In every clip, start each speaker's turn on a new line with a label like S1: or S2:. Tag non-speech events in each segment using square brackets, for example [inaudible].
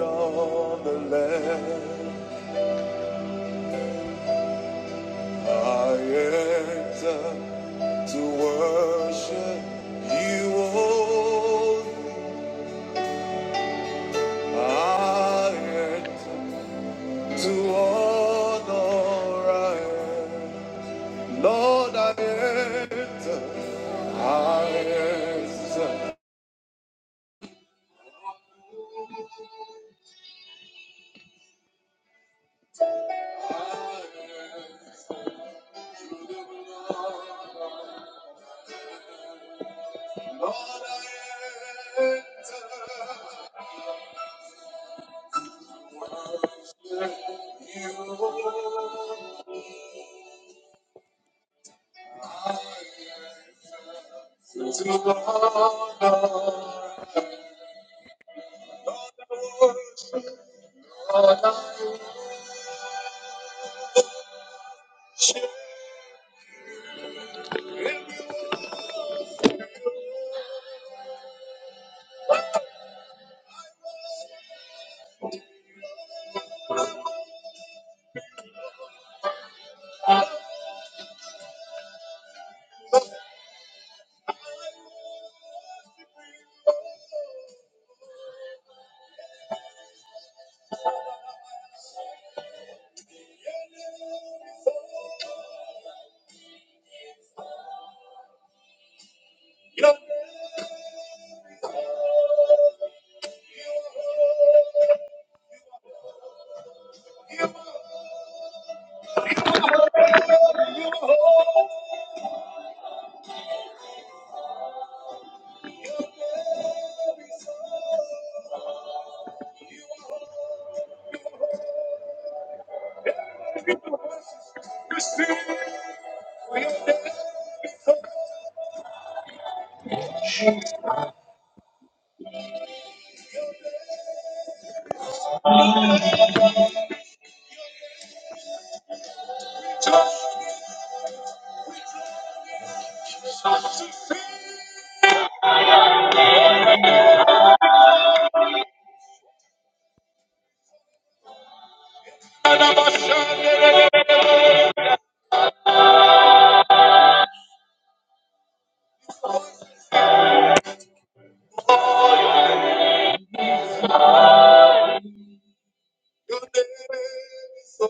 S1: On the land, I enter to worship you only. I enter to honor. I am. Lord, I enter. I enter. Lord, I enter. Lord, I enter. Your name is so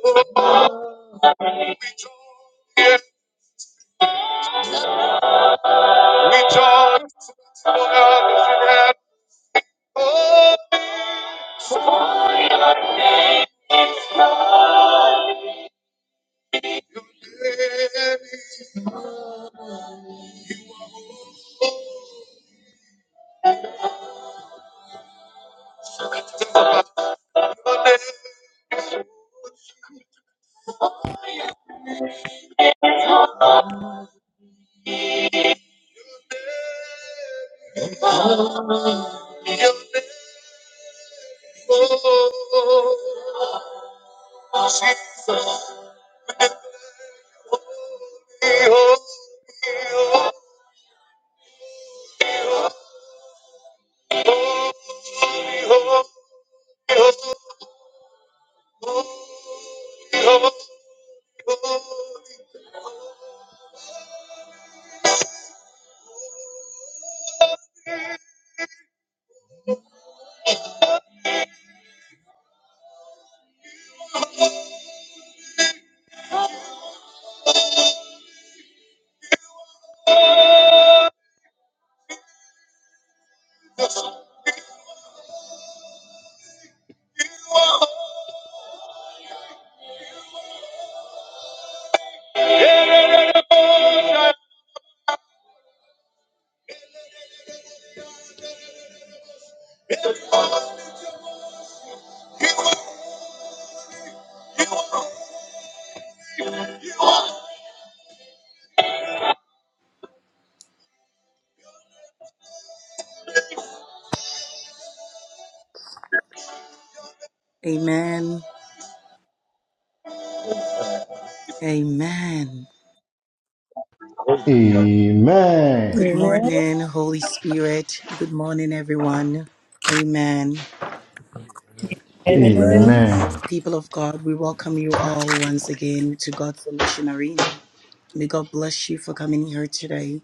S1: joy. Rejoice Amen.
S2: Amen. Amen.
S3: Amen.
S2: Good
S4: Amen.
S2: morning, Holy Spirit. Good morning, everyone. Amen.
S5: Amen.
S4: Amen.
S3: Amen.
S2: People of God, we welcome you all once again to God's Solution Arena. May God bless you for coming here today.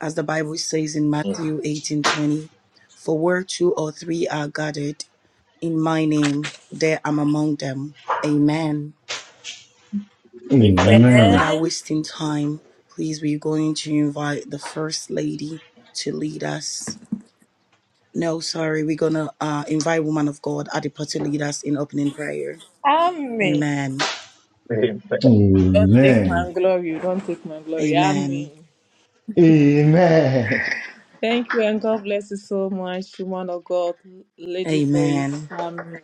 S2: As the Bible says in Matthew 18 20, for where two or three are gathered in my name, there I'm among them. Amen.
S3: Amen. Amen.
S2: Without wasting time, please we're going to invite the First Lady to lead us No, sorry. We're going to uh, invite woman of God, Adipa, to lead us in opening prayer.
S4: Amen.
S2: Amen.
S4: Don't take my
S3: Amen.
S4: glory. Don't take my glory.
S2: Amen.
S4: Amen.
S3: Amen.
S4: Thank you and God bless you so much, woman of God, Lady Grace.
S2: Amen.
S4: Amen.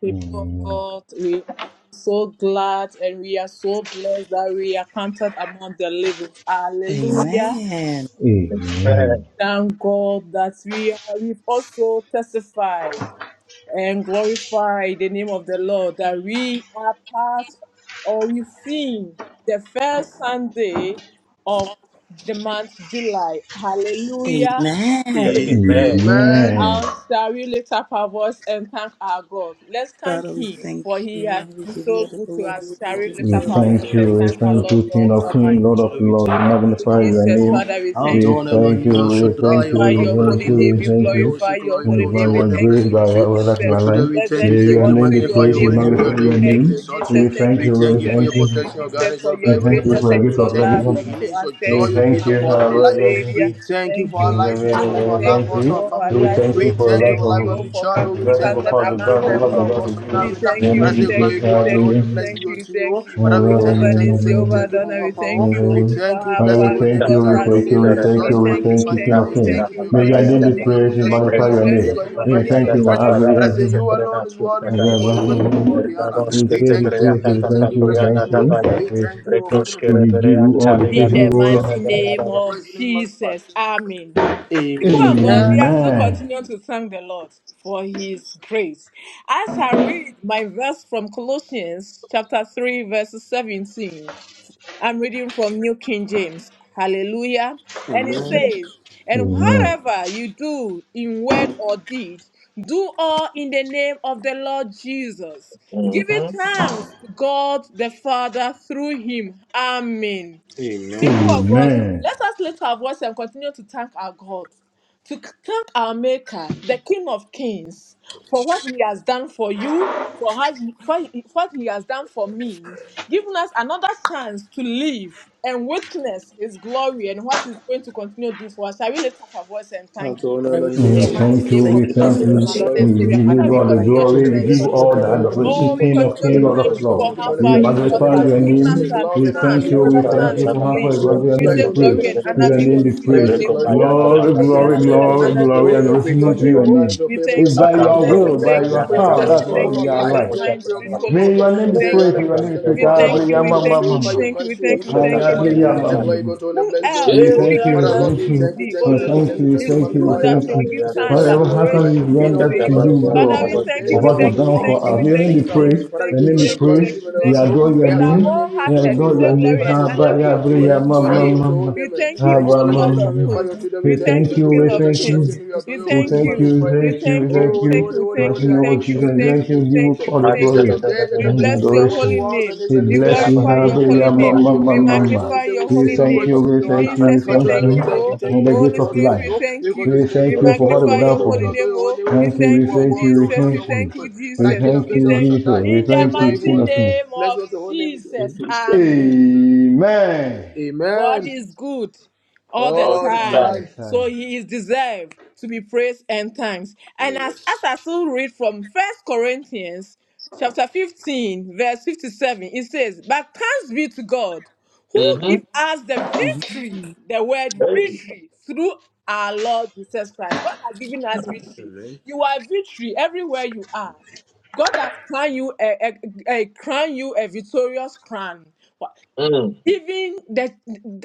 S4: People of God, we are I'm so glad and we are so blessed that we are counted among the living. Hallelujah.
S2: Amen.
S1: Amen.
S3: Amen.
S4: Thank God that we are, we've also testified. and glorify the name of the Lord that we are part or we sing the first Sunday of the month July. Hallelujah.
S2: Amen.
S5: Amen.
S4: And shall we lift up our voice and thank our God? Let's thank
S2: Father, we
S4: Him
S2: thank
S4: for He has
S2: you. We
S4: been
S2: give you
S4: so
S2: all the
S4: good to
S2: glory.
S5: I'm
S4: us.
S2: We
S4: Shall
S5: from
S4: we
S2: give
S4: lift
S2: you
S3: We
S5: King
S4: up
S2: all
S5: of
S2: the
S4: our
S5: Kings,
S4: voice
S3: thank
S5: Lord of
S4: and
S3: you.
S5: Kings,
S3: We
S4: thank
S2: adoration
S4: our
S5: Shaddai,
S3: thank
S2: for
S4: Lord
S3: you, King
S4: God
S3: of
S2: July.
S5: Omnipotent, Father,
S3: Kings,
S4: Almighty?
S5: your
S3: Lord of
S5: children, we
S3: Lords. We
S5: thank you,
S4: Thank
S5: bless
S4: you,
S3: magnify
S5: your holy
S3: your
S5: name,
S4: Jesus.
S3: name.
S5: oh.
S4: Father, we thank
S3: We
S5: Adon
S4: you
S3: thank
S5: Elohim,
S3: you.
S5: El
S3: We thank
S5: Shaddai, O
S3: you.
S4: magnify
S3: We
S5: Lord,
S4: your
S5: Father,
S3: thank
S4: holy
S3: you.
S5: King of
S4: name.
S3: We
S4: We
S5: Kings,
S3: thank
S5: Lord, Yahweh,
S3: you.
S5: say,
S4: glorify your
S5: glory be
S4: holy
S3: And By
S5: unto
S4: name.
S5: your
S4: We
S3: your
S5: holy name,
S4: thank
S5: blessed
S3: grace,
S4: you,
S5: be
S3: by
S5: unto
S3: your
S5: you.
S3: word of
S5: Your
S3: your
S4: Jesus.
S5: children,
S3: life,
S5: we thank you,
S4: Blessed
S3: may
S4: be
S5: thank
S3: your
S5: you,
S3: name
S4: unto
S3: be
S4: your
S5: magnify your
S3: praised. We
S4: name,
S5: holy name,
S3: magnify
S5: we
S4: oh.
S5: adore
S3: your
S5: your name,
S4: Thank
S5: we
S4: you,
S3: name.
S5: exalt
S3: We
S5: you.
S4: Jesus. Thank
S3: thank
S4: you,
S5: We
S3: you.
S5: thank
S3: We
S5: you
S4: Jesus.
S5: for your
S3: thank
S4: Thank
S3: you.
S4: you,
S5: protection, your
S4: Jesus,
S5: guidance,
S4: for
S5: your
S3: We
S4: your
S5: favor, your
S3: thank you
S5: mercy,
S4: gracious
S3: for
S5: your
S3: the
S4: and
S5: grace.
S3: gift
S5: We
S4: your
S3: of
S5: thank you
S4: love
S5: for your
S3: life.
S4: unto
S5: healing,
S4: us.
S5: your joy,
S4: Thank
S3: We
S5: your
S4: you,
S5: peace
S3: thank
S4: my
S3: you,
S5: upon
S4: Lord
S5: our
S4: and
S3: hallelujah.
S5: life.
S4: Savior.
S5: We thank you
S4: Thank
S5: for our
S4: you,
S5: lives, we
S4: Jesus.
S5: thank you
S4: We
S5: for
S3: We
S5: our
S4: thank
S5: loved
S3: thank
S4: you
S5: ones, our
S3: you.
S4: for
S5: family,
S4: our
S3: We
S5: oh.
S4: lives.
S3: thank you
S5: We
S4: So we
S3: for the
S5: thank you
S3: life
S5: for
S4: thank
S5: life
S4: you
S5: of
S4: oh,
S5: every
S4: for
S5: child,
S3: of
S5: oh.
S3: the
S4: coming.
S5: We
S4: He
S5: thank
S3: vertical
S5: you,
S4: counted
S5: like for
S3: part
S5: life
S3: of the
S5: of every
S4: among
S3: God
S4: the
S3: and
S5: Member
S3: love the
S5: of
S3: God
S4: living.
S5: God's
S3: of
S5: Arena
S4: We
S3: you.
S5: Arena,
S4: thank
S3: We
S4: you,
S3: may
S5: Father,
S4: we
S3: be
S5: take
S4: thank
S3: great,
S5: glory
S4: you,
S5: be
S4: we
S5: unto your
S4: thank you,
S5: holy
S4: we
S5: name,
S3: hallelujah.
S5: bless be
S4: thank you,
S5: unto
S4: we
S5: you.
S4: thank
S5: oh.
S4: you.
S5: Father, we thank you,
S4: Jehovah
S5: thank you,
S4: Nissi,
S5: thank you,
S4: Jehovah
S5: thank you
S4: Adonai,
S5: for our
S4: we
S5: power.
S4: thank you
S5: We thank
S4: for
S5: you,
S4: how
S3: Father,
S5: bless your
S4: far
S3: we
S4: you
S5: holy name,
S3: thank
S5: we
S3: you,
S4: brought
S3: we
S5: your holy
S4: us
S3: thank you,
S5: name, we
S4: to.
S3: we thank
S4: We
S3: you,
S5: exalt you,
S3: we
S4: thank you,
S3: thank
S5: magnify
S3: you,
S5: your
S3: King
S4: thank
S5: name.
S4: you,
S3: of
S5: We
S3: Kings.
S5: thank
S4: thank
S5: you
S4: you,
S5: for your
S3: May your
S4: thank you,
S5: greatness,
S3: name
S5: thank
S3: be
S5: you for
S4: thank
S5: your
S4: you,
S3: praised and
S5: protection,
S4: thank
S5: your
S4: you.
S3: magnify
S4: We
S5: guidance,
S3: your
S5: your
S4: bless
S3: name.
S5: favor,
S4: your
S5: your
S4: holy
S3: We
S5: mercy,
S4: name
S5: your
S3: thank you,
S4: and we
S5: grace.
S3: my
S4: bless God
S5: Father, say
S3: Lord.
S5: you alone is worthy,
S3: My
S5: we
S3: God,
S5: give all the praise, we give all the honor.
S3: we
S2: praise.
S5: We
S3: praise you,
S5: thank you, thank you,
S3: praise
S5: thank
S3: you,
S5: you, thank
S3: thank
S5: you,
S3: you,
S5: bless your name,
S3: thank
S5: oh.
S3: you. We
S5: We
S3: praise
S5: thank you, oh,
S3: you,
S5: magnify your
S3: we
S5: holy
S3: give
S5: name,
S3: you all the praise,
S4: in
S3: give you
S4: the
S5: we exalt
S4: mighty
S5: you,
S4: name
S5: we
S4: of
S5: praise your name, magnify.
S4: Jesus. Amen. People of God, we
S5: Amen.
S4: are still
S3: Amen.
S4: continuing to thank the Lord for his grace. As I read my verse from Colossians chapter 3, verse 17, I'm reading from New King James. Hallelujah. And it
S5: Amen.
S4: says, And
S3: Amen.
S4: whatever you do in word or deed, do all in the name of the Lord Jesus, giving
S1: Mm-hmm.
S4: thanks to God the Father through him. Amen
S5: Amen.
S4: people of God,
S3: Amen.
S4: let us lift our voice and continue to thank our God, to c- thank our Maker, the King of Kings, for what He has done for you, for, how he, for he- what He has done for me, giving us another chance to live and witness His glory and what He's going to continue to do for us. I will lift up our voice and thank Him.
S5: Eltona
S2: Father, we
S5: Elohim
S3: And
S4: In The
S3: we
S2: continue
S5: Yahweh,
S2: to
S4: mighty
S5: Father
S3: thank you,
S5: King
S4: name
S5: of
S2: thank
S4: of
S3: we
S5: Kings,
S2: you
S1: Account
S3: thank
S2: for
S5: Lord of
S4: Jesus,
S5: Lords,
S3: you,
S4: my
S5: Sake,
S2: what you
S4: Lord
S5: Lord
S4: and
S5: of
S3: and we
S5: Lords,
S2: do
S4: Savior.
S3: give
S5: Lord.
S4: Father,
S3: you
S2: in
S4: we
S2: our
S3: God the
S2: life.
S4: continue
S2: In
S4: to
S5: Ancient
S3: glory, we
S5: of
S4: thank
S3: give
S5: days,
S3: you
S5: God,
S4: you.
S2: Jesus'
S5: thank
S3: all
S5: you
S3: the
S2: mighty
S5: for your truth. We
S2: name.
S4: Oh,
S3: adoration,
S4: we
S3: King
S5: continue
S3: of
S5: to
S4: continue
S3: kings,
S4: to
S5: give you
S3: Lord
S4: thank
S5: praise.
S3: of
S4: you
S5: We
S3: lords.
S4: for
S5: continue to
S2: Glory,
S4: how
S3: We
S5: magnify
S4: far
S5: your
S4: you
S5: name, to
S2: glory,
S4: brought
S3: magnify
S5: lift
S2: and
S5: your
S4: us,
S3: your
S5: name,
S2: honor,
S5: to
S4: giving us
S5: say
S2: and
S3: name.
S4: a
S5: glory
S3: We
S5: and honor
S4: chance,
S3: thank
S5: be
S3: you,
S2: honor,
S5: unto your
S4: another
S3: we
S2: and
S5: holy
S3: thank
S4: chance
S5: name.
S3: you
S4: to
S3: for how
S5: You
S3: far
S4: live.
S5: say,
S3: you are.
S2: honor,
S3: Your
S5: who's
S4: We
S2: and
S3: name
S5: like
S4: say
S3: be
S5: unto the
S4: glory
S3: praised.
S5: name
S4: and
S5: of
S3: May
S4: honor
S3: your
S5: unto
S4: be
S3: name
S5: thee?
S4: unto
S2: honor.
S3: be
S5: And I
S4: your
S5: will
S3: praised.
S5: say,
S4: name,
S5: glory be
S4: oh.
S5: unto Father,
S3: Glory,
S5: we
S4: We say
S5: say,
S2: Amen.
S5: we
S3: glory,
S4: blessings
S5: thank you,
S4: and
S3: glory,
S5: thank
S4: honor
S5: you.
S3: glory,
S4: be
S5: oh. We
S4: unto
S3: adoration
S4: your
S5: thank
S2: Amen.
S3: unto
S5: you
S3: your
S4: name,
S5: for your
S4: oh.
S5: guidance,
S3: name.
S5: your
S4: We
S5: favor,
S3: It's
S4: thank
S5: your
S2: Jesus,
S4: you,
S3: by
S2: my
S5: mercy, your
S2: dear
S3: your
S5: grace.
S2: God,
S4: Jesus.
S5: We
S4: We
S3: will, by
S4: thank
S5: thank
S2: we
S4: you,
S5: you
S3: your
S5: for your
S2: pray
S3: power,
S4: Jesus.
S2: that
S4: We
S5: blessings
S3: that's
S2: you,
S3: why
S4: thank
S5: upon
S2: Lord
S5: our
S3: we
S4: you,
S3: are
S2: God,
S5: life.
S2: will
S5: We
S4: Jesus.
S3: alive.
S5: thank you
S4: Mind,
S5: for your
S2: continue
S4: sweet
S5: glory,
S4: Holy
S5: oh
S3: May your
S5: Lord.
S4: Spirit, we
S3: name
S5: We
S3: be
S5: say, we
S4: thank
S3: praised,
S5: honor
S3: may
S5: the
S4: you.
S3: your
S5: praise.
S3: name
S2: to
S3: be
S5: Thank you
S3: praised.
S4: We
S5: for our
S2: pray
S4: thank
S5: anointing.
S2: our
S4: you,
S5: Thank you
S4: we
S5: for
S3: Abriyama,
S5: your
S2: behalf
S4: thank
S2: in
S3: mama,
S4: you, we
S5: favor, your
S2: Jesus.
S4: thank
S3: mama.
S4: you, we
S5: mercy, your
S4: thank
S2: My
S4: you,
S5: healing, your
S2: dear
S5: strength.
S4: thank
S2: God,
S5: upon
S4: you,
S2: we pray
S5: upon him.
S2: that
S4: thank you,
S5: We
S4: thank
S2: you,
S5: Glory
S4: you.
S5: be
S3: Ayabri,
S5: unto him, and
S4: Who
S5: blessed be unto
S4: else
S3: we
S4: should
S5: you.
S2: Lord God,
S4: we
S3: thank
S2: will
S4: give
S3: you, we
S5: Father,
S2: continue
S4: thanks
S5: Lord,
S3: thank
S5: we
S2: to
S4: to
S3: you,
S5: thank you,
S4: thee,
S5: thank
S4: O
S5: you,
S3: we
S5: thank you,
S2: pray
S4: Lord?
S3: thank
S5: thank
S3: you,
S5: you,
S3: we
S5: thank you.
S4: It's
S3: thank you, we
S4: you
S5: Magnify your
S4: that
S3: thank
S4: we
S5: name.
S3: you.
S4: give
S5: We say,
S4: thanks
S5: Glory
S4: and
S3: Father,
S5: be
S3: how
S5: unto
S3: can
S5: him.
S3: we
S4: adoration
S5: King of
S4: unto
S3: render
S2: our
S5: kings,
S3: to
S5: Lord
S4: you.
S2: behalf.
S5: of
S3: you,
S5: lords,
S4: Father,
S5: ancient
S4: we
S3: God,
S2: Father,
S5: of
S4: thank
S2: we
S3: for
S4: you,
S5: days,
S4: we
S5: the
S2: thank
S3: what
S2: you,
S5: one
S3: you've
S4: thank
S2: we
S4: you,
S5: who
S4: we
S3: done for
S4: thank
S5: was
S2: thank
S4: you,
S5: and
S2: you,
S4: we
S3: us?
S5: is
S2: we
S3: Your
S5: and
S3: name
S4: thank
S5: is
S4: you,
S3: be
S5: to
S4: we
S2: thank
S5: come.
S4: thank
S2: you.
S4: you,
S3: praised,
S4: we
S5: Father, we
S4: thank
S3: your
S4: you,
S5: give
S2: In
S4: we
S5: you
S3: name
S5: all the
S3: be
S2: Jesus'
S4: thank you,
S5: glory, we
S4: thank
S3: praised.
S5: give you
S4: you,
S5: the
S3: We
S4: thank
S2: mighty
S4: you.
S5: honor.
S3: adore
S2: name,
S3: your
S5: We
S4: With
S5: adore
S4: our
S5: your
S4: whole
S3: name,
S5: name, we
S3: we
S5: exalt
S4: hearted,
S2: for
S4: we
S3: adore
S2: your
S4: say
S3: your
S5: you.
S3: name.
S4: glory
S5: Father,
S4: and
S5: say,
S4: honor
S5: Glory
S3: Abba,
S5: be
S4: be
S3: ya, bri,
S5: unto
S4: unto
S2: glory,
S3: ya,
S2: your
S5: him.
S4: your
S5: Glory be
S4: name.
S2: sunduri,
S5: unto your
S4: We
S5: name.
S2: your
S4: thank
S5: And
S4: you,
S5: in the
S4: O
S5: praise and
S4: Lord
S5: any
S2: sunduri,
S4: of
S5: magnify
S4: hosts.
S5: your children, we
S4: We
S3: We
S5: thank you,
S4: thank
S3: thank
S2: sunduri.
S4: you,
S5: thank
S3: you,
S5: you,
S4: King
S5: thank
S3: we
S5: you,
S4: of
S5: thank you,
S3: thank
S5: thank
S3: you,
S5: you.
S4: Kings.
S5: We
S2: Jesus'
S5: adore
S4: We
S5: your
S3: Say
S5: holy
S4: thank
S5: name,
S3: thank
S2: mighty
S4: you.
S3: you,
S5: magnify your name.
S4: We
S3: thank you,
S4: thank you. We
S3: thank
S5: Holy,
S4: thank
S3: you.
S4: you.
S5: holy,
S4: We
S5: holy,
S4: thank
S3: Bless
S4: you.
S5: holy
S4: We
S3: you,
S5: are you,
S3: Lord
S4: thank you.
S5: ancient
S4: We
S5: of
S3: Jesus.
S5: days,
S4: thank
S3: Thank
S5: come
S4: you.
S3: you.
S4: We
S5: make
S3: Give
S5: you
S3: you
S4: thank
S5: Jesus.
S4: you.
S3: all
S4: We
S3: the
S4: thank
S5: Ancient
S4: you.
S3: glory
S5: of days, I
S4: We
S5: come
S3: and
S5: make you
S4: bless
S5: the
S4: your
S5: one who
S4: holy
S3: adoration.
S5: was and
S4: name.
S5: is
S3: We
S5: and
S4: We
S5: is to
S1: In
S3: bless
S5: come.
S3: you,
S4: glorify
S5: We
S4: your
S5: give all
S4: holy
S3: Hallelujah,
S5: the glory,
S4: name.
S5: we
S3: Mama,
S5: give all
S3: Mama,
S4: We
S5: the praise, and
S3: Mama.
S5: we
S4: magnify
S5: say,
S4: your
S3: We
S4: holy
S5: receive your
S3: thank
S4: name.
S3: you,
S5: praise, receive
S3: we
S5: your
S3: thank
S5: honor.
S3: you, we
S4: Jesus, we
S5: Lord,
S3: thank
S5: children,
S4: thank
S3: you
S5: we
S4: you,
S5: thank
S3: for
S5: you,
S4: oh.
S5: thank you,
S3: the
S5: thank
S3: gift
S4: Holy
S5: you
S3: of
S5: once
S4: Spirit,
S5: again,
S4: we
S3: life.
S5: Lord. We
S4: thank
S5: continue
S4: you.
S3: We
S5: to thank
S4: We
S5: you,
S3: thank you
S5: because to
S3: for what
S5: praise your
S4: magnify
S3: you've
S5: holy name,
S4: your
S3: done for
S4: holy
S5: to
S3: me.
S5: adore
S4: name,
S5: your holy
S4: oh.
S5: name,
S4: We
S5: to
S3: Thank
S5: say
S3: you, we
S4: thank
S5: you are
S4: you,
S3: thank you,
S5: worthy,
S3: we
S5: oh
S4: Jesus.
S5: Lord, you
S4: We
S5: are
S3: thank
S5: worthy
S4: thank
S3: you.
S5: to
S4: you,
S5: praise. But
S3: We
S5: I
S4: Jesus.
S5: cannot
S3: thank
S4: We
S5: praise,
S3: you,
S5: I
S4: thank
S5: shall
S3: Jesus.
S5: die.
S3: We
S4: in
S5: We
S4: the
S5: say,
S3: thank
S5: glory
S3: you,
S5: be
S4: mighty
S3: King of
S5: unto you.
S3: Kings.
S4: name
S5: Bless
S4: of
S5: us, the holy name is your
S4: Jesus.
S5: name.
S1: this
S4: Amen.
S3: Amen.
S4: God
S5: Amen.
S4: is good all the
S1: All
S5: All the
S3: All
S4: time.
S3: the
S1: time.
S5: time.
S4: So
S3: time.
S4: he is deserved to be praised and thanks. And as, as I still read from First Corinthians chapter 15, verse 57, it says, But thanks be to God who
S1: Mm-hmm.
S4: give us the
S2: name.
S4: victory, the word victory, through our Lord Jesus Christ. God has given us victory.
S5: Yes.
S4: You are victory everywhere you are. God has crowned you a, a, a crown you a victorious crown
S1: Mm,
S4: even that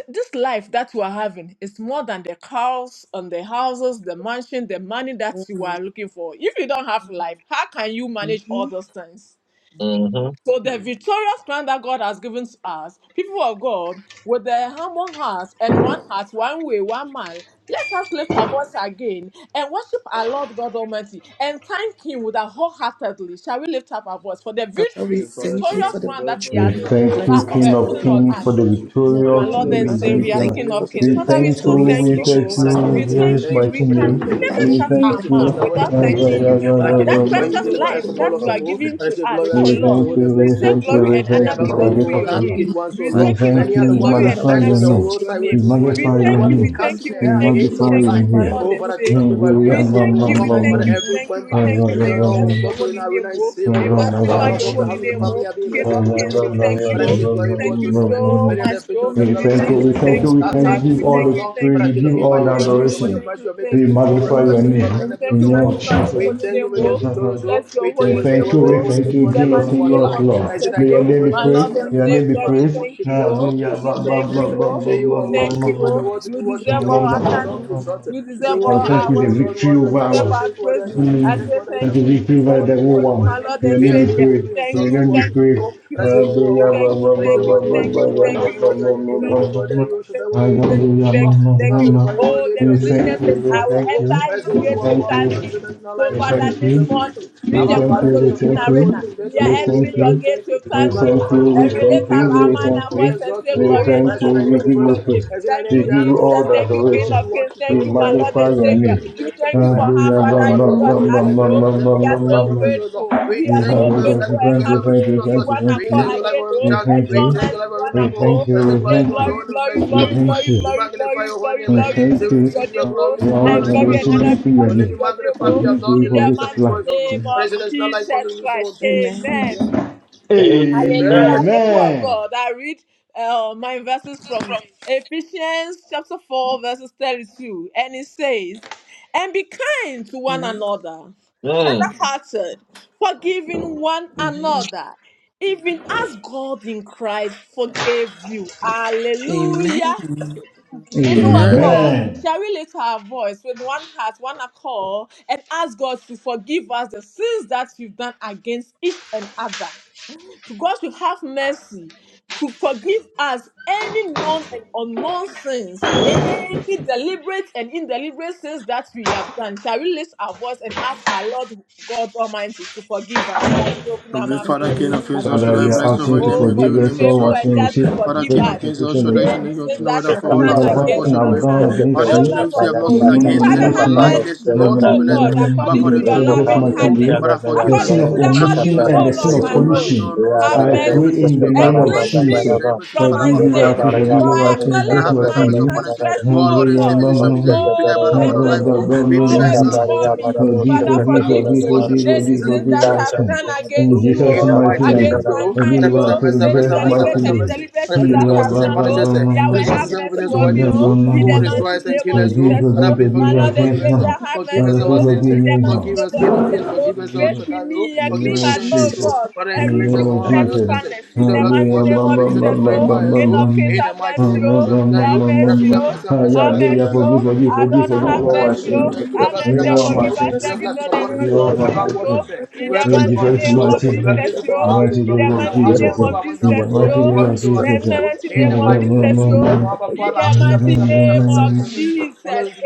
S4: this life that you are having is more than the cars and the houses, the mansion, the money that you
S2: Amen.
S4: are looking for. If you don't have life, how can you manage all
S2: hmm
S4: those things?
S1: mm-hmm.
S4: So the victorious plan that God has given to us, people of God, with the humble hearts and one heart, one way, one man, let us lift our voice again and worship our Lord God Almighty and thank Him with our wholeheartedly. Shall we lift up our voice for the
S2: Father, we
S5: Heavenly
S4: victory,
S5: Father,
S2: thank you
S5: King
S4: victorious
S5: of
S2: for the
S5: Kings,
S4: plan
S5: all
S4: that
S5: of
S4: He
S5: us
S3: We
S4: has
S2: victory
S5: should
S2: you
S5: I blessed.
S4: put,
S5: your
S3: thank you,
S5: holy
S2: bless
S4: uh,
S5: name
S3: King
S5: and
S4: uh,
S2: us
S4: put
S3: of
S2: with
S5: glory
S4: it
S2: in
S4: on
S5: name we
S3: Kings,
S2: Jesus'
S3: for
S4: us?
S3: the
S5: exalt you.
S2: name.
S5: Father,
S4: My
S5: your
S3: victorious.
S4: Lord
S5: children, we
S4: and
S3: We
S2: Father,
S3: give
S2: we
S5: thank
S3: it
S5: you
S3: to
S4: Savior,
S5: for
S2: thank
S3: you.
S2: you
S4: King
S2: for
S4: of
S5: deliverance. We
S4: Kings.
S3: We
S2: making
S5: thank you for
S2: us
S4: Father, we
S3: thank you,
S4: so
S5: your us, O
S2: victorious
S4: thank
S2: in
S3: we
S5: Lord.
S4: you.
S3: thank
S4: oh.
S3: you,
S5: Father,
S2: Jesus'
S5: King
S4: We
S3: in
S5: of
S2: mighty
S5: Kings, we
S4: thank
S2: name.
S3: Jesus'
S5: thank
S4: you.
S5: you
S4: We
S3: mighty
S5: for many
S2: Father,
S4: can
S5: of
S3: name.
S5: you
S2: we
S5: of the
S4: never
S5: devil,
S2: thank
S3: We
S2: you,
S4: shut
S2: we
S4: our
S3: thank
S5: principality,
S2: thank
S3: you. We
S5: force
S2: you,
S4: mouth
S5: that
S2: we
S5: was
S4: without
S2: thank
S5: against
S2: you.
S4: thanking
S5: them.
S4: you.
S5: Father,
S2: Father,
S5: King of
S4: That
S2: we
S5: Kings, by
S2: give
S5: you
S4: precious
S2: you all
S5: deliver
S2: the
S5: us
S4: life
S5: from all
S4: that
S2: glory,
S5: of
S4: you
S2: we
S4: are
S5: them,
S2: give
S5: O.
S2: you
S4: giving
S2: all
S5: Father,
S4: to
S2: the
S5: your
S4: us,
S5: glory
S4: oh
S5: and
S2: adoration
S5: honor
S2: in
S5: to
S4: Lord,
S3: thank
S5: holy
S3: you,
S5: name,
S2: Jesus'
S4: we
S3: we
S5: blessed be
S2: mighty
S4: say
S3: thank
S5: unto
S3: you,
S5: us.
S4: glory
S2: name.
S3: we
S4: and
S5: Many
S4: honor
S3: thank you
S4: be
S5: above the
S3: for this
S4: unto
S5: evil
S3: of
S5: ones,
S4: your
S5: the
S2: Father,
S3: God.
S4: name.
S2: we
S5: wicked ones, O
S4: We
S2: magnify
S4: say,
S5: Lord.
S3: We
S4: King
S2: your holy
S4: of
S5: Many
S3: thank
S5: are
S3: you,
S5: the
S4: Kings,
S3: we
S2: name.
S5: ones
S4: glory
S5: that
S4: and
S2: Father,
S3: magnify
S2: we
S5: sat
S4: honor
S5: on
S3: your
S5: the
S4: be
S3: name.
S4: to
S2: exalt your
S4: your
S5: roadside
S3: We
S4: name.
S2: great
S5: waiting for
S2: name.
S5: us.
S4: We
S3: magnify
S5: Many are the
S3: your
S4: thank
S2: Father,
S5: ones
S4: you,
S2: we
S5: they
S4: we
S3: name.
S4: thank
S5: cast in
S2: thank
S4: you,
S5: the
S2: you,
S3: We
S4: we
S2: we
S5: air
S4: thank you,
S2: thank
S4: we
S2: you,
S5: against
S3: magnify
S2: King
S5: our
S2: of
S4: thank
S3: your
S2: Kings
S4: you,
S5: life.
S2: and
S4: my
S3: name.
S2: Lord
S4: Lord
S2: of
S5: Oh,
S4: and
S5: Father,
S2: Lords.
S5: King of
S4: Savior.
S5: Kings, by you we are
S2: Father,
S4: We
S2: we
S5: saved, O
S4: thank you,
S5: Lord.
S4: we
S2: magnify
S4: thank
S3: We
S5: Father,
S2: your
S4: you, we
S5: every
S2: name.
S4: thank
S2: Father,
S4: you,
S5: member.
S4: we
S3: magnify
S2: we
S4: thank you.
S5: As
S2: thank
S5: you
S4: And
S2: you,
S4: we
S2: we
S3: your
S4: bless
S3: name.
S5: God,
S4: your
S2: thank you,
S5: so in
S4: holy
S2: we
S5: arena
S4: name,
S5: is
S4: oh.
S3: We
S5: saved, oh
S3: thank
S4: We
S5: Lord.
S3: you,
S2: Father,
S5: Our
S4: magnify
S5: Papa
S4: your
S2: without
S5: of the
S2: you, we
S4: holy
S5: house and the
S4: name,
S5: family
S4: oh.
S5: are
S2: wouldn't
S5: being
S2: be here.
S4: King
S5: blessed and
S4: of kings,
S5: protected,
S4: we
S5: oh Lord.
S2: Thank
S4: thank you,
S5: But I
S2: you. And
S4: oh.
S5: say,
S4: We
S5: glory be
S4: thank you
S5: unto the name.
S2: Lord,
S4: so
S2: we
S5: Many are the
S4: much,
S2: must
S5: affliction of
S4: oh.
S5: the
S2: glory,
S5: devil that
S4: We
S2: we
S5: was
S2: must
S4: thank you,
S2: glory,
S5: against
S3: we
S4: we
S5: us,
S2: we
S3: thank
S5: oh.
S4: thank
S3: you,
S2: must
S4: you,
S3: we
S4: we
S5: That
S3: can
S5: time
S2: glory,
S4: thank you,
S5: is
S3: give
S4: we
S3: all
S5: so
S2: amen.
S4: thank
S3: the
S4: you,
S5: long.
S4: thank
S5: But
S3: praise,
S5: I
S4: you,
S3: we
S5: cannot
S3: give
S4: thank
S5: came
S4: you,
S5: by
S3: all the
S5: your
S4: thank
S5: grace, and
S4: you, we
S5: by
S3: adoration.
S2: Jesus,
S5: your
S4: thank
S5: mercy,
S4: you,
S5: you make us
S3: We
S4: thank you,
S2: you
S4: thank
S5: victorious.
S3: magnify
S5: But
S4: you.
S2: thank
S5: I
S3: your
S2: you,
S5: say,
S2: we
S5: glory and
S4: We
S3: name
S2: thank
S5: be
S4: thank
S2: you,
S3: in
S5: unto
S3: the
S4: you,
S3: name
S5: your
S2: Father,
S3: of
S5: name.
S2: we
S4: magnify your
S3: Jesus.
S5: We
S4: holy
S2: thank
S5: thank
S2: you,
S5: you,
S4: name,
S5: make us
S2: Lord,
S4: oh. We
S5: victorious, oh.
S4: bless
S5: We
S4: your
S3: We
S5: thank
S4: holy
S5: you,
S2: thank
S5: so
S2: you,
S5: the
S4: name,
S3: thank
S2: Lord,
S3: you,
S5: world that
S2: we
S3: we
S5: you
S4: oh.
S5: want
S2: must
S5: to
S3: thank
S5: be
S2: glory,
S5: to
S4: In
S3: you,
S5: us
S4: the
S3: King of
S4: mighty
S5: against
S2: amen.
S3: King,
S5: one
S4: name
S3: Lord of
S5: life.
S4: of
S3: Lord.
S5: I say,
S4: Jesus,
S5: thy
S3: May your
S5: name
S4: oh.
S5: be
S2: The
S3: name be
S5: praised, thy
S4: My
S2: mighty
S5: name
S3: praised,
S4: Lord
S5: be
S4: and
S5: honored,
S3: may
S5: be
S3: your
S2: name,
S3: name be
S4: Savior,
S5: magnified,
S4: we
S5: be
S3: praised.
S4: thank
S5: worshipped, be
S4: you, oh.
S5: adored, be
S4: We
S5: exalted, be
S4: thank you,
S2: Lord, we
S5: lifted.
S4: oh.
S5: Say, you
S4: We
S5: are
S4: thank
S5: worthy
S2: thank
S5: to
S2: you,
S5: be
S4: you,
S2: Lord,
S5: praised,
S2: we
S5: you
S4: oh.
S5: worthy
S2: must
S5: to be
S4: You
S2: glory,
S5: worshipped, you
S4: deserve
S5: are
S2: amen.
S4: all
S2: Thank
S5: worthy
S2: you,
S4: our
S5: to be
S2: Lord,
S5: top of the
S4: thanksgiving.
S5: altar.
S4: You
S5: He
S2: we
S5: said,
S2: thank
S4: deserve
S3: And
S4: all
S2: you, amen.
S5: Worthy are
S3: thank
S4: our
S3: you
S5: you,
S3: the
S5: O
S4: worship.
S5: Lord,
S3: victory
S5: worthy
S4: We
S5: are
S3: over
S5: you, King
S3: our
S4: deserve
S5: of
S2: Jesus,
S4: our
S5: Kings, worthy are
S4: praises.
S5: you,
S2: mighty
S5: Shin of
S4: I
S5: Days,
S2: name,
S4: say
S5: worthy are you,
S3: Thank
S4: thank you,
S5: coming to come
S4: Jesus.
S5: and magnify
S4: Thank
S5: your
S4: you,
S5: holy
S4: my
S5: name.
S4: Lord
S3: you
S4: and
S5: They
S3: let
S5: are
S3: me
S5: doing
S4: Savior.
S3: pray,
S5: me
S4: Thank
S3: you
S5: insult to
S4: you,
S3: let me
S4: thank
S5: worship
S3: pray.
S5: you, and
S4: you,
S5: I say,
S4: thank
S5: You are
S4: you,
S3: Hallelujah,
S4: thank
S3: ba,
S5: worthy.
S4: you,
S3: ba,
S5: And I
S3: ba,
S5: say,
S4: thank you,
S5: Worthy,
S3: ba,
S5: worthy,
S4: thank you, thank you,
S5: worthy, worthy,
S4: thank you,
S5: worthy, worthy are you, King of
S4: thank you, thank
S5: Kings,
S4: you,
S5: worthy are you, Shin of Days,
S4: thank you, thank
S5: worthy are you,
S4: you,
S5: coming to
S4: thank
S5: come
S4: you,
S5: and
S4: thank you.
S5: magnify your holy
S4: Oh,
S5: name.
S4: the
S5: You are doing
S4: musician
S3: thank
S5: me
S3: you,
S4: says, I
S5: insult to
S4: will
S3: thank
S5: you,
S3: you,
S5: and
S4: enter
S5: I
S4: his
S5: say, You
S4: gates
S5: are
S4: with
S3: thank
S5: worthy,
S3: you.
S5: Lord, so
S4: thanksgiving.
S5: there is no
S4: So,
S5: lie
S3: We
S5: unto
S4: Father,
S5: them,
S3: thank you.
S5: you
S4: this
S5: are
S4: morning,
S5: constituted.
S4: we
S3: We
S4: the
S5: Our
S3: thank
S4: God
S5: Father,
S3: you. We
S5: King of
S4: Solution
S5: Kings, Lord
S3: thank
S5: of
S4: Arena,
S5: hosts,
S3: you.
S5: and blessed
S4: we are
S5: and
S3: We
S5: go
S4: entering
S3: thank
S4: your
S5: we
S3: you.
S4: gates
S5: thank you.
S4: with
S3: We
S5: We
S4: thanksgiving.
S3: thank
S5: magnify
S3: you.
S5: your
S3: We
S5: holy
S4: Every
S5: name.
S4: lift
S3: thank
S5: We
S3: you.
S4: up
S5: are
S3: We
S4: our
S5: doing
S4: man
S5: them.
S3: thank
S4: and
S5: We
S3: you.
S4: voice and
S5: exalt you.
S4: say
S3: We
S5: Senhor,
S4: glory and
S3: thank
S5: faz o
S3: you.
S4: honor be
S3: We
S5: name de
S4: unto
S3: give you
S4: your
S5: praise.
S4: name.
S3: praise.
S5: Faz o
S4: Thank
S5: nome
S3: We
S4: you,
S5: de
S3: give
S5: honor,
S3: you
S5: all,
S3: all
S5: we
S4: Jesus.
S3: the
S5: want
S4: Thank
S5: to
S4: you,
S5: for
S4: King
S5: you,
S3: adoration.
S4: of
S5: we
S4: Kings.
S5: want to
S3: We
S5: go
S4: Thank you,
S5: here,
S4: my
S5: don't
S4: Lord
S5: be
S3: magnify
S4: and
S3: your
S5: exalted,
S4: Savior.
S3: name.
S5: we
S4: We
S5: lift up
S4: thank
S5: your
S4: you
S5: praise.
S4: for how
S3: Hallelujah.
S5: Abba
S3: Ba,
S4: Father you
S3: ba,
S5: Father, we thank
S3: ba,
S5: you,
S4: brought
S5: we
S3: ba,
S4: us
S5: thank you,
S3: ba,
S4: here.
S5: thank
S3: ba,
S5: you, thank
S4: We
S3: ba,
S5: you
S3: ba,
S5: God,
S4: are
S5: for
S3: ba,
S5: your
S4: so
S3: ba,
S5: purpose,
S3: ba.
S5: O Lord.
S4: grateful.
S5: We
S4: We
S3: We
S4: are
S5: thank
S4: so
S5: you for the
S2: thank you,
S4: grateful
S3: we
S5: blessing, the
S4: and
S3: thank you.
S5: favor,
S4: happy
S2: thank
S5: much
S2: you.
S3: Thank
S4: to
S3: you.
S5: given
S4: be
S5: unto us.
S3: Thank
S4: one
S5: We
S3: you.
S4: accord
S5: thank you, like
S4: again,
S5: every
S4: oh,
S5: child,
S3: Thank you.
S4: and
S3: Thank
S5: we
S4: join
S3: you.
S5: thank you,
S4: hands
S5: like
S4: in
S5: every
S4: one
S3: We
S5: member,
S3: thank you. We thank
S4: accord.
S3: you.
S5: for the
S3: We
S4: We
S5: glory
S4: say
S5: to
S3: thank you.
S5: unto
S4: glory,
S5: one, and
S4: glory,
S5: bless
S3: We
S5: you
S4: glory,
S5: unto
S3: thank
S5: one.
S4: glory,
S3: you.
S5: We
S4: glory,
S5: magnify
S4: glory,
S5: your holy
S4: glory,
S5: name, man.
S4: glory
S3: Okay,
S5: Say, we
S4: be to
S3: okay.
S5: receive
S4: your
S5: your
S4: name,
S5: glory,
S4: oh,
S5: receive
S3: our
S5: your
S4: and
S5: honor, receive your
S4: glory and
S3: revelation
S4: honor
S5: adoration.
S3: to
S4: be
S3: your
S4: unto
S5: Only we
S3: name.
S4: your name,
S3: Hence, you
S5: magnify,
S4: oh,
S5: be
S3: and me. He
S5: adored, be
S4: in the
S3: will forget
S5: lifted, up,
S3: of
S5: be
S4: mighty
S3: life.
S5: praised, O Lord.
S4: name
S5: For
S4: of
S5: there is not like unto
S4: Jesus
S5: you, so on
S4: Christ.
S5: today. We
S2: Amen.
S4: Amen.
S5: thank you.
S1: Amen.
S5: Amen.
S4: Hallelujah, people of
S3: Amen.
S4: God. I read uh, my verses from Ephesians chapter 4, verses 32, and it says, And be kind to one
S2: Amen.
S4: another,
S1: Mm.
S4: tender hearted, forgiving one
S2: Amen.
S4: another, even as God in Christ forgave you. Hallelujah.
S2: Amen.
S4: People of
S5: Amen.
S1: Amen.
S4: God,
S3: Amen.
S4: shall we lift our voice with one heart, one accord, and ask God to forgive us the sins that we've done against each and other? God should have mercy to forgive us any known and unknown sins, any deliberate and indeliberate sins that we have done. Shall we lift our voice and ask our Lord God Almighty to forgive us? Shall we open our
S5: Heavenly
S4: mouth
S2: Lord,
S4: and
S2: we
S5: Father, King
S2: lift
S5: of Kings,
S4: pray?
S2: our
S5: how should
S3: Father,
S5: I
S3: we
S2: voice
S3: are
S5: bless your
S3: asking you
S5: holy
S3: to
S5: name?
S4: Oh,
S5: Your
S4: for
S3: forgive
S5: dear
S4: his
S3: us
S5: name is
S3: all
S4: faithful
S3: our
S5: what
S4: and
S3: sin,
S5: you.
S4: just to
S3: receive
S5: Father,
S4: forgive
S5: King
S3: confess and
S5: of
S4: us
S5: Kings, how
S3: perfection,
S5: should
S2: and
S5: I
S2: we
S5: should
S3: but
S4: any
S5: not
S4: sins
S5: know
S4: that
S5: whether
S4: we've
S2: out
S5: for
S2: of
S5: all
S2: the
S3: even
S5: our
S4: done
S3: for the
S5: sin
S2: person
S3: fact
S5: and
S3: of
S5: for
S4: against
S2: was
S3: sin
S5: your
S3: I've
S5: glory.
S2: using
S5: God.
S3: done
S4: mankind.
S5: Father,
S3: against
S5: your
S2: iniquities.
S4: Oh
S3: you,
S4: Lord
S5: children, if you
S2: In
S4: of
S5: have not
S3: no,
S2: Jesus'
S4: hosts,
S5: sinned
S3: no,
S2: mighty
S3: no,
S5: against you,
S4: Father,
S5: then
S2: name,
S3: no
S5: you are
S4: have
S3: sin,
S5: lying. There's
S4: mercy.
S3: no,
S2: praise
S5: no
S3: no,
S4: Oh
S5: truth
S2: the
S5: in
S3: no,
S5: that.
S4: God,
S3: no, no,
S2: Lord,
S5: About
S2: and
S4: according
S5: Father,
S4: to
S5: your
S2: Lord,
S3: no,
S2: my
S4: your
S5: children come
S3: Jesus'
S4: loving
S5: upon
S2: Lord,
S3: mighty
S5: you.
S4: kindness,
S3: name,
S5: Father, forgive
S3: the
S5: us.
S3: sin
S4: according
S5: eh.
S3: of
S4: to the
S5: Father, forgive
S4: multitude,
S3: omission
S5: us
S3: and
S4: oh
S3: the
S5: any
S3: sin
S4: Lord,
S2: praise
S3: of
S5: sins, oh
S4: my
S2: name,
S5: Lord, even
S4: host,
S5: no
S3: commission.
S5: nonsense,
S4: have
S5: every
S3: I pray
S5: deliberate
S4: mercy
S5: sins
S3: in
S5: we
S3: the
S5: have
S4: and
S5: done,
S3: name
S5: oh
S3: of
S2: glory
S5: Lord,
S4: cleanse
S2: to
S5: deliberate in
S2: God,
S4: me
S3: Jesus.
S5: deliberate sins.
S4: from
S2: praise
S5: Father,
S4: my
S5: about
S2: your
S3: Forgive
S5: Father,
S3: us,
S4: sin.
S5: King
S2: name, Jesus'
S5: of Kings, your
S4: For
S3: forgive
S5: children have
S2: mighty
S4: I
S5: done.
S3: us,
S2: name,
S3: in
S5: Father,
S3: Jesus'
S5: have
S4: acknowledge
S5: mercy,
S3: mighty
S5: have
S4: my
S5: mercy upon
S3: name.
S5: us. eh.
S1: Amen.
S4: transgression,
S5: Oh
S4: O
S5: Lord and
S4: Lord,
S5: Savior, you show me, we pray thy
S4: Oh,
S5: blood upon
S4: and
S5: our
S4: my
S5: life,
S1: Mm-hmm.
S5: oh.
S4: sins is
S5: We
S2: in
S5: pray thy
S4: always
S2: Jesus'
S5: blood, oh
S4: before
S2: mighty name,
S5: Lord,
S4: me.
S5: mercy upon
S3: Forgive,
S5: us.
S4: Father,
S2: Father,
S3: forgive, forgive, forgive,
S5: Have
S2: forgive
S4: forgive
S5: mercy,
S2: us and
S4: me.
S5: Wash us
S3: forgive, forgive, forgive, forgive,
S2: wash
S5: to
S2: us
S4: Any
S5: cleanse
S3: forgive,
S5: us
S2: clean
S5: to
S4: sins
S2: in
S3: forgive,
S4: that
S5: purify us.
S2: Jesus,
S5: oh.
S4: I've
S3: forgive,
S4: done
S3: in
S4: against you,
S3: Jesus'
S5: In the
S4: oh,
S2: we
S3: mighty
S5: mighty
S2: are
S5: name of
S4: against
S3: name.
S5: Jesus,
S2: here
S3: Okay,
S4: mankind,
S5: Father,
S2: to
S5: please have
S4: oh,
S3: what's
S5: mercy,
S3: in
S5: have
S4: any
S5: mercy, have
S3: Jesus'
S5: mercy,
S2: fire
S5: have
S3: mighty
S4: deliberate
S5: mercy,
S4: and
S5: have
S2: our
S3: name?
S5: mercy.
S4: indeliberate
S5: Father,
S2: heart
S4: sins
S2: in
S5: please
S3: In
S5: look
S4: that
S2: Jesus'
S5: at
S4: I've
S5: us and
S4: done,
S5: punish
S4: oh,
S5: us. eh.
S2: name.
S5: Look
S4: Yahweh,
S5: at
S4: have
S5: us and open
S2: The
S4: mercy
S5: us, our
S4: on me,
S5: enemies,
S2: Lord,
S4: oh,
S5: oh.
S4: in
S2: Mama,
S5: who will
S2: the
S4: the
S2: Lord,
S5: destroy
S4: mighty
S2: the
S5: us
S2: Lord,
S5: and
S4: name
S5: kill
S4: of
S5: us.
S2: the
S3: Forgive,
S5: who.
S2: Lord,
S4: Jesus,
S5: Father,
S3: forgive,
S4: oh,
S5: please
S4: my
S5: forgive,
S3: forgive our
S4: Lord
S5: forgive,
S4: and
S5: forgive
S3: sins
S5: us. eh.
S4: Savior,
S3: now.
S4: have
S5: Forgive
S3: Other
S4: mercy,
S5: us our
S4: oh,
S3: people
S5: sins.
S2: the
S4: in
S5: eh.
S3: forgive
S4: the
S3: me
S4: mighty
S5: Forgive
S3: now.
S2: Lord,
S4: name
S5: us,
S4: of
S5: King of
S4: Jesus,
S5: Kings.
S2: the
S4: oh,
S2: Lord,
S5: Forgive us, El
S3: Forgive
S4: create
S3: us.
S5: Shaddai.
S4: in
S5: who.
S4: me
S3: In
S4: a
S3: the
S5: Forgive
S2: in
S4: clean
S3: name
S5: us, the
S3: of
S4: heart,
S5: children of
S4: oh
S5: Israel.
S2: Jesus'
S3: Jesus.
S2: mighty
S4: God,
S5: Father, and
S2: name,
S4: and
S3: In the
S5: cleanse
S3: name
S5: us
S4: renew
S5: from
S3: of
S2: the
S5: our
S2: Lord,
S5: righteousness.
S3: Jesus.
S5: eh.
S4: steadfastness
S2: the
S5: It's
S4: in
S5: our
S4: the
S5: blood to
S2: Lord,
S4: mighty
S3: Hallelujah.
S5: wash us,
S4: name
S3: Ma,
S5: to
S4: of
S3: ma,
S2: the
S5: cleanse
S2: Lord,
S5: us,
S3: ma,
S5: to
S4: Jesus,
S3: ma,
S4: oh,
S5: purify
S3: ma,
S2: the
S3: ma,
S2: Lord,
S4: King
S3: ma,
S5: Jesus.
S4: of
S2: the
S4: Kings,
S3: ma.
S5: In the
S4: have
S3: Ma,
S5: mighty
S4: mercy,
S5: name of
S3: ma,
S5: Jesus,
S4: oh,
S3: ma,
S5: I
S3: ma,
S5: tell you,
S4: have
S3: ma,
S2: Lord.
S3: ma,
S4: mercy,
S3: ma.
S5: represent
S4: oh.
S5: myself, myself,
S4: Have
S5: myself,
S3: Hallelujah.
S4: mercy,
S5: myself,
S3: Forgive,
S4: oh.
S5: myself,
S3: forgive,
S5: myself, upon
S3: forgive,
S5: yourself.
S4: Adonai,
S3: forgive
S4: have
S5: And I
S3: all my
S5: will
S4: mercy,
S3: sins,
S5: defend
S4: oh.
S6: Thank
S3: Lord.
S5: you, put the
S4: Have
S5: blood, put the
S4: mercy
S3: Forgive
S4: and
S5: blood,
S3: all my
S4: forgive
S2: She's
S4: us
S2: the
S3: sins,
S5: put your
S3: Lord.
S4: every
S2: sun,
S5: blessing
S2: she's
S4: known
S2: the
S4: and
S5: upon
S2: moon,
S3: Forgive
S5: yourself.
S3: all
S4: unknown
S3: my
S5: Never
S4: sins,
S3: sins,
S5: wash
S3: Lord.
S4: oh.
S5: yourself.
S4: In
S5: We're
S4: the
S3: In
S5: cleansed
S4: mighty
S5: from our
S3: Jesus'
S4: name
S5: soul,
S2: she's
S4: of
S2: the wind, she's
S3: mighty
S5: we're
S3: name,
S4: Jesus,
S5: cleansed from our
S3: in the
S4: oh.
S2: the
S5: heart, we're
S3: mighty
S4: In
S5: not
S3: name
S4: the
S5: cleansed
S3: of
S5: from our
S2: rain.
S4: mighty
S5: heart,
S4: name
S3: Jesus,
S5: our
S3: uh,
S5: soul,
S4: of
S5: our mind, our
S3: in the
S5: body,
S4: Jesus,
S3: mighty name
S4: oh.
S5: we're
S3: of
S5: cleansed from our
S4: In the
S3: Jesus.
S5: sins, so.
S4: mighty
S5: In
S4: name
S5: the
S4: of
S5: mighty name of
S4: Jesus,
S5: Jesus, we have
S4: oh.
S5: our
S4: In
S5: Father, have
S4: the
S5: mercy, have
S4: mighty
S5: mercy, have mercy, have
S4: name
S5: mercy, have
S2: She's the
S5: mercy, have
S4: of
S2: one
S5: mercy. All of
S4: Jesus,
S5: us.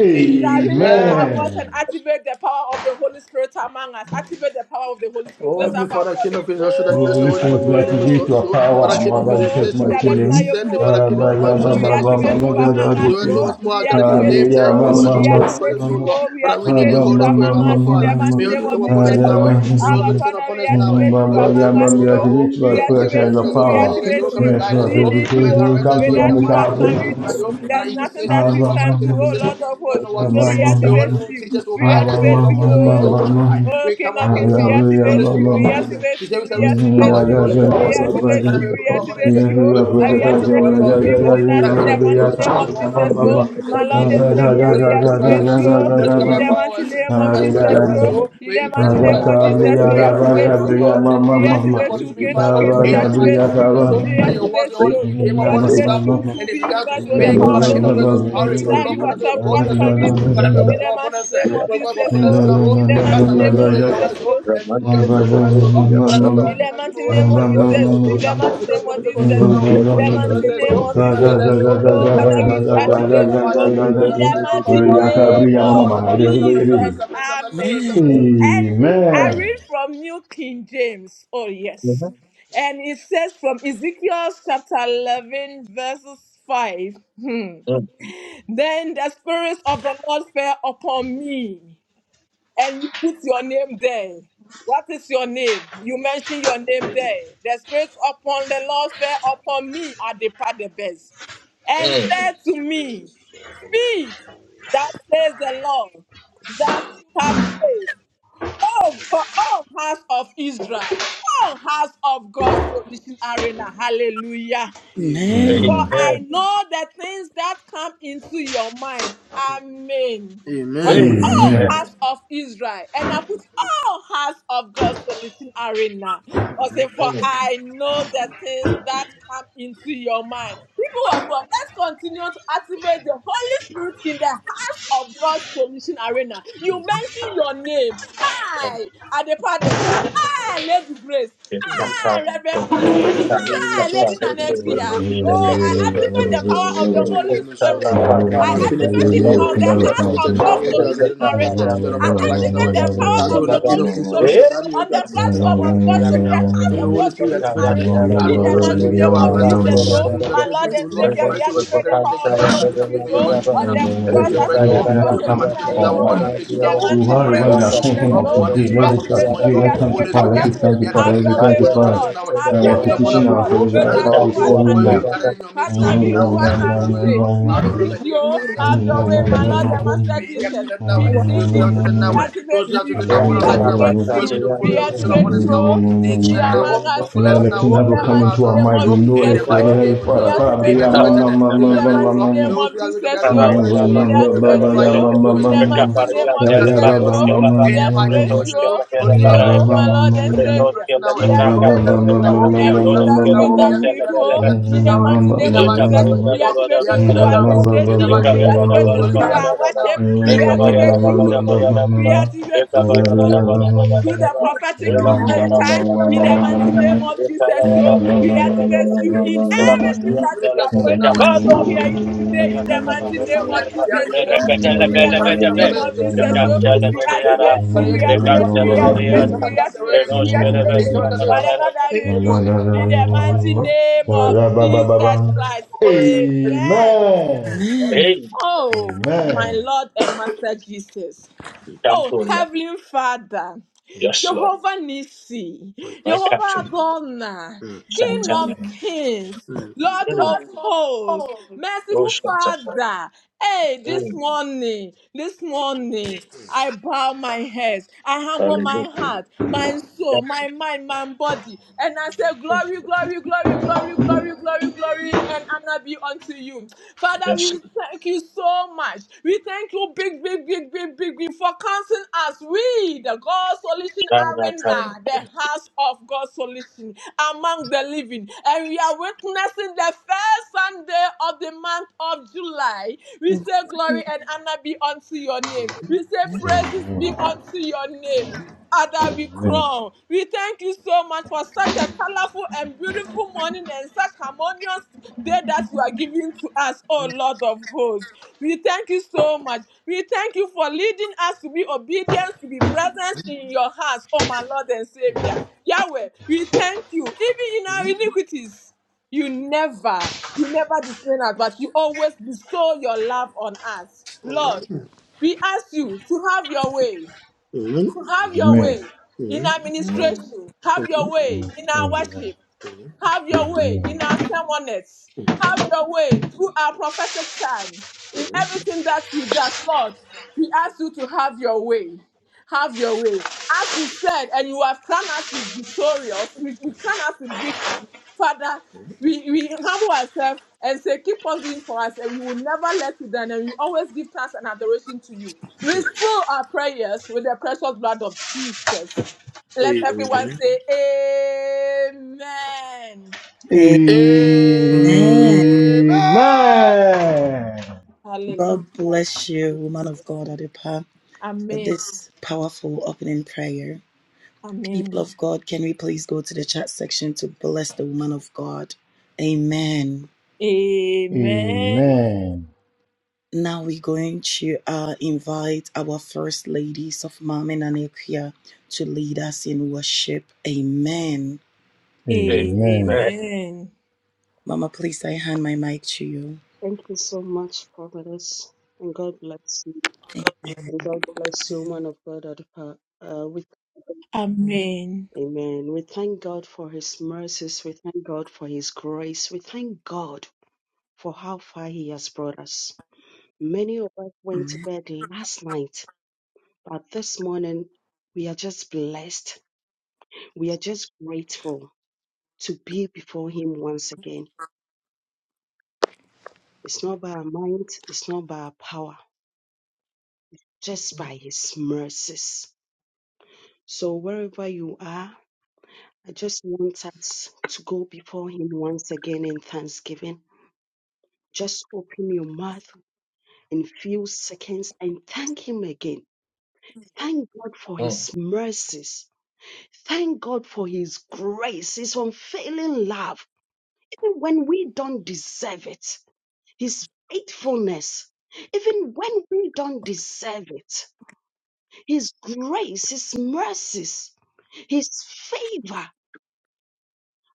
S3: uh,
S4: Shall we lift
S5: Amen.
S4: our voice and
S3: Amen.
S4: activate the power of the Holy Spirit among us? Activate the power of the Holy Spirit.
S5: Oh,
S2: I love, I
S4: Let's Lift
S5: every
S2: love,
S4: up our
S5: Father, King
S4: voice.
S5: of Kings, how should I bless
S3: Well,
S5: the holy
S3: this
S5: name
S2: I
S5: of
S3: is
S5: your
S2: love, I
S3: that
S5: name
S3: is
S4: Oh.
S3: it to
S5: exalts
S3: a
S5: you?
S2: love.
S5: Father,
S3: power,
S2: She's
S5: King
S2: the
S3: more
S5: of Kings, you
S3: than
S2: one
S4: Namehohomo,
S3: just
S5: says
S2: I
S5: you are
S2: love, I
S5: going, you are
S3: mentioning.
S5: descending. Father,
S4: Rabatmayemo,
S3: Uh,
S5: King of
S3: but
S5: Kings, but
S3: yeah,
S5: you shall
S3: but
S4: Onkonkno, we
S5: send
S3: my
S5: your spirit
S3: mama,
S4: activate you
S5: upon us.
S3: mother,
S4: among
S3: I
S2: love,
S3: go
S4: us,
S5: So where
S3: to
S5: two
S4: oh,
S5: us
S3: now.
S5: more I
S4: we
S5: gathered your
S3: Uh,
S4: activate
S3: but
S5: name,
S4: you,
S5: there
S3: yeah,
S5: you
S4: oh,
S3: my
S5: are, Father,
S4: we
S5: should gather in your
S3: mama,
S4: activate
S5: presence, O
S3: mama,
S4: you,
S3: uh,
S5: Lord.
S4: oh, we
S5: Father, we need
S4: activate
S5: your
S3: but
S4: you
S5: Holy
S3: my
S5: Spirit,
S4: among
S3: mama,
S5: our
S4: us in the
S5: Father.
S4: mighty
S5: May you
S3: mama,
S4: name
S5: also
S4: of
S5: come upon
S3: uh,
S5: us
S4: Jesus,
S3: yeah,
S5: now,
S4: yo.
S5: eh?
S3: but
S5: May you also
S4: Our
S3: my
S5: descend
S4: Father,
S5: upon
S4: we
S5: us now, eh?
S3: mama,
S4: activate you
S3: mama,
S5: We're going
S3: but
S5: to take
S3: yeah,
S4: among
S3: but
S4: us,
S3: we
S5: control now,
S3: are to
S4: yo.
S5: oh.
S3: reach
S4: We
S3: my
S5: We're going to
S3: person
S4: activate
S5: strengthen
S3: the
S5: us,
S4: you,
S5: oh.
S4: we
S5: Come and lead
S3: power.
S5: us,
S4: activate
S5: oh. Come and
S4: you.
S3: Yes,
S5: guide us,
S3: Lord,
S4: We
S5: oh.
S4: need
S5: Come
S4: you,
S5: and
S3: everything you
S4: oh.
S3: will
S5: direct us,
S3: come to
S5: oh. In
S3: your
S5: the
S4: Without you,
S3: make
S5: mighty
S3: our
S4: what
S5: name of
S3: bring.
S5: the
S4: can
S5: Son
S4: we
S5: of God,
S4: do?
S5: oh. Father,
S4: There's
S5: you
S4: nothing
S5: says in
S4: that
S3: Ah,
S2: I
S5: your
S4: we
S3: ma,
S5: word,
S2: love,
S4: can
S5: Father,
S3: ma,
S2: I
S5: King
S4: do,
S3: ma,
S5: of
S2: love.
S4: oh
S3: ma,
S4: Lord
S5: Kings,
S4: of
S5: we don't
S4: hosts.
S5: know
S3: ah,
S5: what to
S4: So
S3: ma, ma, ma,
S5: pray.
S4: we
S2: Jesus,
S5: The
S2: my
S5: Holy
S4: activate
S3: ma,
S5: Spirit will
S4: you.
S5: teach
S2: name.
S5: us, will
S4: We
S3: ah,
S5: guide us,
S3: ma, ma,
S5: oh
S4: activate
S2: Jesus,
S5: Lord,
S4: you,
S5: King
S3: ma,
S5: of
S3: ma,
S5: Kings,
S4: oh.
S2: mighty
S5: oh
S3: ma,
S5: Shaddai.
S3: ma,
S4: Oh,
S5: We
S4: King
S5: come
S4: of
S3: ah,
S5: upon
S4: Kings,
S5: you
S3: yeah,
S4: we
S5: now. eh.
S3: but yeah,
S5: Holy
S4: activate
S3: ma,
S5: Spirit,
S4: you,
S5: come
S3: ma,
S4: we
S3: ma.
S5: upon us. eh.
S4: activate
S5: You say
S4: you,
S5: we shall
S4: we
S5: receive
S4: activate
S5: power if you
S4: you.
S3: Mama,
S5: want to come upon
S4: We
S2: Jesus,
S5: us, oh
S2: mighty
S4: activate
S5: Father, may
S4: you,
S5: we
S4: we
S5: come upon us.
S4: activate
S5: eh.
S4: you. oh.
S5: We pray for
S4: I we
S5: upon us eh, for
S4: activate
S5: us
S4: you
S5: to our
S4: to
S5: feet,
S4: be
S5: oh
S4: within us
S5: Father,
S4: in
S5: King
S2: name.
S4: the
S5: of Kings,
S4: mighty
S5: oh
S4: name
S5: Shaddai,
S4: of
S5: oh
S4: Jesus,
S5: Hallelujah,
S4: yo.
S5: we need to
S4: My
S5: go to
S4: Lord
S5: the
S4: and
S5: truth.
S4: Savior,
S5: Holy Spirit,
S4: we
S5: come and
S4: activate
S5: strengthen us.
S4: you.
S5: eh.
S4: oh.
S5: Holy Spirit, come
S4: In
S5: and
S4: the
S5: empower
S4: mighty
S5: us. eh.
S4: name
S5: Come
S4: of
S5: and strengthen
S4: Jesus,
S5: us,
S4: yo.
S5: oh
S4: In
S5: May
S4: the
S5: you bend
S4: mighty
S6: you.
S5: all
S4: name
S5: like a
S4: of
S5: fire, oh.
S4: Jesus,
S5: May
S4: we
S6: Raman
S5: you bend all like a
S4: activate
S5: fire,
S4: you.
S5: oh.
S4: oh.
S5: May you bend all
S4: We
S5: like a fire, oh. May you bend all
S4: activate
S5: like a fire, oh.
S4: you,
S5: May you bend all like a
S4: King
S5: fire,
S4: of
S5: oh.
S4: Kings, we
S5: In the mighty
S4: activate
S5: name of
S4: you.
S5: Jesus, oh.
S4: We
S5: Father, your words,
S4: activate
S5: your Holy
S4: you.
S5: Spirit came
S4: We
S5: upon the
S4: activate
S5: disciples
S4: you
S5: and
S4: to
S5: they
S4: be
S5: began to
S4: united with the
S5: speak.
S4: power of
S5: Father,
S4: the
S5: King of
S4: Holy
S5: Christ, with
S4: Spirit.
S5: courage, oh
S4: Without
S5: Lord,
S4: you,
S5: Father,
S4: what,
S5: to your
S4: what
S5: boldness,
S4: can
S5: oh
S4: we
S5: Lord.
S4: do?
S5: Father, may
S4: In the
S5: overcome upon
S4: mighty
S5: us, eh.
S4: name of
S5: Lord God,
S4: Jesus,
S5: fulfill us
S4: yo.
S5: now, oh,
S4: In the
S5: and
S4: mighty
S5: cast away
S4: name
S5: every
S4: of
S5: sin in our
S4: Jesus,
S5: soul,
S4: Lord.
S5: and remove every sin from our soul, Lord. Father, come to
S4: In
S5: us,
S4: the
S5: on us,
S4: mighty
S5: Holy
S4: name of
S5: Spirit, take take
S4: Jesus.
S5: control
S4: In the
S5: now.
S4: mighty
S5: We
S4: name
S5: want to come
S4: of
S5: and take
S4: Jesus.
S5: control now, oh.
S4: In
S5: We
S4: the
S5: want
S3: Amen.
S5: to
S4: mighty
S5: let us,
S4: name
S5: oh.
S4: of
S5: Come and let
S4: Jesus.
S5: us, oh. We
S4: Oh,
S5: want to
S4: Father,
S5: follow
S4: we
S5: us, oh. We
S4: activate
S5: want to
S4: you.
S5: march in
S4: Oh,
S5: the mighty name of the
S4: In
S5: Son of
S4: the
S5: God,
S4: mighty
S5: our Father, King of
S4: name
S5: Kings, our
S4: of
S5: Father, our Master, Master,
S4: Jesus.
S5: Master, Master, Master, Master,
S4: Amen.
S5: Master, Master.
S4: And I
S5: Amen.
S4: read from New King James. Oh, yes. Mhm. And it says from Ezekiel chapter 11, verses 5. Hmm. Then the Spirit of the Lord fell upon me and you put your name there. What is your name? You mention your name there. The spirit upon the Lord fell upon me at the part the best, and said to me, Speak, that says the Lord, that you have saved. Oh God, oh house of Israel, oh house of God's solution arena. Hallelujah.
S5: Amen.
S4: For I
S1: Amen.
S4: know the things that come into your mind. Amen. Or
S5: Amen.
S4: all
S3: Amen.
S1: Amen.
S4: house of Israel, and I put all house of God's solution arena. Or say, for I know the things that come into your mind. People of God, let's continue to activate the Holy Spirit in the house of God's solution arena. You mention your name. I, Adepa Degbe.
S1: Mm.
S4: I, Lady Grace. I, Reverend Frank.
S5: Father, we bring in the
S4: Ah,
S5: short
S4: Lady
S5: to my goodness, for you, the
S4: Nanekida.
S5: King of
S4: Oh,
S5: Kings,
S4: I
S5: and so that I
S4: activate
S5: don't
S4: the
S5: bless
S4: power
S5: your
S4: of
S5: name
S4: the
S5: until your
S4: Holy
S5: name is short.
S4: Spirit. I
S5: Father, King of Kings,
S4: activate it
S5: may your
S4: on
S5: Holy
S4: the
S5: Spirit
S4: House of
S5: activated now,
S4: God
S5: we are
S4: Solution
S5: there now, we are
S4: Arena.
S5: activated
S4: I
S5: upon our lives now.
S4: activate the power of the
S5: Adonai, King
S4: Holy
S5: of Kings,
S2: Amen.
S5: also
S4: Spirit
S5: that may you
S4: on
S5: be
S4: the
S2: Amen. Amen. Amen.
S5: activated
S4: platform
S5: upon
S4: of
S5: your
S4: God, so
S5: ministry
S4: the
S5: now.
S4: House
S5: May your
S4: of
S5: Holy
S4: God
S5: Spirit
S4: Solution
S5: activated.
S4: Arena.
S2: Amen.
S4: In the
S5: Adonai,
S4: mighty
S5: Elohim,
S3: Amen.
S4: name
S5: Yahweh, I
S4: of
S2: Lord
S5: Amazon, may
S2: in
S4: Jesus,
S5: your
S2: Jesus
S3: Amen.
S5: Holy
S4: oh,
S5: Spirit be
S4: my
S5: activated,
S4: Lord
S5: to
S2: Christ
S4: and
S2: in
S5: Lord.
S2: my
S4: Savior, we
S2: life.
S5: Father, so what's my
S4: activate
S5: God,
S4: the
S5: in this
S4: power of
S2: In
S4: the
S5: prayer,
S2: Jesus'
S5: Father,
S4: Holy
S5: King of
S4: Spirit,
S5: Kings, may your
S4: oh,
S5: Holy
S2: mighty
S5: Spirit
S4: on
S5: now,
S4: the
S2: name,
S5: may
S4: cross
S2: Lord,
S5: your Holy
S4: of
S5: Spirit now,
S4: of
S3: related
S5: may
S4: God
S3: to
S5: your
S2: I
S5: Holy
S2: thank
S3: come
S5: Spirit
S4: Solution
S3: to
S5: activated now
S2: you,
S3: our
S4: Arena.
S2: Lord,
S5: upon your
S4: oh.
S3: mind.
S5: ministry
S4: In the
S5: now,
S2: Lord, I
S3: So
S4: mighty
S5: upon
S4: name
S3: wherever
S5: every
S4: of
S3: you are
S5: soul, O
S4: Jesus,
S3: thinking of
S5: Lord,
S4: oh,
S5: on
S3: today,
S5: this
S4: we
S3: let
S5: platform. God,
S3: it
S5: from
S3: come
S5: this
S3: to
S4: activate,
S5: morning,
S4: so
S3: today,
S4: we
S5: oh,
S1: Rekota
S3: let it come to
S5: Holy
S4: activate it
S5: Spirit,
S3: power,
S5: be
S3: let it come
S5: activated,
S4: rapidly.
S3: to
S5: be
S3: power,
S4: Have
S5: activated,
S3: let
S5: be
S3: it
S4: your
S5: activated
S4: way,
S3: come
S1: Thank
S3: to
S1: you.
S5: upon the
S4: oh
S3: power.
S5: children's
S4: Lord.
S5: now.
S4: Have
S3: I
S5: Be
S4: your
S3: want
S5: activated
S4: way,
S5: upon the
S4: oh
S3: petition our
S4: Lord.
S5: people,
S3: provision
S5: rather
S4: Without
S5: than
S3: all
S5: the
S4: you, what
S3: before
S5: people,
S3: you
S4: can
S5: for you
S4: we
S3: know.
S5: have gathered
S4: do?
S5: in your
S4: What
S5: midst,
S3: And
S5: so,
S4: can
S3: then
S4: we
S5: and I
S4: do?
S3: let
S5: will be
S4: What
S5: activated,
S4: can we
S5: upon
S4: say?
S5: you.
S4: We
S5: I don't know,
S4: plead
S5: let me
S4: you.
S5: have
S4: oh.
S5: your
S4: Have your way,
S5: that's it,
S4: my
S5: that's
S4: Lord
S5: it, now.
S4: and Master
S5: Baby, that's
S4: Jesus.
S5: it, now.
S4: We plead
S5: Those who are
S4: thee.
S5: to the
S4: We
S5: now. Those
S4: activate
S5: who are to
S4: you.
S5: the now upon
S4: We
S5: our life now. Those
S4: activate
S5: who are to
S4: you.
S5: the
S4: We
S5: Holy Spirit
S4: activate
S5: upon us
S4: you
S5: now.
S4: oh, to
S5: Needs
S4: be
S5: then now.
S4: among
S5: But
S4: us,
S5: full
S4: yo.
S5: us
S3: it
S5: now.
S4: In
S3: never
S4: the
S5: But we
S3: come
S5: are
S4: mighty
S5: out
S3: into our
S5: of
S4: name
S5: free
S3: mind,
S5: to
S3: we
S4: of
S5: our
S3: know
S5: feet
S4: Jesus,
S3: it. So
S5: mighty
S4: yo.
S3: let
S5: name
S3: it
S5: of
S4: We
S3: fire.
S5: Jesus, may
S3: Come,
S5: you
S4: activate you
S5: activated
S4: oh,
S3: Mama,
S5: them. You
S4: in
S3: Mama,
S5: may
S4: the
S5: very
S3: Mama,
S4: mighty
S5: Lord, you
S4: name
S3: Mama
S5: will
S4: of
S5: be able to be
S4: Jesus,
S5: able to
S4: yo.
S5: open us, O
S4: Il
S5: Lord, with the
S4: activate
S5: flaming fire,
S4: you.
S5: you will
S4: In
S5: speak
S4: the
S5: in
S4: mighty
S5: boldness,
S4: name
S5: O,
S4: of
S5: and cast away
S4: Jesus,
S5: every
S4: you.
S5: fear,
S4: We
S5: in the mighty
S4: activate
S5: name of Jesus, O
S4: you.
S5: Lord, you
S4: We,
S5: are my
S4: oh, my Lord and Savior.
S5: now,
S4: We
S5: Lord,
S4: activate
S5: you are
S4: you
S5: now, O
S4: in
S5: Lord, you
S4: everything that
S5: are now, O
S4: we
S5: Lord, you
S4: that we do. oh.
S5: are
S4: In the
S5: now,
S4: mighty
S5: in
S4: name
S5: the
S1: Hey,
S4: of
S1: that's
S5: mighty
S4: Jesus,
S5: name of Jesus,
S4: we
S5: O, be
S4: activate you through
S5: activated now, O, in the
S4: administration.
S5: mighty name of
S4: We
S5: Jesus, O
S4: activate you
S5: Lord, you
S4: through
S5: are
S4: our
S5: activated now,
S4: worship.
S5: O.
S4: We activate you. through- We activate you through through the prophetic uh, time in the mighty name of Jesus. So we activate you in everything
S3: mm
S4: that
S5: You will
S4: we
S5: be
S3: Amen. Amen.
S4: are
S5: activated
S4: going.
S5: now, O.
S4: So here is today
S3: Amen.
S4: in the mighty name of Jesus, yo. In the mighty name of Jesus, yo. We activate you,
S2: thank
S4: we activate you, we activate you, we activate you, we activate you. Whatever that you do, in the mighty name of Jesus Christ. Amen.
S2: Amen.
S4: Oh, my Lord and Master Jesus. Oh, Heavenly Father,
S1: Yes, Lord.
S4: Jehovah Nissi,
S1: I
S5: Influence.
S4: Jehovah
S1: captured.
S4: Adonai,
S5: Mm,
S4: King
S1: Shatana.
S4: of Kings,
S5: mm,
S4: Lord
S1: Mm.
S4: of
S7: Lord,
S4: Hosts,
S7: you're
S1: Oh,
S4: Merciful
S1: Shatana.
S4: Father. Hey, this
S1: Mm.
S4: morning, this morning, I bow my head, I humble my
S1: Hallelujah.
S4: heart, my soul,
S1: Yes,
S4: my mind, my body, and I say,
S1: mm.
S4: Glory, glory, glory, glory, glory, glory, glory, and honor be unto you. Father,
S1: yes.
S4: we thank you so much. We thank you, big, big, big, big, big, big, for counting us. We, the God Solution
S1: Lord.
S4: Arena,
S1: Shatana.
S4: the house of God Solution among the living. And we are witnessing the first Sunday of the month of July. We say glory and honor be unto your name. We say praises be unto your name. Ada Bikrom. We thank you so much for such a colorful and beautiful morning and such harmonious day that you are giving to us, oh Lord of hosts. We thank you so much. We thank you for leading us to be obedient, to be present in your house, oh my Lord and Savior. Yahweh, we thank you, even in our iniquities. You never, you never discipline us, but you always bestow your love on us. Lord,
S5: mm,
S4: we ask you to have your way.
S5: mm,
S4: Have your way in
S5: mm, mm,
S4: our administration. Have your
S5: mm,
S4: way in our worship.
S5: mm.
S4: Have your way in our someoneness. Have your way through our prophetic time. In everything that we does, Lord, we ask you to have your way. Have your way. As you said, and you have crowned us with victorious, you you crowned us with victory. Father, we, we humble ourselves and say, Keep on doing for us, and you will never let you down, and you always give thanks and adoration to you. We fill our prayers with the precious blood of Jesus. Let everyone
S5: Amen.
S4: say amen.
S2: Amen.
S5: Amen.
S3: Amen.
S4: Hallelujah.
S2: God bless you, woman of God, Adipa, for
S4: Amen.
S2: this powerful opening prayer. People
S4: Amen.
S2: of God, can we please go to the chat section to bless the woman of God? Amen.
S4: Amen.
S3: Amen.
S2: Now we're going to uh, invite our first ladies of Mama and to lead us in worship. Amen.
S3: Amen. Amen.
S1: Amen.
S4: Amen.
S2: Mama, please, I hand my mic to you.
S8: Thank you so much, Providence, and God bless you. And God bless you,
S2: Amen.
S8: man of God. Adepa. Uh, we,
S4: Amen.
S8: amen. We thank God for His mercies. We thank God for His grace. We thank God for how far He has brought us. Many of us went to
S2: Amen.
S8: bed last night, but this morning we are just blessed. We are just grateful to be before Him once again. It's not by our might, it's not by our power, just by His mercies. So wherever you are, I just want us to go before Him once again in thanksgiving. Just open your mouth in few seconds and thank Him again. Thank God for
S1: Mm.
S8: His mercies. Thank God for His grace, His unfailing love, even when we don't deserve it. His faithfulness, even when we don't deserve it. His grace, His mercies, His favor.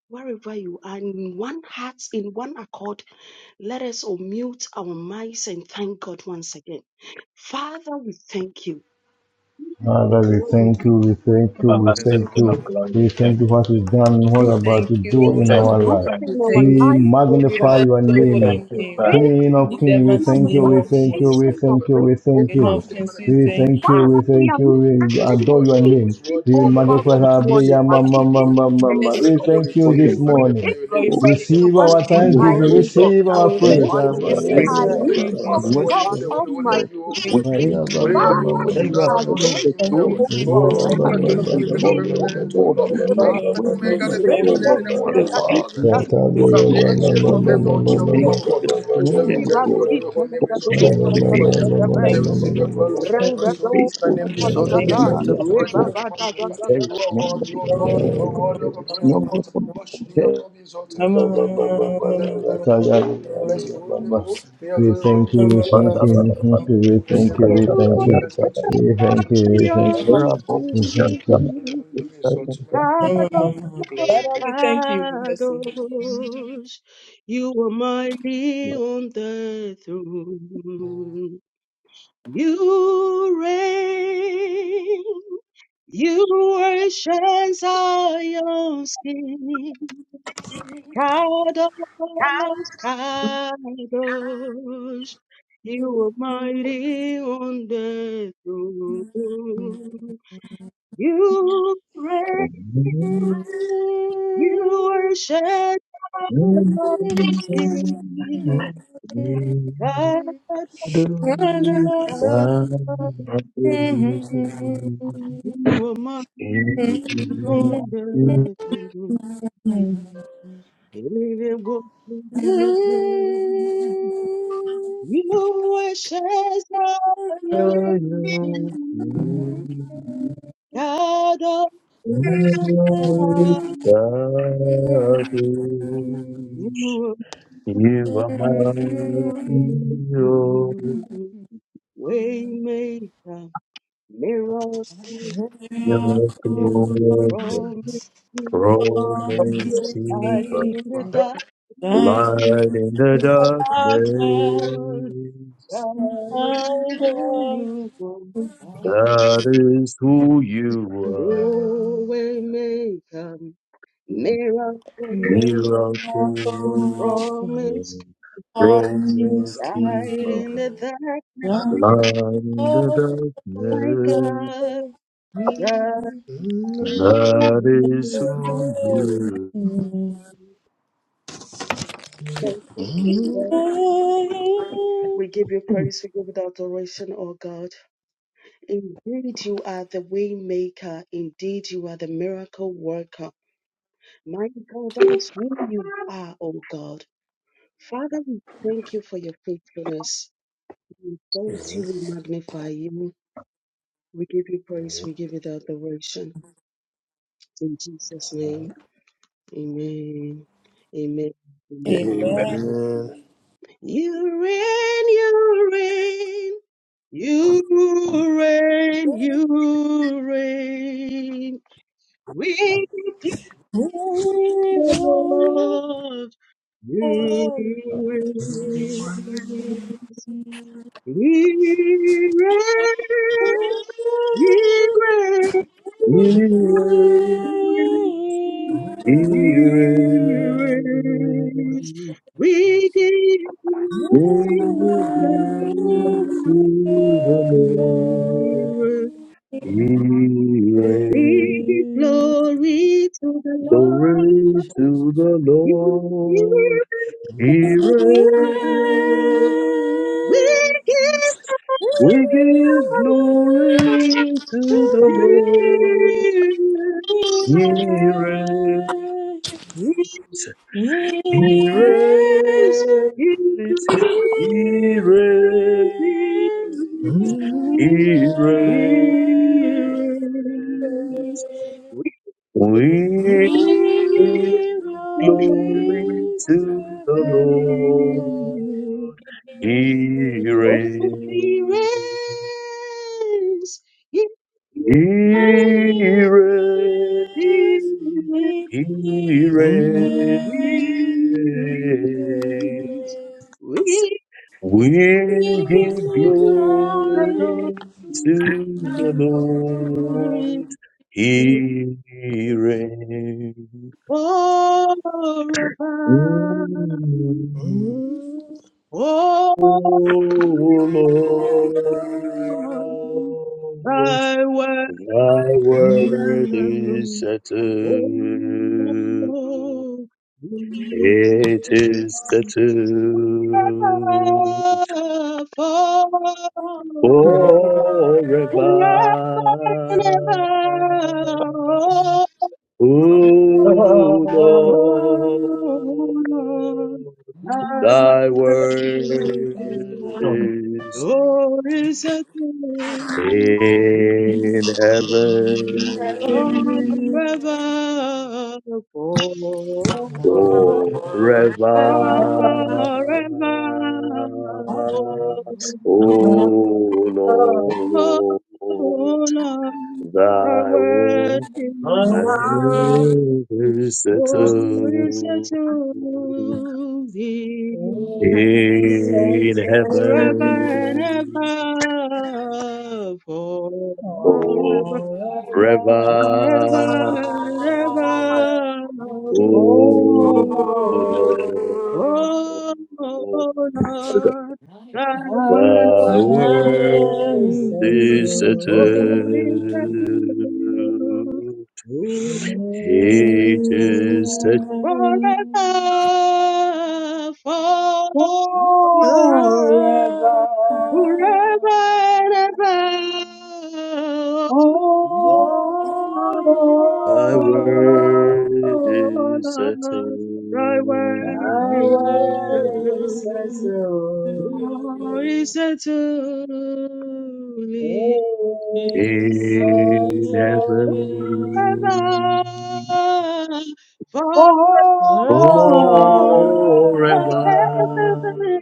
S8: wherever you are, in one heart, in one accord, let us unmute our mics and thank God once again. Father, we thank you.
S3: Father, we
S8: Lord, we
S3: thank
S8: we-
S3: you, we thank you,
S8: before
S3: we
S8: you
S1: Everlasting
S3: thank
S8: it's-
S1: King
S3: you.
S1: of glory,
S3: We
S1: we thank
S3: thank
S1: you.
S3: you for what you've done and what
S4: We
S8: we
S3: you're about
S4: thank
S3: to
S4: you, O
S3: do
S1: We
S3: in
S4: Lord.
S1: thank
S3: our
S1: you,
S8: thank you
S3: life.
S1: Father.
S4: We
S8: in our
S4: thank
S3: We
S8: life,
S4: you.
S8: O
S4: We
S3: magnify
S8: God.
S4: bless
S3: your
S4: your
S1: We thank
S3: name,
S4: holy
S1: you,
S4: name.
S5: For
S8: Bring
S5: you
S1: Father.
S3: King of
S8: to
S4: In the
S3: Kings. We
S5: alone
S8: in our
S4: mighty
S3: thank you,
S4: name
S3: we
S4: of
S8: life
S5: you
S3: thank you,
S4: Jesus.
S5: alone
S3: we
S8: ancient of
S3: thank you,
S8: grace,
S3: we
S8: O
S5: is
S3: thank
S4: In
S8: God.
S3: you.
S4: of
S5: sovereign.
S4: kings, we
S3: We thank
S4: thank
S3: you,
S4: you.
S8: Father,
S3: we
S8: we
S3: thank
S8: are
S3: you,
S8: not
S5: It is
S3: we
S8: asking
S5: you
S8: of
S3: adore your
S5: alone who
S3: name.
S5: is
S8: anything,
S5: worthy,
S3: We
S5: you
S8: oh
S5: alone is
S4: We
S8: God,
S3: magnify
S8: this
S5: worthy to
S3: our
S4: magnify
S8: morning.
S5: receive,
S3: prayer, ma,
S4: your
S5: worthy
S8: Father,
S3: ma,
S8: we
S4: name,
S5: to be
S3: ma,
S8: came
S4: O.
S5: given.
S8: to
S4: We
S8: thank you,
S4: bless
S5: Father,
S3: We
S4: your
S8: Lord.
S5: today we
S4: holy
S3: thank
S6: for
S3: you
S5: thank
S4: name,
S6: your
S5: you,
S3: this
S4: O.
S8: We
S6: mouth,
S5: magnify
S4: We
S3: morning.
S8: came
S5: your name,
S8: to
S5: and
S6: for
S4: glorify
S5: your
S8: raise
S4: your
S5: name,
S8: the
S3: Receive
S8: one
S4: holy
S3: our
S5: exalt you.
S8: on
S4: name,
S6: your
S8: high,
S4: O.
S5: Father,
S3: thanksgiving,
S5: we
S6: favor,
S8: oh God.
S5: thank
S3: receive
S5: you,
S3: our
S4: Oh,
S5: thank you,
S6: Thank
S4: thank
S3: praise.
S5: bless
S6: you
S5: the
S4: you,
S3: Ah,
S6: for
S5: holy
S1: We
S6: your
S3: ba,
S5: name, and
S8: Wonderfully
S3: ya,
S5: join
S6: grace,
S1: thank
S3: ba,
S4: Jesus.
S8: are
S1: you,
S5: into
S3: ya,
S6: Lord,
S5: the
S4: Thank
S3: ma,
S8: you,
S4: you,
S6: that
S5: angels.
S3: ma,
S8: oh
S5: Father,
S3: ma,
S6: work
S3: ma,
S5: before
S4: Jesus.
S5: you
S3: ma,
S6: for
S8: God
S4: Thank
S5: say,
S4: you,
S3: ma.
S5: Holy,
S6: us,
S5: holy
S4: Jesus.
S5: are
S6: Lord.
S5: you, O
S8: Almighty.
S4: Thank
S5: King
S6: We
S5: of
S3: Ah,
S5: Kings.
S6: thank
S3: ya,
S6: you,
S5: Holy
S6: God,
S5: are you, O
S8: Father,
S4: you,
S6: that
S5: Shaddai,
S8: we
S6: you are
S8: are
S4: Jesus.
S5: Adonai,
S6: still on the
S5: Elohim,
S8: grateful,
S4: Thank you,
S5: Yahweh.
S6: throne.
S8: oh
S3: we thank
S4: Jesus.
S8: God.
S3: you,
S6: And
S5: Oh,
S4: Thank you,
S5: Father,
S6: Lord,
S5: King
S4: King
S5: of Kings,
S4: of
S6: we
S5: the Creator of
S6: follow
S8: We
S3: we
S5: heaven
S6: the
S8: come
S5: and earth,
S8: to
S5: O
S6: Lord
S5: Lord.
S8: you
S6: who
S4: Kings,
S6: knows
S4: Lord
S8: today.
S4: of
S5: Alpha and
S6: where
S5: Omega,
S6: he is
S4: Hosts.
S5: the
S4: Thank
S5: beginning and
S4: you,
S5: the
S6: going.
S5: end,
S8: Record
S5: and
S8: to
S5: the one who
S8: the
S4: Jesus.
S8: Daddy,
S6: Thereby,
S4: Thank
S5: was
S4: you,
S5: and
S6: we
S5: is. and
S8: Daddy,
S6: are not
S4: Jesus.
S5: Come, the
S6: lost,
S8: Daddy,
S4: Thank
S5: ancient
S6: Lord.
S4: you,
S5: of days,
S8: Daddy.
S5: the
S6: We
S4: Jesus.
S5: ancient of the
S6: thank
S4: Thank
S5: Mother
S6: you
S4: you,
S5: God.
S6: this
S4: Jesus.
S5: But today
S6: morning,
S5: we
S4: Thank
S8: We
S5: thank
S8: must
S5: you,
S6: Lord,
S5: adore
S8: seek
S5: your
S8: the
S5: holy name,
S6: for
S5: exalt your
S6: your
S8: Daddy,
S5: name,
S6: holy
S4: you, Jesus.
S5: magnify
S6: name,
S5: your
S8: Daddy,
S5: name. Say,
S4: Thank
S8: Daddy.
S4: you,
S5: receive your
S4: Jesus.
S5: glory, receive your
S4: Thank you, Jesus. Thank you, Jesus. Thank
S8: Render
S4: you,
S5: praise, O.
S8: the
S4: Jesus.
S5: Thy name.
S6: faithfulness,
S5: Exalt
S8: Daddy,
S4: Thank
S5: be
S6: and
S8: Daddy.
S4: you, Jesus.
S5: lifted
S6: to
S5: up, be
S6: us,
S5: praised, be
S8: Reba,
S6: Lord.
S5: honored,
S8: Daddy,
S5: magnified.
S6: There
S5: You
S6: is
S8: Daddy.
S5: are
S6: none
S5: worthy,
S6: like
S5: O
S6: you,
S5: Lord. You
S4: Oh,
S6: Lord.
S5: are worthy
S6: There
S5: of a
S6: is
S4: Father,
S5: praise and
S6: none that
S5: worthy
S6: can
S5: to
S6: be
S5: worship. Be
S6: compared.
S5: honored, be exalted. Thank you, thank you, thank you. Lord. We Bless your holy name, O. Be your holy name. Exalt and
S3: thank
S6: Ba-da-ba-da-ba.
S3: you, we thank you, we
S6: Look
S5: Bless your
S3: thank you, we thank you, we thank you, we thank
S6: at
S3: you,
S8: You
S3: we
S5: glory, be unto you,
S6: Sakaya,
S5: bless
S6: ba, ba,
S8: worship
S5: unto you. Thank you, Lord. thank you,
S3: thank
S5: thank
S3: you.
S5: you,
S6: There
S8: Zion.
S6: are
S5: thank you, thank
S6: both
S5: you,
S3: we
S6: of
S5: thank you,
S6: them.
S3: thank
S5: thank you.
S3: you,
S6: Some of
S5: May your holy name
S6: them
S5: be exalted, my King.
S4: we thank you, we bless
S8: shadows. You are mighty on the throne. You reign. You worship Zion's King. Kadosh, Kadosh, you are
S4: you.
S8: mighty on the throne. You pray, you worship the Lord's King. Kadosh, you are mighty on the throne. Hey, hey, hey, hey, hey, hey, hey. You worship Zion, King,
S4: Thank
S8: God of heaven. You
S6: You are my
S8: are
S6: hero.
S8: Waymaker, miracle
S6: You're
S8: from
S6: Roaming through
S8: light
S6: the
S8: in the
S1: Father.
S8: dark.
S6: light in the darkness.
S8: Lord, I know you are
S6: That is who you are.
S8: Oh, waymaker, miracle
S6: Miracle working.
S8: promise of
S6: Roaming
S8: light
S6: through the
S8: in the dark
S6: light in the
S8: night,
S6: darkness.
S8: God. God, thank
S6: That is who you
S8: you, O God. We give you praise, we give you the adoration, O God. Indeed, you are the way maker. Indeed, you are the miracle worker. My God, that is who you are, O God. Father, we thank you for your faithfulness. We praise you, we magnify you. We give you praise, we give you the adoration. In Jesus' name. Amen. Amen.
S1: Amen.
S4: you.
S8: Amen. You reign, you reign, you reign, you reign. We give
S4: Glory,
S8: the
S4: glory,
S8: Lord praise.
S4: glory.
S8: He reigns, he reigns,
S6: are.
S8: Spirit,
S6: Here, here.
S8: we give you the
S6: the
S8: Lord. We give glory to the Lord.
S6: Glory to the
S8: We give,
S6: Lord. He reigns.
S8: we give
S6: We give
S8: glory to
S4: Yes.
S6: glory to the Lord.
S8: the Lord.
S6: He reigns.
S8: Jesus.
S4: Yes,
S6: He
S8: Jesus
S6: reigns. He reigns.
S8: is risen.
S6: He
S8: Hearers,
S6: reigns.
S8: we praise
S6: We
S8: the Lord.
S6: give glory to the Lord. He
S8: Oh,
S6: reigns.
S8: hearers, hearers,
S6: He reigns.
S8: hearers,
S6: He
S4: he
S6: reigns.
S4: is. Give
S8: hearers, we
S6: We give
S8: the Lord
S6: glory to the Lord.
S8: forever.
S6: He reigns. Mm. Oh
S8: Oh, I
S6: Lord,
S8: worship
S6: thy
S8: you.
S6: word is
S5: Amen.
S8: Oh,
S6: settled.
S8: we
S6: It is settled.
S8: are forever.
S6: forever.
S8: Oh, I
S6: O Lord, thy
S8: worship
S6: word
S8: you.
S1: Mm.
S6: is
S8: Oh, is it you?
S6: in
S8: forever,
S6: heaven
S8: forever, forever.
S6: forever. O
S8: Oh,
S6: Lord,
S8: Lord, I
S6: thy word.
S8: worship you.
S6: is
S8: Oh, is it
S6: settled
S8: to be
S9: Resetting
S6: in
S8: forever and
S6: heaven
S8: ever, forever,
S9: all around.
S6: forever.
S8: forever and ever.
S9: Oh
S6: Oh,
S9: Lord,
S8: Oh,
S6: the,
S8: Lord, thy word
S9: my
S6: the
S4: Thank
S9: word is
S6: world
S8: is
S9: settled
S8: good.
S6: is
S8: Holy
S6: settled. It
S9: in
S6: is settled
S4: you.
S9: heaven
S8: Sacrifice,
S9: forever.
S8: forever, forever, forever and ever.
S9: Oh
S6: Thy
S9: Lord,
S6: word
S8: Oh,
S6: is settled
S8: Lord, thy word
S9: thy
S8: is
S9: word is
S8: good.
S9: settled,
S8: Glory
S9: is
S6: in
S9: settled
S8: to
S6: heaven
S8: Father, for
S9: forever.
S6: forever.
S8: the best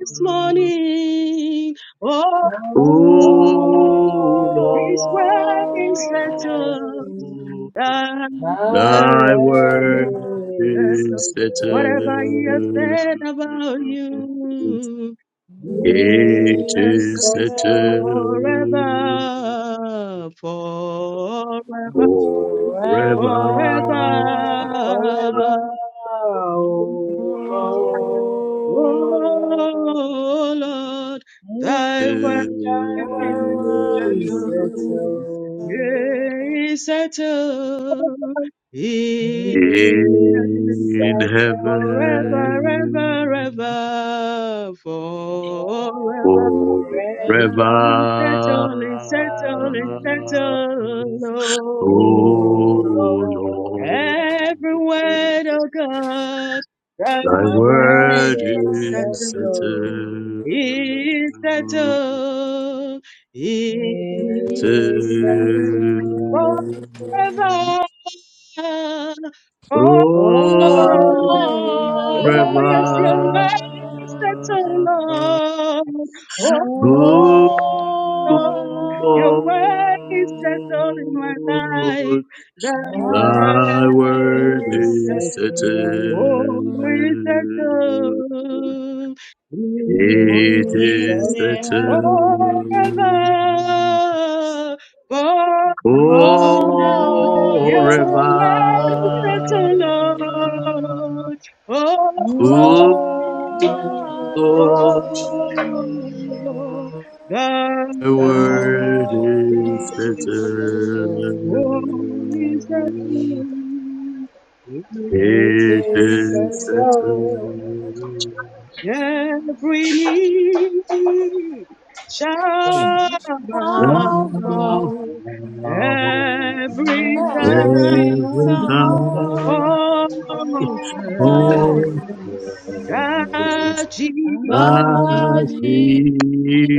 S8: this morning. Oh,
S9: Oh
S6: O
S8: His
S6: Lord,
S8: word is settled.
S9: Lord.
S8: and
S9: Thy
S6: thy
S9: word
S8: is
S6: word
S9: is
S8: settled.
S6: is
S8: Whatever
S6: settled
S9: settled,
S8: He has said about you, is
S6: It
S9: it's
S6: is
S8: settled
S6: settled
S4: Oh,
S9: settled
S8: forever, forever,
S4: Forever,
S6: forever
S8: forever.
S9: forever, O
S7: holy.
S9: Lord.
S8: O Lord, thy
S6: in
S8: word
S9: Mm, Thy
S8: is
S9: word is
S8: settled,
S9: settled,
S8: yea, is settled in
S9: it's
S8: heaven
S9: settled
S8: forever, ever,
S6: heaven
S8: ever, forever.
S9: forever.
S6: forever.
S8: Yea, Settle, is
S7: Thank
S8: settle,
S7: you.
S8: settle,
S6: O
S8: O
S9: Oh
S8: Lord.
S9: Lord,
S6: Lord,
S8: Every word, oh God, that
S6: thy
S9: thy
S8: word
S9: word
S6: word
S8: is
S9: is
S6: is
S8: settled,
S9: settled,
S8: is
S6: settled
S8: settled in
S6: to
S9: is
S8: heaven
S9: settled
S8: forever, forever.
S6: O
S9: forever.
S8: Oh yes, your
S6: river,
S8: word is settled, Lord.
S6: O
S8: Oh
S4: oh
S8: your
S9: Oh,
S8: word is
S4: Lord.
S8: settled in my life.
S6: Lord,
S8: Thy
S9: thy
S4: heaven,
S8: word
S6: thy
S9: word
S6: word
S8: is
S9: is
S6: is
S8: settled.
S6: settled.
S9: settled,
S8: Oh, is settled. in
S6: It
S9: is
S6: is
S4: forever,
S9: settled.
S6: settled.
S8: Forever. Forever.
S4: oh
S9: settled.
S6: Oh,
S8: Your
S6: river,
S8: word is
S4: Lord,
S8: settled, Lord. Oh,
S4: thou
S6: oh,
S8: oh, oh,
S6: Lord,
S8: oh, oh.
S6: the
S8: Thy
S6: world
S8: Every
S6: is
S8: knee
S6: settled.
S9: It
S6: It
S9: is
S6: is
S9: settled.
S6: settled.
S8: shall bow,
S6: Now,
S4: Above
S8: every
S9: Every
S8: tongue
S4: every
S6: every
S9: time
S6: time.
S8: confess
S6: Oh,
S4: sound,
S9: confess,
S8: that Jesus
S9: I
S6: Ah,
S4: Lord
S9: Jesus
S4: Jesus,
S6: Jesus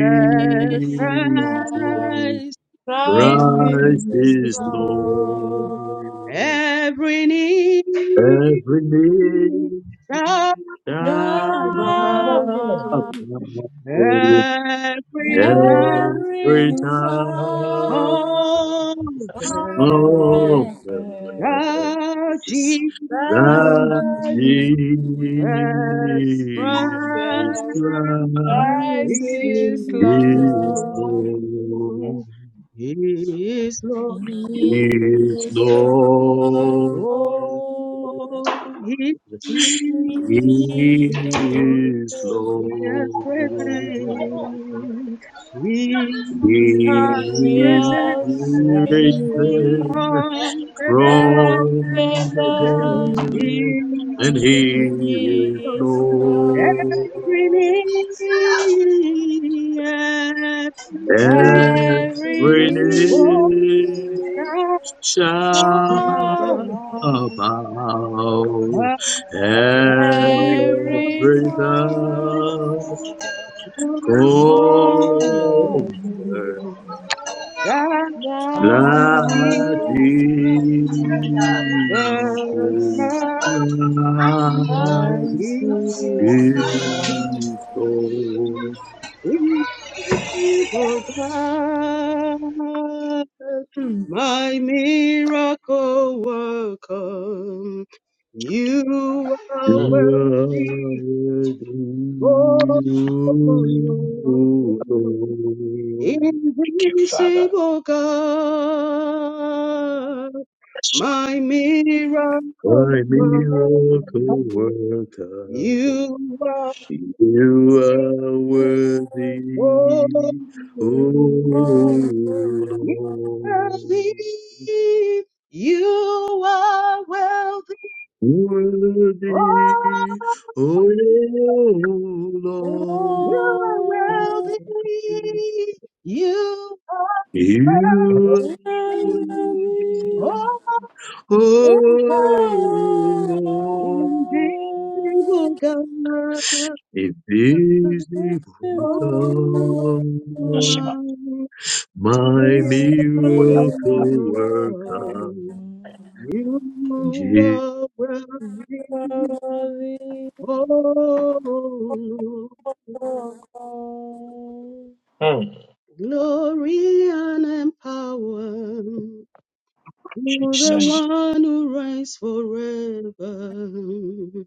S4: Christ
S6: Christ
S4: is
S6: is
S4: Lord.
S6: Lord.
S8: Every knee
S6: Every knee
S8: shall
S6: shall
S9: Jesus,
S8: bow,
S4: Come
S6: bow,
S8: every tongue
S4: every
S6: every tongue
S4: song.
S8: confess that
S6: confess
S8: Jesus
S6: that
S4: Lord Jesus,
S8: Christ
S6: Jesus Christ
S4: Christ
S9: Christ
S4: is
S8: is
S6: is
S4: Lord.
S8: Lord.
S6: Lord.
S8: He is Lord.
S4: He
S6: is
S4: is
S6: Lord.
S8: Oh,
S4: Lord.
S8: he
S4: Every
S8: is
S4: knee
S6: He
S8: risen.
S4: shall
S6: is
S8: He
S6: Lord.
S8: has
S6: He is
S8: risen
S6: risen
S8: from the
S6: from
S8: dead.
S6: the
S8: He
S6: dead, and He
S8: is
S6: is Lord.
S8: every knee, every
S6: Every
S8: bow
S6: knee shall
S8: shall bow.
S4: bow,
S6: about
S8: Every
S4: every
S6: every
S8: tongue
S4: tongue.
S6: thou
S4: Oh,
S6: comfort
S8: That
S6: like
S8: Jesus Christ
S4: now
S6: Jesus Christ
S9: is
S4: Yes,
S9: Lord.
S6: is Lord.
S8: is God, my miracle worker. You are
S6: You are
S8: worthy,
S6: worthy,
S8: oh Lord.
S6: Lord,
S1: Thank you, Father.
S8: Invisible God,
S1: Yes,
S8: my miracle,
S6: my miracle
S8: worker,
S6: worker.
S8: you are
S6: You are
S8: holy.
S4: Lord.
S6: worthy, O
S8: Worthy,
S6: Lord.
S8: You are wealthy.
S6: Worthy,
S8: Oh,
S6: O Lord.
S8: you are wealthy. You are
S6: You
S8: wealthy.
S1: Lord.
S6: are worthy,
S8: Oh,
S6: O Lord.
S8: Invisible God,
S6: If this evil
S8: oh
S1: Yes,
S6: come,
S8: my
S6: my
S8: miracle
S1: Lord.
S6: miracle
S8: worker,
S6: worker.
S8: you
S6: In Jesus.
S8: are worthy,
S4: Oh,
S8: oh Lord.
S1: Mm,
S8: glory and power to the
S1: Jesus,
S8: one who reigns forever.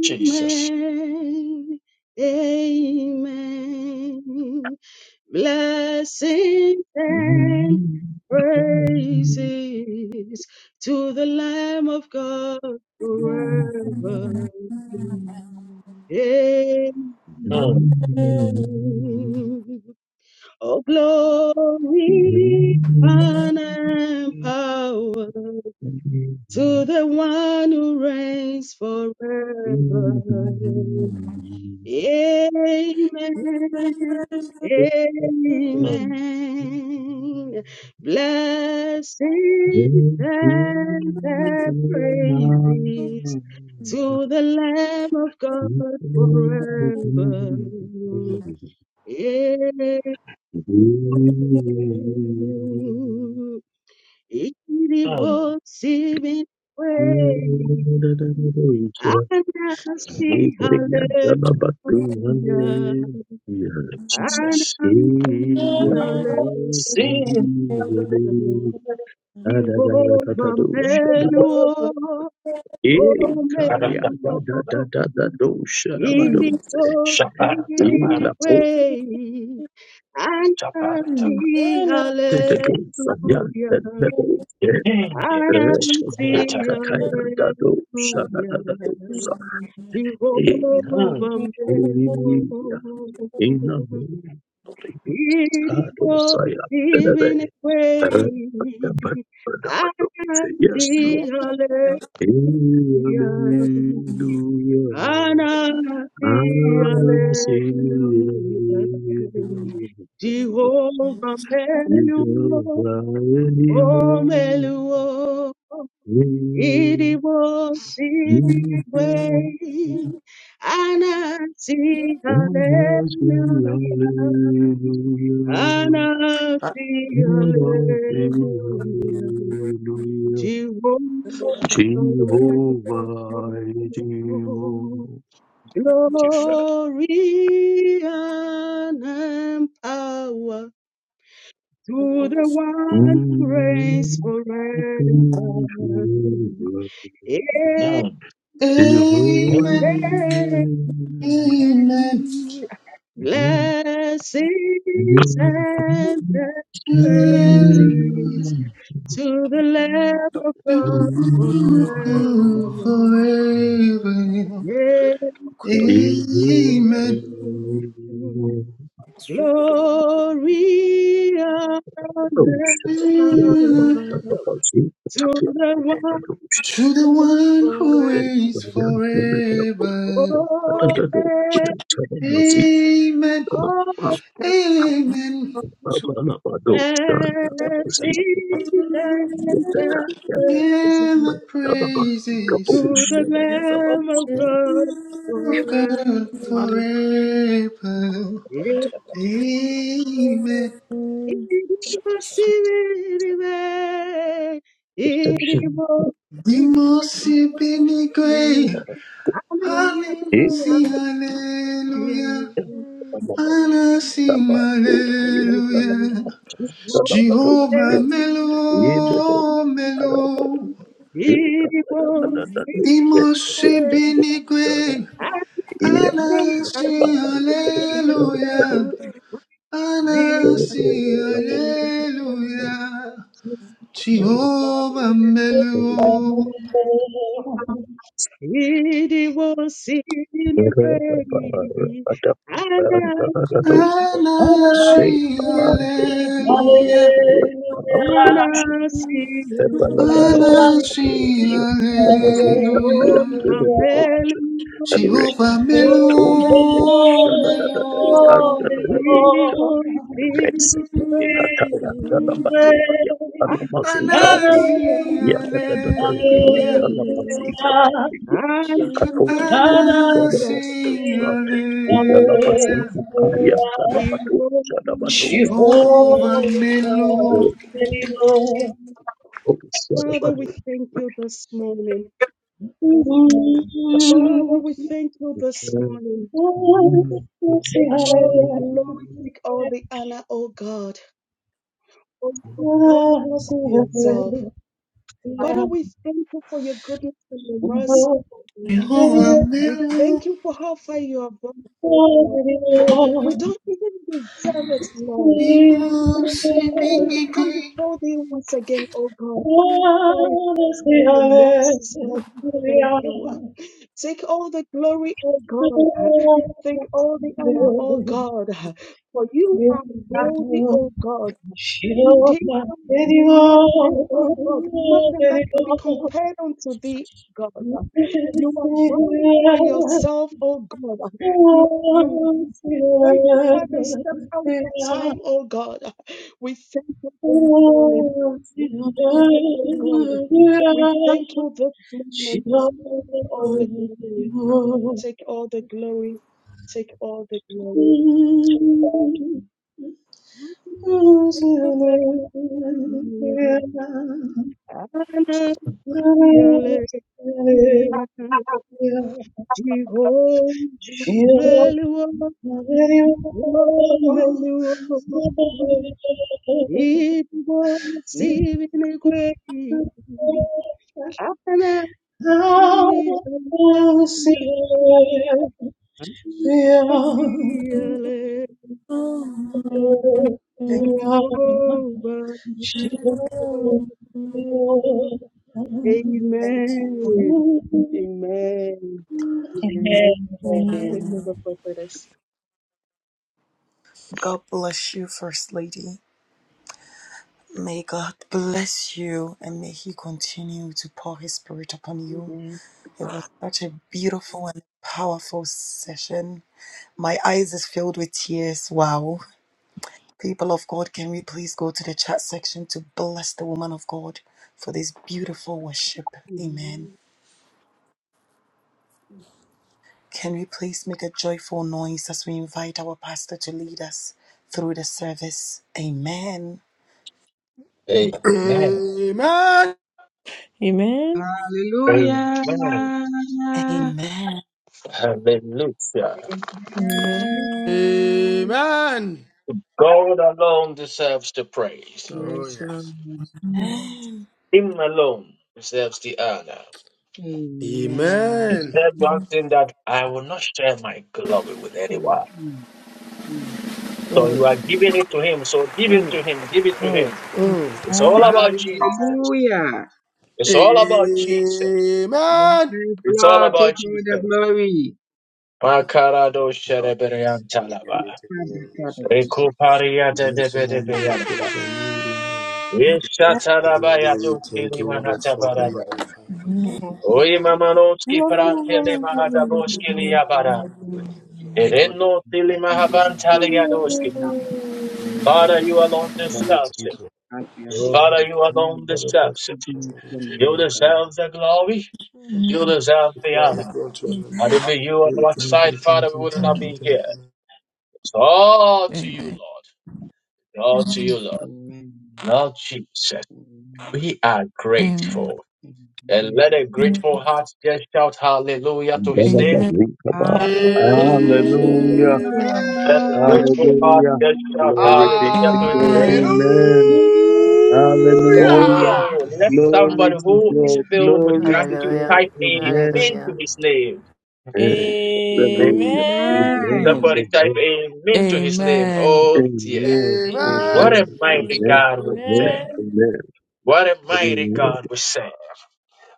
S1: Jesus.
S8: Amen. Blessings and
S6: name.
S8: praises to the Lamb of God forever.
S1: Mm,
S8: Amen.
S4: Lord.
S8: Oh, glory, honor, and power to the one who reigns forever.
S4: I'm not afraid
S8: Amen.
S4: of
S1: mm,
S8: Amen. Blessings and the praises to the Lamb of God forever. Amen.
S1: mm.
S8: Irreversible way. I
S6: In
S8: see
S6: the name of
S8: hallelujah. And
S1: Jesus.
S8: I'm singing hallelujah.
S1: Sin. Amen.
S8: Jehovah Menuo, O Menuo. It was given away. And I see hallelujah. And
S1: Yes,
S8: I'm
S1: we are
S8: singing
S1: tapping.
S8: hallelujah. Jehovah
S1: Mm,
S8: Menuo.
S6: Jesus,
S8: It
S6: God, of
S8: was
S6: Messiah,
S8: given away. I
S6: Yes, Lord.
S8: see
S6: Hallelujah.
S8: hallelujah. And I
S6: I
S8: see
S6: sing hallelujah.
S8: hallelujah. Jehovah
S6: We don't
S8: Meluo,
S6: cry
S8: O
S6: anymore.
S8: Meluo.
S6: We-
S8: It was given
S6: we don't
S8: away. And I see hallelujah.
S6: almost sing
S8: And
S6: hallelujah.
S8: I sing
S6: We sing
S8: hallelujah.
S6: hallelujah.
S8: Jehovah,
S6: Jehovah, Jehovah.
S1: thank you, Father.
S8: glory and power to the
S6: Thank
S8: one who reigns forever.
S1: Mm.
S10: Amen. Amen.
S8: Amen. Blessings and
S10: Amen.
S8: praises to the Lamb of God forever.
S10: Forever. Amen.
S8: Amen. Glory and power to the one
S10: To the one who is
S8: forever.
S10: forever. Amen.
S8: Oh,
S10: Amen.
S8: oh, Blessed
S6: you.
S8: and blessing
S10: And the praises
S8: to the Lamb of God
S10: of God
S8: forever.
S10: forever. Amen.
S8: Irivasiririve,
S6: Perception.
S8: irivo,
S10: Dimusi
S8: irivasiririve.
S10: Benigue, Halim
S6: Eh?
S8: Hallelujah,
S10: sing hallelujah,
S8: hallelujah,
S10: Anna sing
S8: It was in
S10: Alleluia,
S8: the way, and
S7: for
S10: Jehovah
S7: your
S10: Melo, Melo, Dimusi Benigue, Anna
S7: life.
S10: sing
S7: Thank
S10: hallelujah, Anna sing Alleluia, Jehovah Melo,
S11: Hallelujah.
S10: Anna
S6: Hey,
S10: sing
S11: Hallelujah,
S6: Abande,
S10: Alleluia.
S6: Labadoshi,
S8: I see, and I see.
S6: Ebalabalabalabado,
S10: Alashi,
S6: Labazita,
S8: Jehovah
S6: Tayan,
S10: Hallelujah.
S6: Bene de
S8: Melion,
S6: Bocha, and Rick,
S10: Jehovah
S8: we
S6: Ato,
S10: Melo,
S6: Bocha, da da
S4: heights.
S6: da da, and
S10: Melo.
S6: da da da Bocha,
S8: will see
S6: Rexi,
S4: Hallelujah.
S6: Kataya,
S8: the
S6: Dalabatoria,
S8: I
S6: Alamazita,
S8: see
S10: Anasi,
S8: you.
S6: Ya da da da da,
S10: Hallelujah.
S6: Alamazita,
S8: I
S6: Katoria, Bocha, da da
S8: see
S6: da
S10: Anasi,
S6: Bocha,
S10: Hallelujah.
S6: Yalabazita, Tayan,
S11: Hallelujah,
S6: Dalabadocha,
S8: you.
S6: Dabadocha,
S10: Jehovah
S11: Jehovah,
S10: Melo,
S11: Elohim,
S6: Hallelujah.
S8: Father, we thank you this morning. Father,
S11: mm,
S8: we thank you this morning.
S11: mercy,
S8: Take all the
S11: hallelujah,
S8: glory, take all the honor, oh God. Oh, God, love
S11: mercy,
S8: yourself.
S11: hallelujah, oh,
S8: Father, we
S11: hallelujah,
S8: thank you for your goodness and your mercy. O God.
S10: Jehovah
S8: We thank
S10: Melo.
S8: you for how far you have brought us, O God. We
S11: hallelujah,
S8: don't even deserve it, Lord.
S10: He
S8: We don't
S10: moves,
S8: deserve it to come before thee once again, oh God. By
S11: mercy,
S8: your mercy, God, we
S11: hallelujah,
S8: thank you.
S11: oh,
S8: Take all the glory, O God. Take all the honor, O God. For you are worthy,
S11: hallelujah.
S8: O God.
S11: Shiva,
S8: Indeed, there is nothing, O God, nothing that can be compared unto thee, God. You are worthy by yourself, O God. You, you, you waited time and step out of time, O God. We thank you this morning. We thank you, O God. We thank you this morning. Take all the glory. Take all the glory. Take all the glory. Hallelujah. Jehovah
S11: Shiva,
S8: Meluo,
S11: Amen.
S8: oh Meluo, it was even a great Ananias, you overflow. Amen. Amen. Amen. Take over prophetess.
S2: God bless you, First Lady. May God bless you and may He continue to pour His Spirit upon you.
S8: Amen.
S2: It was such a beautiful and powerful session. My eyes is filled with tears. Wow. People of God, can we please go to the chat section to bless the woman of God for this beautiful worship? Amen.
S8: Amen.
S2: Can we please make a joyful noise as we invite our pastor to lead us through the service? Amen.
S1: Amen. Amen.
S5: Amen.
S12: Hallelujah.
S1: Amen.
S2: Amen.
S1: Hallelujah.
S12: Amen.
S5: Amen.
S1: God alone deserves the praise.
S5: Oh,
S12: Yes, Lord.
S5: yes.
S2: Amen.
S1: Him alone deserves the honor. He
S12: Amen.
S5: Amen.
S1: said one thing that I will not share my glory with anyone.
S12: Mm, mm.
S1: So you
S5: Mm,
S1: are giving it to him. So give it to him. Give it to
S5: mm,
S1: him.
S5: mm.
S1: It's all about Jesus.
S12: Hallelujah.
S1: It's all about Jesus.
S12: Yes,
S5: Amen.
S1: It's all
S12: Lord. Take
S1: about
S12: all the
S1: Jesus.
S12: glory.
S1: Makarado
S5: Lord, bless you.
S1: shereberian
S5: Holy name,
S1: talaba.
S5: we take the name of the Lord.
S1: Rekupariya
S5: And we say thy name, we
S1: debedebeyanaba.
S5: praise thy name, we worship you,
S1: Yeshatarabaya
S5: Lord. We
S1: do
S5: thank you, Abba Father,
S1: kilimahatabara.
S5: magnify you.
S1: Oye, mamanoski para tele mahadaboski liyabara. Ereno tili mahavantali yadoski. Father, you alone
S5: Lord, we
S1: deserve
S5: thank
S1: it.
S5: you.
S12: have your
S5: Lord, we
S1: Father, you
S5: thank you
S1: alone
S12: success.
S5: for the
S1: deserve
S5: best.
S1: it.
S12: Bless your
S1: You
S12: name, O God.
S1: deserve the glory. You deserve the
S5: Glory
S1: honor.
S5: be unto your name,
S1: Had
S2: Amen.
S1: it be
S5: Lord.
S1: you on
S5: We
S1: our
S5: thank you,
S1: side,
S5: thank
S1: Father, we
S5: you,
S1: would not
S5: thank you,
S13: Mm.
S1: be
S5: thank
S1: here.
S5: you.
S1: It's all to you,
S13: Amen.
S1: Lord. It's all to you, Lord.
S12: Amen.
S1: Lord Jesus,
S12: Amen.
S1: we are
S13: Amen.
S1: grateful. And let a
S12: Amen.
S1: grateful heart just shout hallelujah to his name.
S13: Amen.
S12: Hallelujah.
S4: Hallelujah.
S1: That is
S5: Amen.
S1: grateful heart
S6: Hallelujah.
S1: can shout
S6: Glory be
S1: hallelujah
S6: to
S1: to his
S6: God.
S5: Hallelujah.
S1: name.
S13: Amen.
S6: Amen. Hallelujah.
S1: Oh, let
S12: Hallelujah.
S6: Glory
S1: somebody
S6: to
S1: who is
S6: God.
S1: filled with
S6: Glory to
S12: Hallelujah.
S1: gratitude
S14: Hallelujah.
S6: God.
S1: type
S6: Amen.
S1: amen to
S14: Hallelujah.
S1: his name.
S6: Amen.
S1: Amen.
S6: Hallelujah.
S4: Amen.
S6: Amen.
S12: Yes.
S1: Somebody type amen to his name.
S13: Amen.
S1: Oh dear.
S6: Amen. Amen.
S1: What
S6: Amen.
S5: Amen.
S1: a mighty
S6: Amen.
S1: God we
S6: Amen.
S1: serve.
S4: Amen.
S1: What a mighty God we serve.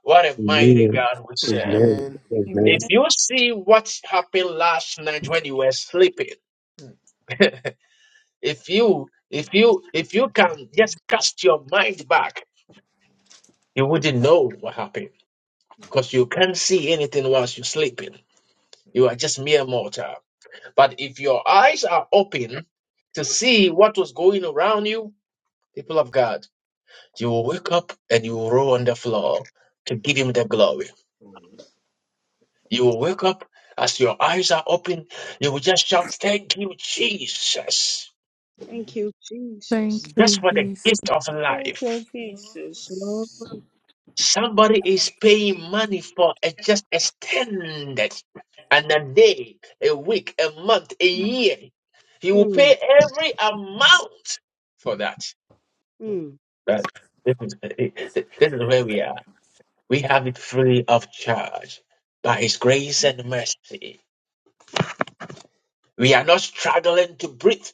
S1: What a
S6: Amen.
S1: mighty
S6: Amen.
S1: God we serve.
S6: Amen.
S5: Amen.
S4: Amen.
S1: If you see what happened last night when you were sleeping, [laughs] if you if you if you can just cast your mind back You wouldn't know what happened because you can't see anything whilst you're sleeping. You are just mere mortal. But if your eyes are open to see what was going around you, people of God, you will wake up and you will roll on the floor to give him the glory. You will wake up as your eyes are open, you will just shout, Thank you, Jesus,
S8: Thank you, Jesus.
S13: Thank
S1: just
S13: you,
S1: for the
S13: Jesus.
S1: gift of
S4: Thank
S1: life.
S4: you,
S8: Yes, Lord.
S4: Jesus.
S1: Somebody is paying money for a just extended and a day, a week, a month, a year. He will
S8: Mm,
S1: pay every amount for that.
S8: mm.
S1: That- this, is, this is where we are. We have it free of charge by His grace and mercy. We are not struggling to breathe.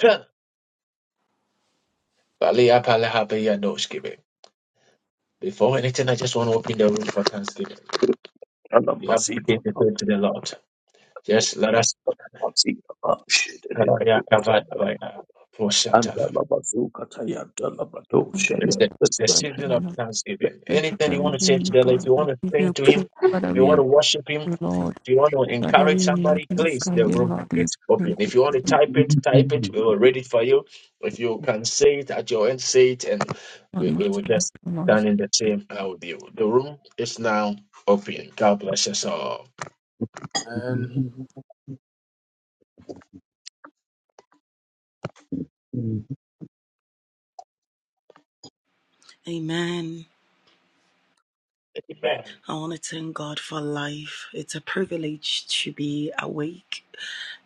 S1: Huh. Balia palaha beya nos giving. Before anything, I just want to open the room for thanksgiving. If
S6: Amen.
S1: you have anything
S6: Amen.
S1: to say to the Lord, Just let us. Uh, Yeah, I've had like uh, four
S6: and
S1: shelter.
S6: the Bazuka Taya Dalabado
S13: And I
S1: It's
S6: Shaya
S13: don't
S1: the, it's the
S13: bless you,
S1: season
S13: I
S1: of
S13: don't
S1: thanksgiving.
S13: bless you
S1: Anything
S13: for
S1: you want to say
S13: living
S1: to
S13: you,
S1: the Lord, if
S13: God.
S1: you
S13: We
S1: want to
S13: give
S1: sing
S13: you
S1: to Him,
S13: praise. Father,
S1: if you
S13: we
S1: want
S13: have
S1: to worship Him,
S13: you, Lord.
S1: if you want to
S13: Father,
S1: encourage
S13: we
S1: somebody, please,
S13: magnify
S1: the
S13: you,
S1: room
S13: Lord. We
S1: is open.
S13: praise
S1: If you want to
S13: you,
S1: type it, type it. We will read it for you. If you can say it at your end, say it, and
S13: Lord.
S1: we,
S13: We
S1: we will
S13: thank
S1: just
S13: you, Lord.
S1: stand in the same aisle with you. The room is now open. God bless us all.
S5: Amen.
S2: Amen.
S1: Amen.
S2: I want to thank God for life. It's a privilege to be awake.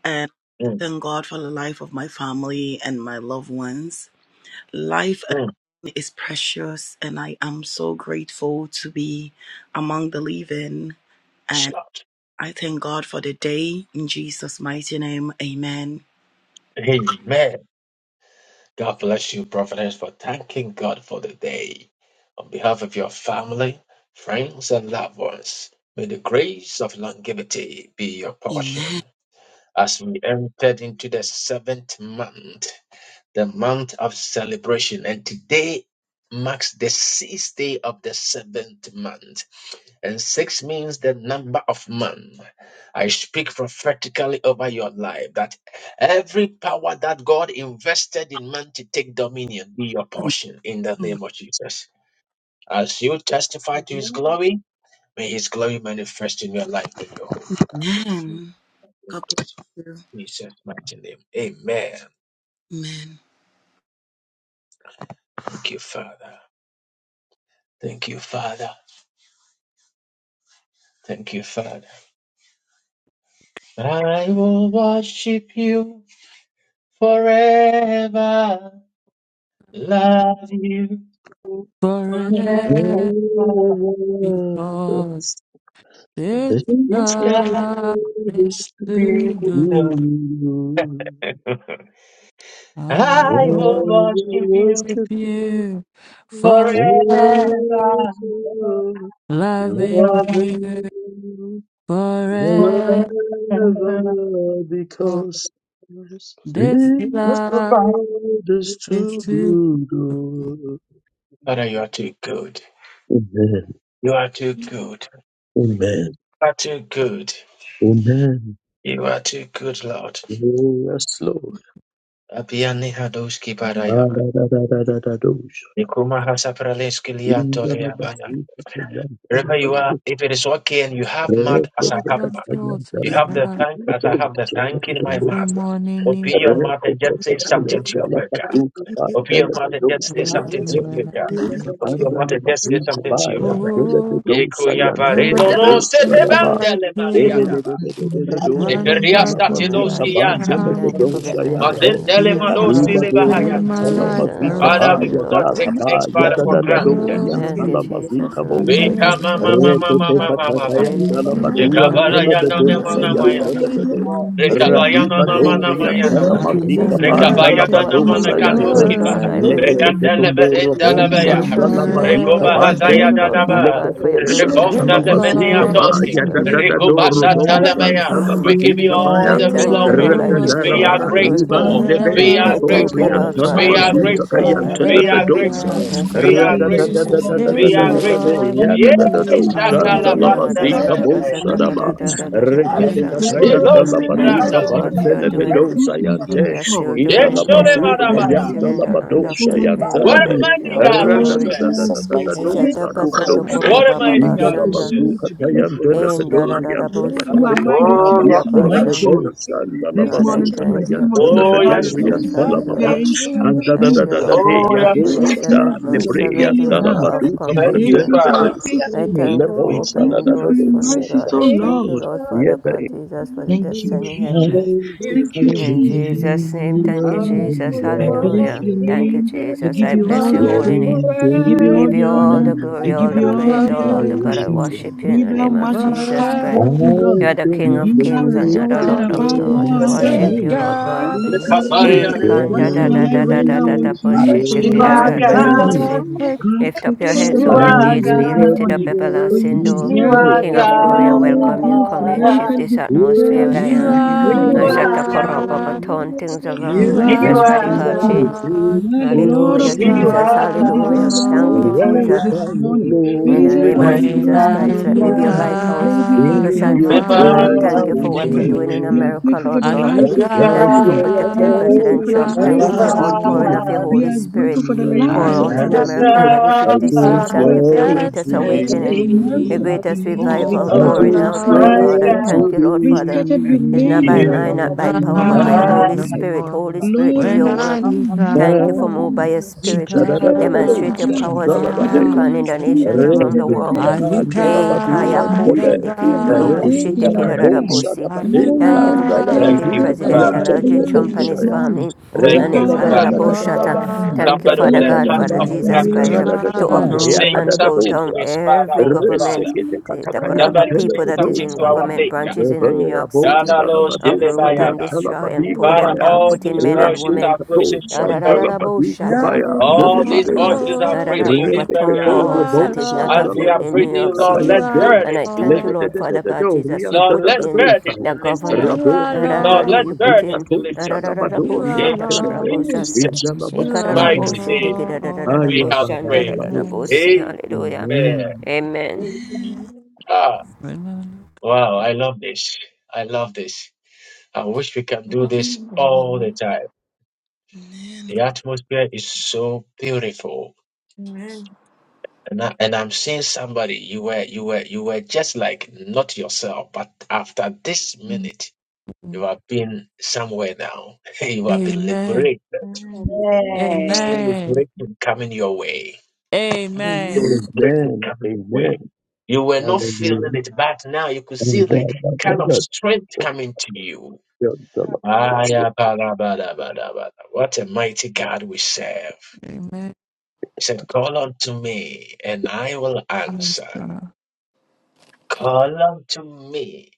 S2: and I
S1: Mm,
S2: thank God for the life of my family and my loved ones. Life
S1: mm.
S2: alone is precious, and I am so grateful to be among the living. And
S1: Shout.
S2: I thank God for the day in Jesus' mighty name. Amen.
S1: Amen. God bless you, prophetess, for thanking God for the day. On behalf of your family, friends, and loved ones, may the grace of longevity be your
S2: Amen.
S1: portion. As we entered into the seventh month, the month of celebration, and today marks the sixth day of the seventh month. And six means the number of man. I speak prophetically over your life that every power that God invested in man to take dominion be your portion in the
S2: Amen.
S1: name of Jesus. As you testify to his
S8: Amen.
S1: glory, may his glory manifest in your life and your home. God bless you. In
S2: God bless you.
S1: Jesus' mighty name. Amen.
S2: Amen.
S1: Thank you, Father. Thank you, Father. Thank you, Father. I will worship you forever. Love you forever.
S13: Forever because since
S1: It's
S8: Thank
S1: got
S13: God
S1: its
S13: is
S8: you.
S13: too good,
S1: freedom. [laughs]
S8: Lord.
S1: I
S13: I'm
S1: will worship you
S13: with you forever
S1: forever.
S8: Thank you.
S13: Love
S1: Love
S6: Forever
S13: me
S6: loving you. Forever,
S13: forever.
S8: Thank
S1: forever.
S6: because
S13: This
S6: His
S1: Look
S6: God
S13: love
S1: back.
S6: is
S13: is
S6: too
S13: to
S6: good.
S1: Father, you are too good.
S6: oh. Amen.
S1: You are too good.
S6: Amen.
S1: You are too good.
S6: Amen.
S1: You are too good, Lord.
S6: Oh, Yes, Lord.
S1: Abiani hadoski
S6: Ah,
S1: barayaba.
S6: da, da, da, da, da, da, dosh.
S1: Nikuma hasapraleski
S6: Inga na ba
S1: liantole
S6: su ka ta yan ta la
S1: Wherever
S6: ba
S1: you
S8: you.
S6: de.
S1: are, if it is okay and you have
S13: the
S6: Re
S1: mouth
S6: ke
S1: as I
S13: thought
S6: te
S1: have
S6: ka
S13: of
S1: mouth,
S6: ta
S13: you
S6: yan ta
S13: to
S1: you
S6: la
S1: have
S6: ba
S1: the
S13: serve.
S6: de
S1: thank
S6: ka
S1: as
S6: ba
S1: I
S6: u
S1: have the
S6: che na
S1: thank
S6: de
S1: in
S6: de
S1: my
S6: de.
S13: Every
S1: mouth.
S13: morning you
S1: Open your mouth and just say something to your maker. Open your mouth and just say
S13: love
S1: something to
S13: me
S1: your
S13: when I
S1: maker.
S13: didn't
S1: Open your
S6: Likapanda
S13: care.
S1: mouth
S6: la
S1: and just say
S6: batuka
S1: something to your
S6: baya
S1: maker.
S6: mbele
S13: Ooh,
S1: Yeko
S6: bedosa ya
S13: and
S1: yabare
S6: mbele
S13: I was
S1: no no
S13: just
S1: se
S6: bebosa da
S13: until I
S1: bandele maria
S13: can.
S12: Bless the Lord,
S1: De
S6: Edededededededorian
S12: the
S13: Running
S1: peria
S14: Thank
S13: back
S12: the
S14: you for
S13: into
S12: King,
S14: my
S6: talamavika
S12: and
S14: life.
S13: the
S1: statiloski
S12: the
S1: yata.
S12: the
S13: town.
S14: Thank you
S12: Lord
S14: for
S12: is
S14: getting me through the
S6: bandelegedosayante.
S12: The
S1: Mazendele
S13: You
S12: people
S14: Thank
S12: of
S14: you,
S1: madosi
S6: Kadiba
S13: probably
S1: le
S14: Father.
S12: the Lord
S13: turn
S6: dorian
S12: is
S13: my
S12: with The
S14: Praise
S13: life
S14: and
S12: people
S14: I
S12: of
S6: talamavika
S12: the King The Lord is
S1: Father,
S14: worship
S1: we
S14: you,
S13: around.
S6: baya
S1: will
S14: Lord
S1: not
S6: da
S1: take
S14: God.
S1: this
S6: kabaya
S1: Father
S6: da
S1: for
S6: da da
S1: granted.
S13: Love
S6: dorian
S14: Thank you, Jesus,
S6: talamavika
S14: Lord
S1: We
S14: God,
S13: me
S6: bose.
S13: a
S1: come,
S14: Jesus.
S1: mama,
S12: all
S13: time.
S12: the
S1: mama, mama,
S6: Rekete
S12: angels.
S1: mama,
S12: He
S1: mama.
S6: katakayan
S14: Praise you,
S13: It's
S14: Jesus.
S6: dalabaduan
S8: I'm
S1: Rekabaya
S12: will
S1: na
S14: Hallelujah.
S12: be with you.
S6: telebedosayante
S14: Hallelujah.
S1: na
S12: This
S13: glory.
S6: telebede.
S12: morning we thank
S1: Rekabara
S12: you,
S1: yana
S6: Radiba
S12: we
S1: nama
S14: Thank you,
S12: bless
S1: nama
S6: dorian
S12: you,
S14: Father
S12: we
S1: na Rekabaya nama nama na
S13: I
S14: God,
S12: lift
S1: nama.
S12: the name
S6: talamavika
S13: will
S14: Jesus
S12: we
S14: Christ. No
S12: have.
S1: Rekabaya
S13: worship
S14: matter
S1: na
S14: what
S12: We
S13: you
S14: come my
S12: exalt
S14: way,
S12: your
S6: bandalabadosayante.
S1: nakadoski
S14: Lord
S12: name
S1: pa.
S14: God, I
S13: forever,
S12: above
S6: Lekete
S12: all
S14: believe.
S1: Rekadele
S12: names.
S6: ketokoro
S1: merendele
S12: You are
S14: I
S12: the
S6: bonsan
S13: nothing
S1: beya.
S12: Lord of
S14: trust you,
S12: Lords,
S14: Lord
S12: you
S6: dalabadika
S12: are
S14: God.
S1: Rekoba
S14: I
S13: forever.
S12: the
S6: bande.
S14: thank
S1: hazaya
S14: you,
S12: King of
S14: Lord
S12: Kings,
S14: Father
S1: danaba.
S14: God, for your grace and
S12: and
S6: Lekeboshanda
S14: your
S13: This
S12: we
S1: Reformdele
S14: mercy
S12: worship
S14: and your
S12: you
S6: labazika
S13: God
S12: this
S14: goodness
S1: meniatoski.
S13: is
S6: baya
S14: towards
S12: morning.
S13: with
S14: me.
S13: you.
S6: dadadadoro
S12: You
S1: Rekobasa
S12: are the
S2: Father, we thank
S12: Alpha
S6: boshanda
S1: ya.
S12: and
S2: you,
S12: the
S2: we
S1: We give
S2: thank
S1: you
S6: labadika
S12: Omega,
S2: you.
S12: the
S1: all
S14: I
S6: baya
S1: the
S13: You
S12: beginning
S14: thank
S13: I
S14: you,
S12: and
S1: glory.
S12: the
S14: Lord.
S13: will
S14: I
S12: end.
S14: give you
S1: We
S13: worship
S14: all
S1: are
S14: the
S6: radadaraba
S13: you
S12: The
S14: glory.
S12: kingdom
S1: grateful.
S12: shall
S6: libandebe
S1: We
S13: forever,
S1: are
S12: reign
S14: I thank
S12: forever
S14: you,
S2: Father,
S1: grateful.
S14: Lord
S6: katorianta
S2: we
S12: and
S2: are
S14: Father
S1: We are
S14: God,
S12: ever.
S6: labazuta
S13: loving
S2: grateful.
S14: Jesus
S1: grateful.
S6: kayanta
S14: Christ.
S2: Father, we
S1: We
S12: This
S1: are
S12: morning,
S6: lebedosa
S13: forever,
S12: all we
S2: acknowledge
S1: grateful.
S14: I
S2: you.
S14: say
S12: want to
S1: We
S13: because
S1: are
S14: thank
S2: Father,
S14: you,
S12: say is just
S1: grateful.
S14: Jesus. I
S12: all the
S7: you for
S14: Praise
S13: this
S1: We
S14: you,
S7: your
S1: are
S12: glory.
S14: Jesus.
S1: grateful.
S6: radadadadadadadadadade
S13: God
S12: All
S13: is
S1: Yes,
S12: we want to say
S13: with
S6: yadadadado
S12: is we are
S13: you.
S1: Shatala
S6: shanda
S14: Thank you,
S12: grateful
S14: Lord.
S2: we
S14: I
S12: for
S14: say
S12: the
S6: labazika
S2: thank you.
S12: gift
S14: taka
S12: of
S1: Bartelebe.
S14: say
S6: bosha
S14: taka
S12: life
S14: da
S6: daba
S12: for
S14: da
S13: But
S12: them.
S14: da
S13: I'm
S14: da da ba
S12: We
S2: Father,
S13: declared
S6: rekete
S12: are
S2: we
S12: grateful
S2: thank you
S13: free
S12: for
S2: for
S6: katayanta
S8: Thank
S12: the
S1: Stilos
S2: your
S12: life
S14: Thank
S12: that
S14: you
S6: labaduka
S2: mercy,
S12: we
S14: for
S1: Ibratalia.
S12: have
S14: what
S2: love,
S14: you
S6: bande
S14: are
S12: enjoyed, the
S14: doing.
S2: presence
S6: lebedosa
S12: growth we
S2: in
S12: have
S2: our
S6: yante
S14: You
S2: life.
S14: are still
S12: enjoyed.
S14: doing
S6: inda
S1: Yes,
S14: in
S12: We are
S14: my
S6: labazuta
S14: life. I
S12: grateful for
S14: am
S8: you.
S12: the
S1: Shorebadabaya.
S14: still
S6: kayanta
S14: in
S12: lives
S14: the
S12: of our
S14: land
S2: Father,
S14: of
S6: labadosha
S14: the
S8: I
S12: children and
S14: living
S6: yante
S2: Father,
S1: What
S2: we
S14: God.
S6: lebe
S14: I
S1: a
S12: family.
S2: thank
S14: give
S2: you
S14: you
S1: mighty
S2: for
S14: all
S2: it
S14: the
S1: God we
S2: all.
S12: Oh
S2: In
S14: glory.
S1: serve.
S12: God,
S2: Jesus'
S12: we are
S14: I
S2: mighty name.
S14: say taka
S12: grateful
S14: say
S12: for
S14: taka
S6: Ra-da-da-da-da-da-da-da-do-sa-da-ba-do-se.
S13: behind
S1: What a
S13: the
S12: everything
S1: mighty
S12: that
S13: end.
S12: you
S1: God we serve.
S12: continue to do
S2: Lord,
S12: for us,
S14: In
S12: O
S14: da
S12: God.
S14: da da da
S2: you
S14: bo
S2: know,
S12: Who am
S14: she
S2: Mama,
S6: Indalabazukatayantelebedoriantelebebe.
S12: I
S14: taka
S12: that you
S1: Oh,
S12: are
S1: yes,
S12: so
S1: Lord.
S2: Without
S12: mindful
S2: you,
S12: of? This
S14: Lord,
S2: in
S14: I
S12: morning, from the
S14: thank
S2: Jesus'
S14: you. I
S12: bottom of
S2: mighty name.
S14: praise
S12: my
S1: Oh,
S14: you,
S12: heart, I
S1: yes,
S12: want
S1: Lord.
S12: to
S14: Jesus.
S12: say
S2: God,
S6: Yaborobosandalabazutakayantelebedoriantelemaba.
S14: Hallelujah.
S12: thank
S2: without you, we
S12: you,
S2: wouldn't be
S14: Thank you,
S12: Jesus.
S14: Lord,
S2: here.
S6: Andadadadadade
S14: Father
S1: Oh,
S14: God,
S1: yes,
S12: I
S14: for
S2: We
S1: Lord.
S14: this
S12: thank
S6: yadosada
S12: you
S14: seventh
S12: for
S2: acknowledge
S14: month.
S12: your
S14: Seven is the
S2: you.
S12: unfailing
S14: number
S12: love.
S2: Father,
S14: of
S12: I
S2: in our moment.
S1: Thank you,
S12: thank
S14: completion.
S12: you for your
S1: Father.
S2: Father,
S6: lebreyantalabadukapandelebedosa.
S2: We
S14: I
S6: ba
S12: faithfulness.
S2: acknowledge
S14: thank you for
S12: I thank
S14: opening
S12: you for
S14: doors
S12: your
S14: for me,
S12: mercy,
S14: God.
S12: so
S14: I thank
S12: Lord.
S14: you, Lord, Father God,
S6: Yebe.
S14: Jesus, for the
S12: Thank you,
S14: destiny
S6: I
S2: you.
S14: helpers.
S12: Jesus.
S6: want to
S12: Thank
S2: here.
S12: you,
S6: follow you
S14: In
S12: Jesus.
S14: Jesus' name,
S12: Thank
S14: thank you,
S6: where
S12: you.
S6: you
S14: Jesus.
S8: will
S12: I bless
S8: worship
S14: Hallelujah.
S12: your
S6: are.
S14: Thank you,
S12: name. I
S14: Jesus.
S12: give
S8: you.
S14: I
S12: you
S13: But
S14: bless
S12: all
S2: Father,
S6: I
S14: your
S12: the
S13: I
S14: holy
S12: praise.
S14: name.
S6: don't want the
S12: I give you
S8: Thank
S12: all
S14: Give you
S12: the
S14: all
S12: honor.
S14: the
S12: I
S14: glory,
S12: give
S14: all the
S12: you all
S14: praise,
S2: Lord,
S12: the
S13: love
S14: all the
S13: you
S14: God. I
S12: adoration.
S14: worship
S2: you
S14: you in
S7: Thank
S12: Be
S2: know,
S7: you
S14: the
S12: thou
S14: name of Jesus
S12: magnified,
S14: Christ.
S12: O
S13: forever,
S14: You
S12: Lord,
S14: are the King
S12: and
S14: of
S12: be thou
S7: for
S14: kings and you
S6: world
S14: are the
S6: to
S12: exalted
S14: Lord of
S12: above
S6: turn
S14: lords.
S12: all
S6: my
S14: We
S2: this
S12: other
S2: man,
S13: Yes,
S14: worship
S6: side.
S14: you,
S12: names.
S14: Lord
S7: your
S14: God.
S13: God
S12: This
S7: life.
S13: is
S2: Father, you know,
S13: to
S12: morning,
S1: Nekabaria
S14: Eh,
S2: you
S13: be
S6: Draw
S14: kan
S12: what
S6: me
S14: da
S2: know,
S14: da
S1: dedede.
S14: da
S13: glory.
S2: you
S12: shall I
S14: da da da
S12: render
S14: da da
S6: near
S12: unto
S6: to
S12: you
S14: bushe
S12: for
S2: it's
S12: your
S14: tiki
S6: where
S14: da
S2: because
S13: I
S1: Shiva
S2: of
S12: loving
S14: da
S2: your
S14: da da
S2: mercy,
S1: God,
S12: kindness?
S14: bushe.
S6: you
S13: worship
S12: God,
S14: Lift
S2: because
S14: up
S12: take
S14: your
S2: of
S12: all
S2: your
S14: heads,
S6: are. I
S12: the
S14: O ye
S2: mercy.
S1: Shiva
S12: glory
S14: gates,
S12: this
S14: be
S6: wanna
S14: lifted
S1: God,
S6: be
S14: up,
S12: morning, for
S6: where
S12: you
S14: everlasting
S6: you
S14: door.
S12: deserve it.
S1: Shiva
S14: King of glory, I
S6: are.
S12: No
S14: welcome you.
S12: gifts,
S14: Come in,
S12: none
S1: God,
S14: shift
S12: can
S14: this
S12: be compared
S14: atmosphere where I
S12: unto
S6: Dwelling
S13: you
S6: in
S14: am.
S6: your
S12: you, O
S13: are
S14: I
S1: you
S12: God.
S14: Ashata
S1: are
S14: koroba,
S1: God,
S14: but
S13: God.
S6: presence,
S14: turn things
S12: You
S14: around.
S13: You
S2: Yeah,
S12: are the
S1: you
S14: Manifest
S12: King
S13: are
S6: wasting
S12: of
S14: radical
S6: at your
S14: change.
S12: Kings. You
S13: God.
S12: are the Lord
S6: table,
S12: of
S14: Hallelujah,
S13: You
S2: You
S12: Lords.
S2: are
S14: Jesus.
S13: are
S12: You deserve
S14: Hallelujah.
S12: all
S14: Thank
S12: the
S14: you,
S13: God.
S12: praise
S14: Jesus.
S6: surrounded
S12: this
S6: by your
S12: morning. You
S14: In the
S12: deserve
S14: name
S12: all
S14: of
S12: the
S1: When
S13: When
S14: Jesus
S1: I
S12: glory this
S13: I
S6: glory.
S14: Christ,
S1: look
S14: let me
S2: the
S13: look
S14: be
S1: up
S14: a
S12: morning.
S14: lighthouse
S12: Lord, we
S2: God
S12: are
S13: at
S14: to
S6: In
S13: the
S14: shine
S12: grateful
S6: your
S14: forth
S12: for the
S14: your light.
S12: lives of
S14: Thank you
S12: our
S14: for
S6: presence,
S1: Remarking,
S14: what you're
S8: you.
S12: friends.
S14: doing
S13: mountain,
S14: in
S12: We are
S14: America,
S12: grateful for
S14: Lord
S12: the
S13: I
S14: God.
S12: lives
S13: look
S12: of our
S8: Thank
S14: Thank
S6: that's
S14: you
S8: you.
S1: Erika,
S14: for
S12: family.
S6: where I've
S12: We
S14: protecting
S12: are
S13: at the
S12: grateful
S14: President
S12: for the
S6: always
S14: Trump.
S2: of
S14: Thank
S12: life
S14: you
S12: of
S14: for
S6: wanted
S14: your
S12: our
S2: our
S6: to
S14: outpouring
S12: spouses.
S13: valley,
S14: of your
S12: We
S14: Holy
S12: are
S1: Ivani,
S14: Spirit.
S6: be.
S12: grateful for the
S13: I
S14: Pour
S12: lives of
S14: out
S13: look
S14: in
S12: our
S13: at
S14: America in
S12: children.
S14: every
S12: And
S1: Erika,
S6: I
S14: 50
S12: we are
S6: just
S14: states. Thank you for your
S12: grateful
S13: the
S6: want
S14: greatest
S6: to be,
S12: for
S1: has
S12: this
S14: awakening,
S1: been,
S12: month
S14: your
S13: sea.
S12: of
S14: greatest
S12: July. We
S13: Oh
S14: revival
S6: I
S12: thank
S13: my
S12: you
S1: oh
S14: pouring
S12: for
S6: just
S14: out,
S13: Lord.
S14: my
S12: seeing
S1: my
S12: us
S14: God. I
S6: want
S12: through.
S1: God,
S14: thank
S6: to
S14: you, Lord
S12: We
S14: Father.
S12: started with
S14: It's
S6: be
S14: not by
S12: many,
S1: you
S14: mind,
S13: You
S14: not
S6: with
S14: by
S12: and
S6: you.
S14: power, but
S12: many
S14: by
S12: are
S14: your
S13: are
S12: not
S1: are.
S14: Holy
S12: yet.
S14: Spirit.
S13: Lord.
S14: Holy Spirit,
S12: Lord,
S14: do
S12: you
S13: When
S14: your
S12: have
S13: I
S14: work.
S13: look
S12: seen,
S6: Ah,
S13: up,
S12: you
S14: Thank you
S12: follow
S14: for moving by
S12: on.
S14: your
S12: You
S13: look
S14: spirit
S12: took
S14: to
S12: care of
S13: at
S12: us
S6: sha-da-da-da-da-da-do,
S14: demonstrate your
S13: the
S12: without.
S14: powers in
S12: Even
S6: sha-da-da-ba-dee.
S14: America
S12: in
S14: and
S12: our
S14: in the
S12: sleep,
S14: nations
S12: oh
S13: mountain,
S12: God,
S1: Thank
S14: around
S12: you
S14: the
S6: Rekete
S1: you,
S12: were there
S14: world.
S13: I
S12: to
S1: Father.
S15: Good
S13: look
S6: katakanda
S12: protect
S6: la
S14: Eh,
S12: us.
S14: kaya
S6: badua
S12: You
S13: at
S14: ko
S12: made
S13: the
S12: us
S6: ntebe.
S12: see
S14: shitekindo
S1: Thank
S12: another
S14: robo
S1: you,
S12: day in
S6: rafuta
S13: valley,
S12: our
S1: Father.
S12: life.
S6: kabosha da
S14: shitekirarabosi.
S13: I look
S12: All
S6: bade
S12: you
S14: Thank you
S12: want
S14: for
S12: to
S6: kanda
S15: morning,
S6: la
S12: say
S1: Thank
S12: is
S14: protecting
S15: everyone.
S1: you,
S6: bavuta
S13: at
S12: take
S13: the
S12: all
S14: President
S1: Father.
S6: kayante
S14: Donald
S6: le
S12: the
S14: J.
S12: honor
S14: Trump and
S12: this
S6: kabosha
S14: his
S6: ya.
S13: sea.
S12: morning.
S14: family
S1: Thank
S12: Take
S14: and
S13: Oh
S6: Rada da
S1: you,
S14: his
S6: da
S12: all the
S6: da
S13: my
S1: Father.
S6: da
S14: honorable
S6: da
S12: glory
S6: da
S12: this
S6: da
S14: shutter.
S6: bai.
S13: Lord,
S12: morning.
S14: Thank you,
S6: Anda
S1: Somebody
S6: da
S14: Father
S1: with
S6: da
S1: a
S12: In
S6: da
S12: the
S14: God,
S6: da da
S1: heart
S14: Father
S1: of
S6: bai.
S12: mighty
S14: Jesus
S13: you
S6: Anda da
S14: Christ,
S1: gratitude
S12: name
S6: da
S12: of
S6: da da
S14: to
S13: are
S12: Jesus.
S1: is
S6: bai.
S14: uproot
S6: Anda
S1: saying
S6: da
S14: and
S13: Lord.
S6: da
S14: pull
S1: something to
S14: down
S6: dosha.
S1: his father
S14: every
S1: or her
S14: government,
S1: father.
S6: Resekete
S14: the
S6: katakayan
S14: Takaraba
S1: Somebody is
S14: people
S1: saying
S14: that is
S1: something
S14: in
S1: to
S6: telebedosaya.
S1: our
S14: government
S1: Maker.
S14: branches in New
S6: Rebea
S14: York City.
S6: bosa da badosa
S14: Uproot
S6: yan
S14: and destroy and
S6: telebadi
S14: pull
S1: Father,
S14: them
S6: kabaya.
S14: down,
S1: all
S14: put in
S1: these
S14: men and
S1: voices
S6: Rasu
S14: women
S1: are
S6: kato
S1: praising you this very
S6: chandala
S14: ra
S1: hour.
S6: badi kabaya.
S14: of
S6: Dede
S13: You
S1: All
S6: de
S13: are
S1: these
S14: God.
S6: dosa.
S1: voices are
S14: ra
S13: Lord.
S14: ra
S1: praising you this
S6: Rekete
S1: very
S14: Overturn
S1: hour.
S6: ko
S13: You
S14: laws
S13: are
S6: rebo
S14: that is not
S1: As
S13: Lord.
S14: of
S6: chandala
S1: we
S14: you
S1: are
S14: in
S6: bazi
S14: New
S1: praising
S14: York
S1: you, Lord,
S13: You
S14: City.
S6: katakayan
S1: let
S13: are
S6: de.
S14: And I
S1: burdens be
S14: thank you,
S6: Lede
S13: Lord.
S6: de
S14: Lord,
S1: lifted.
S6: de de
S14: Father
S6: de
S14: God
S6: do
S14: Jesus.
S6: rian
S14: You
S6: da
S1: Lord,
S14: put
S6: da
S1: let
S6: da
S14: in
S6: dosa.
S1: burdens be
S14: the
S7: Thank you for your grace. And
S1: lifted.
S7: the
S14: governor.
S13: You
S6: Rabo
S13: are
S6: rian
S7: abundant
S6: da
S1: Lord,
S6: la
S13: Lord.
S1: let
S14: You
S6: bazi
S14: put
S1: burdens
S14: in.
S1: be
S6: kato
S1: lifted.
S6: sada
S13: You are
S1: In
S14: ra-ra-ra-ra-ra-bo-shata,
S13: Lord.
S6: telebe.
S7: communion of your
S1: Jesus'
S7: two
S6: Indala
S13: You are
S1: mighty
S6: batsandala.
S7: solutions.
S1: name,
S8: Amen.
S1: we
S6: Aya
S13: Lord.
S1: have
S6: babala
S1: prayed.
S13: Amen.
S6: badose.
S1: Amen.
S14: Hallelujah.
S6: Amen.
S14: Amen.
S2: Amen,
S8: Hallelujah.
S1: Ah,
S13: When I look
S1: wow, I love this. I love this. I wish we can do this all the
S7: Amen.
S1: time.
S2: amen,
S1: The atmosphere is so beautiful.
S4: Amen.
S1: And I, and I'm seeing somebody you were you were you were just like not yourself, but after this
S13: on
S1: minute you
S13: you.
S1: have been somewhere now. [laughs] You have been
S13: Amen.
S1: liberated.
S4: Amen.
S11: Amen.
S8: Hallelujah.
S1: See
S13: Amen.
S1: liberation coming your way. See
S13: Amen.
S2: amen.
S1: liberation
S6: Amen.
S1: coming your way.
S6: Amen.
S1: You were not
S6: Hallelujah.
S1: feeling it, but now you could see
S6: Oh, God,
S1: like
S6: God,
S1: kind
S6: God,
S1: of
S6: God.
S1: strength coming to you.
S6: Yeah, tell them.
S1: Ah, yeah, ba, da, ba, da, ba, da, ba, da. What a mighty God we serve.
S13: Amen.
S1: He said, Call unto me and I will
S13: Praise
S1: answer.
S13: God.
S1: Call unto me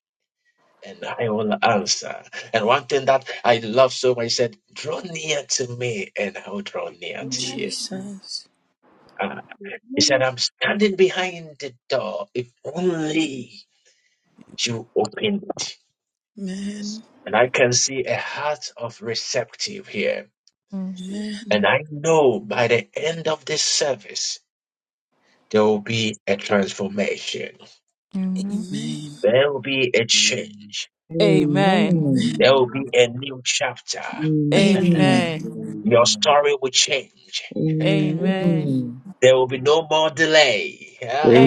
S1: and I will answer. And one thing that I love so much, he said, Draw near to me, and I will draw near to you.
S2: Jesus.
S1: Ah, he
S8: Hallelujah.
S1: said, I'm standing behind the door. If only you open it.
S8: Yes.
S2: Amen,
S1: And I can see a heart of receptive here.
S13: Mm.
S8: She
S2: amen,
S1: And I know by the end of this service, there will be a transformation.
S13: Amen.
S2: amen,
S7: Amen.
S1: There will be a change.
S13: Amen.
S12: Amen.
S2: amen,
S1: There will be a new chapter.
S12: Amen.
S2: amen.
S13: Amen.
S1: Your story will change.
S13: Amen.
S12: Amen.
S1: There will be no more delay. Yeah.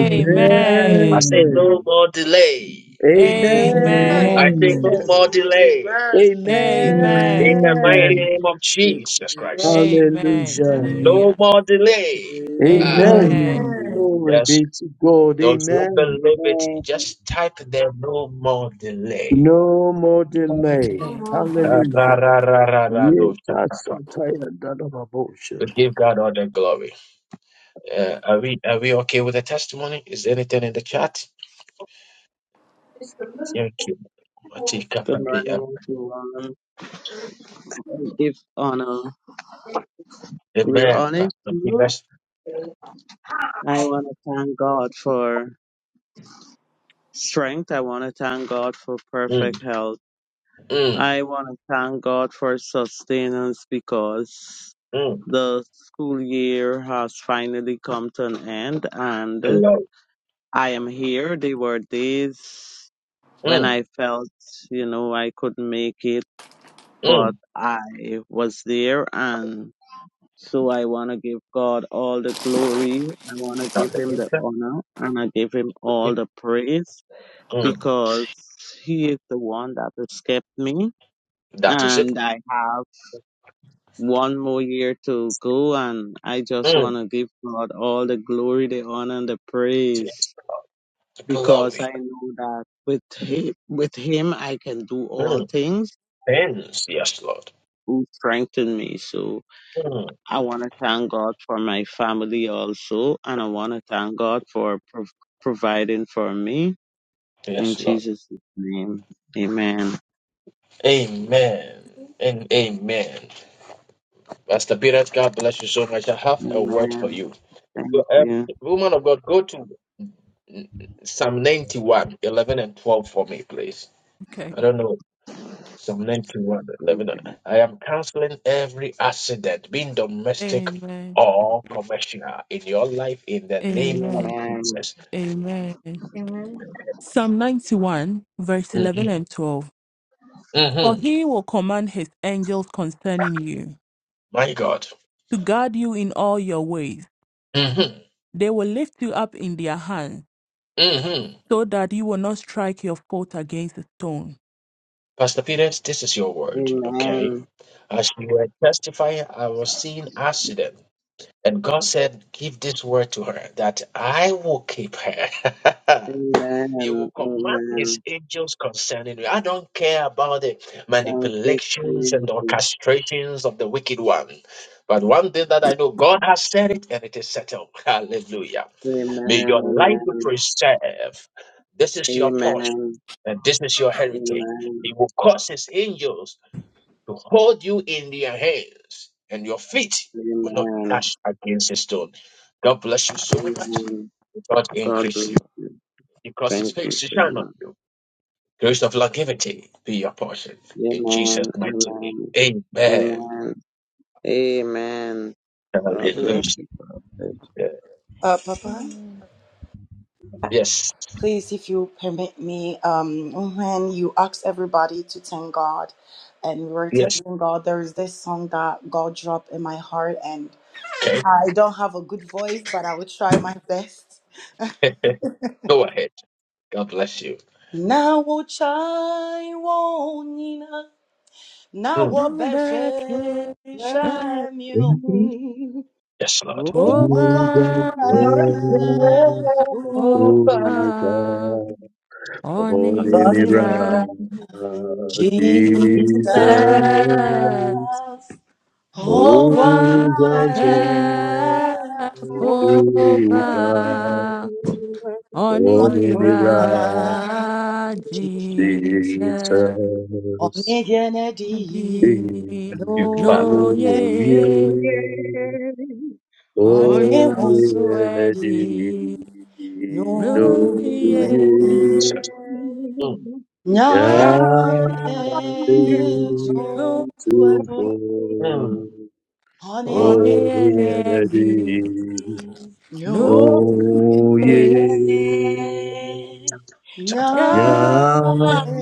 S1: I say no more delay.
S7: Amen.
S1: I
S13: Amen.
S1: say
S12: Amen.
S1: no
S6: Amen.
S1: more delay.
S5: Amen.
S1: In
S13: Amen.
S1: the mighty
S12: Amen.
S6: Amen.
S1: name of Jesus Christ.
S13: Amen.
S6: Hallelujah.
S12: Amen.
S1: No
S13: Hallelujah.
S1: more delay. Ah,
S5: Amen.
S6: Amen.
S13: Amen.
S12: Amen.
S6: Glory
S1: yes.
S6: be to God.
S1: Those who
S6: Amen.
S1: believe it, just type there no more delay.
S6: No more delay.
S7: Amen.
S1: Ah, ra,
S6: Hallelujah.
S1: ra, ra, ra, ra,
S6: Yes,
S1: do, sha,
S6: I
S1: pa, pa.
S6: satire that of
S1: We
S6: abortion.
S1: give God all the glory. Uh, are we are we okay with the testimony? Is there anything in the chat? Thank you.
S15: Give honor. We're
S1: Amen.
S15: on it.
S1: Pastor
S15: now.
S1: Pires.
S15: I want to thank God for strength. I want to thank God for perfect health.
S1: Mm,
S15: I want to thank God for sustenance because
S1: mm,
S15: the school year has finally come to an end. and.
S1: glory.
S15: I am here. There were days when
S1: Mm,
S15: I felt, you know, I couldn't make it, but
S1: mm.
S15: I was there. And so I want to give God all the glory. I want to give him the
S1: Hallelujah.
S15: honor and I give him all the praise
S1: Mm,
S15: because he is the one that has kept me.
S1: that is it.
S15: And I have one more year to go. And I just
S1: Mm,
S15: want to give God all the glory, the honor, and the
S1: yes,
S15: praise.
S1: Lord.
S15: because
S1: Glory.
S15: I know that with him, with him I can do all
S1: Mm,
S15: things
S1: ends. Yes, Lord.
S15: who strengthen me. So
S1: Mm,
S15: I want to thank God for my family also, and I want to thank God for prov- providing for me in
S1: yes, Lord.
S15: Jesus' name. Amen.
S1: Amen. And amen. Pastor Peter, God bless you so much. I have a word for
S15: Amen.
S1: you.
S15: Thank
S1: Go- Um,
S15: you.
S1: woman of God, go to mm, Psalm 91, 11 and 12 for me, please.
S13: Okay.
S1: I don't know Psalm 91, 11.
S15: Okay.
S1: I am canceling every accident, being domestic
S13: Amen.
S1: or commercial, in your life in the name of
S13: Amen.
S15: Amen.
S1: Jesus.
S13: Amen.
S4: Amen.
S13: Psalm 91, verse
S1: hmm
S13: 11 and 12. For
S1: hmm
S13: he will command his angels concerning you,
S1: My God.
S13: to guard you in all your ways.
S1: hmm
S13: They will lift you up in their hands,
S1: hmm
S13: so that you will not strike your foot against a stone.
S1: Pastor Peters, this is your word, okay?
S15: Amen.
S1: As you were testifying, I was seeing accident. And God said, Give this word to her that I will keep her. [laughs] He will
S15: Amen.
S1: command his
S15: Amen.
S1: angels concerning you. I don't care about the
S15: Thank you,
S1: manipulations and
S15: Jesus.
S1: orchestrations of the wicked one. But one thing that I know, God has said it and it is settled. [laughs] Hallelujah. May
S15: Amen.
S1: your life be
S15: Amen.
S1: preserved. This is your portion
S15: Amen.
S1: and this is your heritage.
S15: Amen.
S1: He will cause his angels to hold you in their hands and your feet will not
S15: Amen.
S1: dash against a stone. God bless you so much.
S15: Amen.
S1: God
S15: God
S1: increase
S15: bless
S1: you.
S15: you.
S1: Because his
S15: Thank you
S1: face to
S15: so
S1: shine on
S15: much.
S1: you. Grace of longevity be your portion in Jesus'
S15: Amen.
S1: mighty
S15: Amen.
S1: name. Amen.
S15: Amen. Amen. God
S1: Hallelujah.
S15: bless you, Prophet.
S1: Yeah.
S2: Uh, Papa,
S16: Amen.
S1: Yes.
S2: please, if you permit me, um, when you ask everybody to thank God, and we were
S1: Yes.
S2: thanking God, there is this song that God dropped in my heart, and
S1: Okay.
S2: I don't have a good voice, but I will try my best. [laughs]
S1: [laughs] Go ahead. God bless you.
S2: Nawo chai wo nina, nawo
S1: Mm.
S2: beshe shamyo
S6: Amen.
S1: Yes, Lord.
S2: ogwawe
S6: Amen. Holy Mirror,
S2: Jesus
S6: Jesus, who
S2: ogwawe
S6: was
S13: [laughs]
S6: Holy
S13: Onimira
S2: onira
S6: Mirror,
S8: Thank
S2: ji
S8: you.
S13: jinsembi
S6: Jesus,
S2: onigene di
S6: in
S1: Thank
S2: no
S1: you, Father
S2: ye
S13: noye
S6: you, Holy
S2: onewonso di
S6: Energy,
S13: onewasuedi
S2: no
S6: know
S13: nuye
S2: ye
S6: you.
S1: Jesus. Mm.
S13: nako
S2: Nyame
S6: Yahweh
S2: somfwe
S6: to
S1: Mm.
S6: fall,
S2: hone
S8: Thank
S6: all the
S13: oneemedi
S6: energy,
S2: no
S13: nuye
S6: no ye.
S1: Shabbat.
S13: nako
S2: Nyame
S6: Yahweh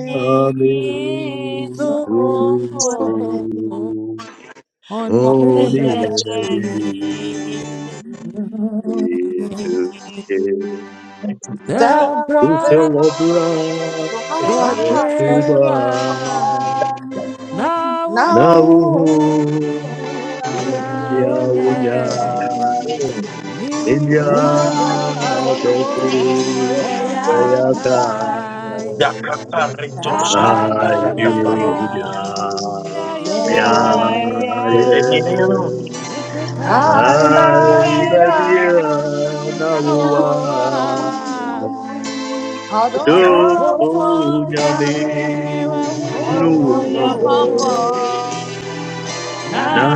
S6: to
S2: somfwe
S4: Amen.
S6: fall,
S2: hone
S6: all the
S4: Yeah,
S1: Yes.
S2: yanadi
S13: oneemedi
S6: energy, ye.
S1: Thank you, Father.
S6: Who
S2: Sawa
S13: sabra
S6: shall
S2: bera proche
S6: oblige
S13: whatever
S6: the
S13: now.
S6: Nauhu
S2: Now Nyame
S6: ya
S13: Nyawonye,
S6: unya
S1: Mm.
S6: inya
S2: Nyame
S13: Minadofo,
S2: fo
S6: dofu
S2: ayata
S6: bayaka
S13: Eyakai,
S1: Yakaparito shakiparatapa.
S13: Kabionya,
S6: kaidunya ya
S13: Yayo,
S2: Adonai,
S6: ye
S4: yeah.
S1: Ereminero.
S4: I
S13: Mifekai,
S6: kai badia
S13: Babia,
S6: nauwa
S13: Naoa,
S4: love you. Oh,
S6: dofu
S8: Thank
S13: Adolfo,
S4: Oh,
S6: nyame
S4: yummy.
S13: Nyamewa,
S2: Oh, my
S6: hunu
S4: Oh, yeah,
S2: bro.
S6: mopo
S13: Humobo,
S4: papa.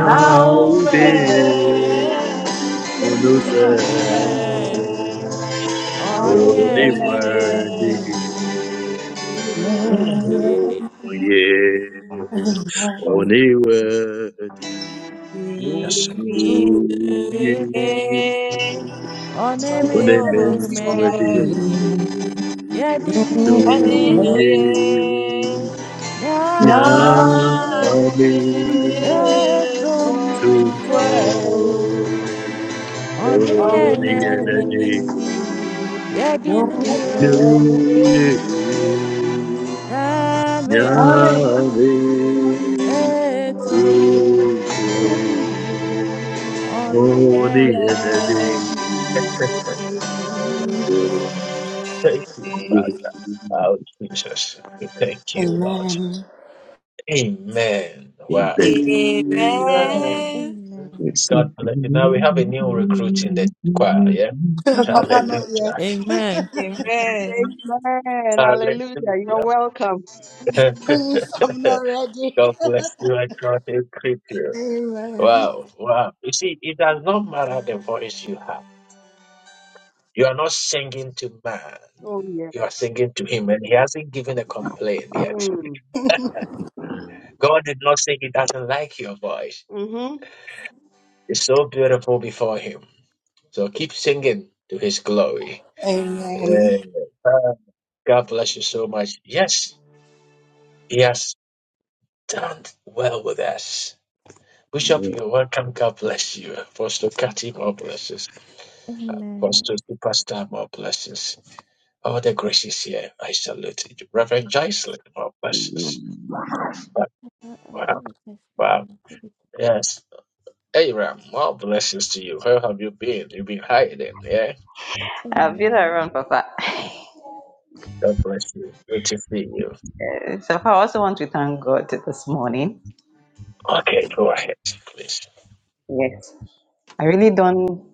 S2: Now
S4: Oh,
S2: that
S4: baby.
S6: Unuse
S4: Oh,
S13: Bunuse,
S4: yeah.
S2: on it
S6: Only worthy
S13: Onyene,
S2: again.
S1: Mm.
S6: Oh
S13: Mm-hmm. Amen.
S6: yeah
S8: you.
S6: Only worthy
S1: Yes,
S8: Amen.
S6: Only
S4: Oh,
S6: men's worthy No yeah
S2: No,
S4: Hallelujah.
S2: Name
S6: Nyame
S4: Lying
S2: son
S4: so
S2: fue
S4: far.
S6: Tumfo Oh, the
S2: onine
S6: energy. New year. Yahweh. Supreme. Oh, the energy. Oh,
S1: thank you,
S6: the energy.
S1: Father. Oh, Jesus, we thank you, Lord.
S2: Amen.
S1: Amen. Wow.
S6: Amen.
S4: Amen.
S16: Amen.
S6: Yes.
S1: God bless you. Now we have a new recruit in the choir, yeah?
S2: [laughs] Papa, not yet.
S1: Hallelujah.
S13: Amen.
S2: [laughs]
S4: Amen.
S8: Hallelujah. You're
S1: Hallelujah.
S8: welcome.
S1: [laughs]
S16: Amen.
S2: Please, I'm not ready.
S1: God bless you and God increase
S2: [laughs]
S1: you.
S2: Amen.
S1: Wow, wow. You see, it does not matter the voice you have. You are not singing to man.
S8: Oh, yes.
S1: You are singing to him, and he hasn't given a complaint yet.
S8: Mm.
S1: God did not say he doesn't like your voice.
S8: Mm-hmm.
S1: is so beautiful before Him. So keep singing to His glory.
S2: Amen.
S1: Yeah. Uh, God bless you so much. Yes, He has done well with us. Bishop, you're welcome. God bless you. Apostle Kati, more blessings.
S16: Amen.
S1: Apostle Superstar, more blessings. All the graces here, I salute you. Reverend Jocelyn, more blessings.
S15: Amen.
S1: Wow,
S16: I I have
S1: wow.
S16: a
S1: wow.
S16: testimony to give.
S1: Yes. Aram, more blessings to you. Where have you been? You've been hiding, yeah?
S11: I'll be
S16: Amen.
S11: around, Papa. [laughs]
S1: God bless you. Good to see you.
S11: Uh, so I also want to thank God this morning.
S1: Okay, go ahead, please.
S11: Yes. I really don't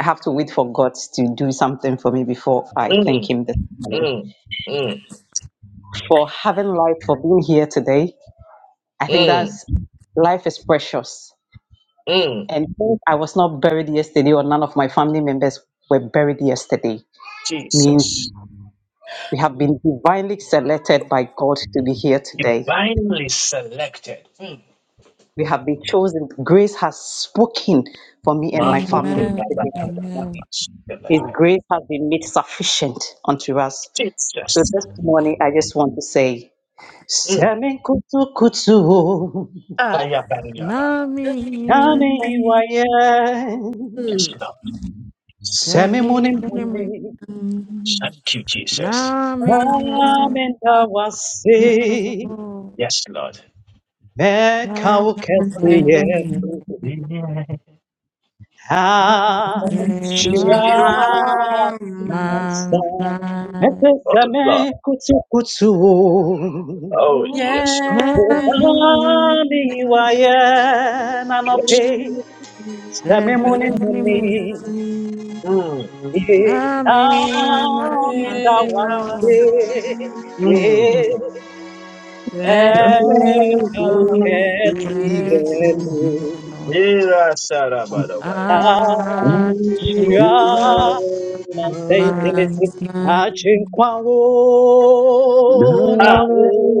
S11: have to wait for God to do something for me before I thank
S1: Mm,
S11: Him this morning.
S1: mm, mm,
S11: For having life, for being here today, I think
S1: mm,
S11: that's life is precious.
S1: mm.
S11: And since I was not buried yesterday, or none of my family members were buried yesterday, means
S1: Jesus,
S11: we have been divinely selected by God to be here today.
S1: divinely selected. Mm.
S11: We have been chosen. Grace has spoken for me and my
S1: Marco
S11: family
S1: Pelabada.
S11: today.
S13: Amen.
S11: His grace has been made sufficient unto us. So
S1: Jesus.
S11: this morning, I just want to say,
S1: Mm.
S11: Semi kutu kutu,
S4: Ah.
S1: Ayabariyaba.
S13: Nami
S11: nane iwaye,
S1: Yes,
S4: Mm.
S1: Lord.
S11: semi muni
S13: Man's
S11: muni,
S4: Mm.
S1: Thank you, Jesus.
S11: mwamenda wasi,
S1: Yes, Lord.
S11: meka ukesiye,
S1: Oh,
S11: ha, shira,
S4: Shiram.
S11: ansa,
S13: night,
S11: mese
S1: Lord.
S11: semi kutu kutu,
S1: Oh, yes, Lord.
S4: Yeah.
S11: nane iwaye,
S1: Yes,
S11: nanope, semi muni
S4: Every
S11: muni,
S4: morning,
S1: Lord.
S11: Yeah,
S4: I
S11: down in the water,
S4: was saying,
S1: Mm, mm.
S11: yeah,
S8: Yes,
S4: there is
S11: how can't see hello.
S1: Mira
S6: Amen.
S1: Sarabadobaya.
S8: oh,
S11: Ashia, man saint Timothy, Achin kwao na
S1: Ah.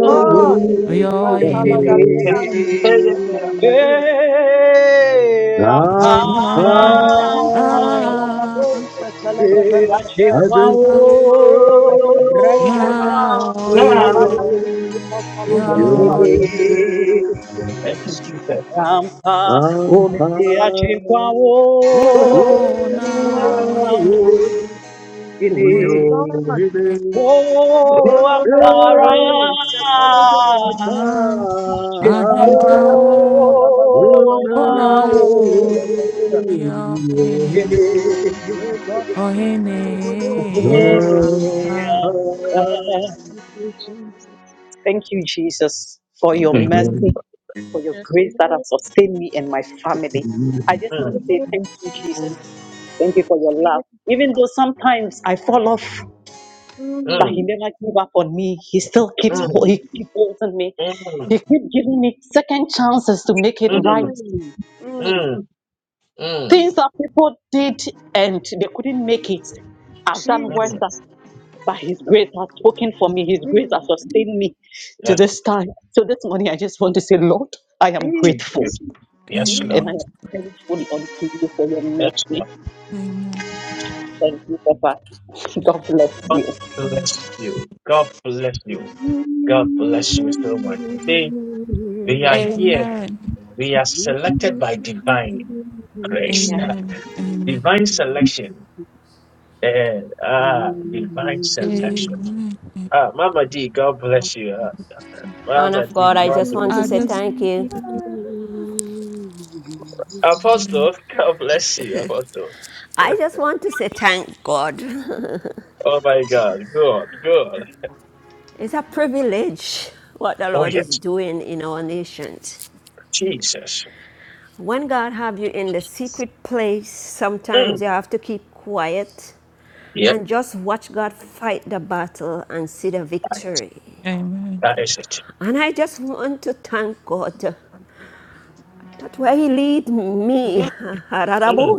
S1: Thank you,
S8: Lika
S11: yopimi,
S8: Salagabindani, Lika Salagabin,
S11: eh, ampa,
S8: Lika Salagabo, Salagababa,
S11: Achekwa
S13: Now
S8: Rende
S11: ona mo
S13: yeah,
S8: Salagababa, Lika Salagabula,
S11: uyohede
S13: yeah,
S1: Jesus.
S8: Jesus,
S11: ampa omite achekwa
S13: oh
S11: ona
S8: Yes, Lord,
S13: now
S11: mo
S13: yeah,
S11: ine o ini
S8: yes,
S13: oh
S8: Lord.
S6: I'm
S11: o
S8: Lika
S6: Amen.
S11: ampara
S8: Salagabo, Salagababa,
S13: yeah, I
S11: achekwa
S13: can
S8: Where
S13: go.
S11: ona
S13: Oh
S11: mo
S13: now yeah,
S11: ine
S8: God
S13: oh
S8: speaks,
S13: hey,
S8: we will go.
S11: ine ampa
S8: Thank you, Jesus.
S11: Thank you, Jesus, for
S13: thank
S11: your
S1: Thank you.
S13: you.
S11: mercy, for your
S8: Yes,
S11: grace that has
S8: Lord.
S11: sustained me and my family. I
S8: Yes,
S11: just want to say
S8: Lord.
S11: thank you, Jesus. Thank you for
S8: Yes,
S11: your love.
S8: Lord.
S11: Even though sometimes I fall off, but He
S8: Mm,
S11: never gave up on me. He still keeps ho-
S8: mm,
S11: He keeps holding me. He keeps giving me second chances to make it
S8: mm,
S11: right.
S8: mm,
S1: Mm, mm, mm, mm, mm,
S8: mm.
S1: mm, mm,
S11: Things that people did and they couldn't make it, I've done worse.
S1: mm.
S11: than-
S8: Jesus.
S11: But His grace has spoken for me. His grace
S8: Mm,
S11: has sustained me to
S1: Yeah,
S11: this time. So this morning, I just want to say, Lord, I am
S1: thank
S11: grateful.
S1: you.
S8: Jesus.
S1: Yes,
S8: Jesus.
S11: And
S1: Lord.
S11: I
S13: Amen.
S11: am thankful unto you for your
S1: Yes, Lord.
S11: mercy.
S13: Amen.
S11: Thank you, Papa. [laughs] God bless
S1: God
S11: you.
S13: Amen.
S1: bless you. God bless you. God bless you so much. See, we are here
S13: Amen.
S1: We are selected by divine grace.
S11: Yeah.
S1: [laughs]
S13: Amen.
S1: Divine selection.
S8: Mm.
S1: Eh, ah, divine
S8: Lord,
S1: selection.
S13: Amen.
S1: Ah, Mama D, God bless you. Ah,
S13: Amen. [laughs]
S14: Man
S1: Mama
S14: of
S1: D,
S14: God, I
S1: God
S14: just
S1: bless
S14: want to
S13: I
S1: you.
S14: say
S13: just
S14: thank you.
S17: Amen.
S1: Apostle, God bless you, Apostle. Eh, [laughs]
S14: I just want to say thank God. [laughs]
S1: Oh my God, good, good.
S14: It's a privilege what the
S1: Oh
S14: Lord is
S1: yes,
S14: doing in our nations.
S1: Jesus.
S14: When God have you in the secret place, sometimes
S1: Mm.
S14: you have to keep quiet
S1: Yeah,
S14: and just watch God fight the battle and see the
S1: that is it.
S14: victory.
S13: amen.
S1: that is it.
S14: And I just want to thank God that where He lead me,
S1: Mm.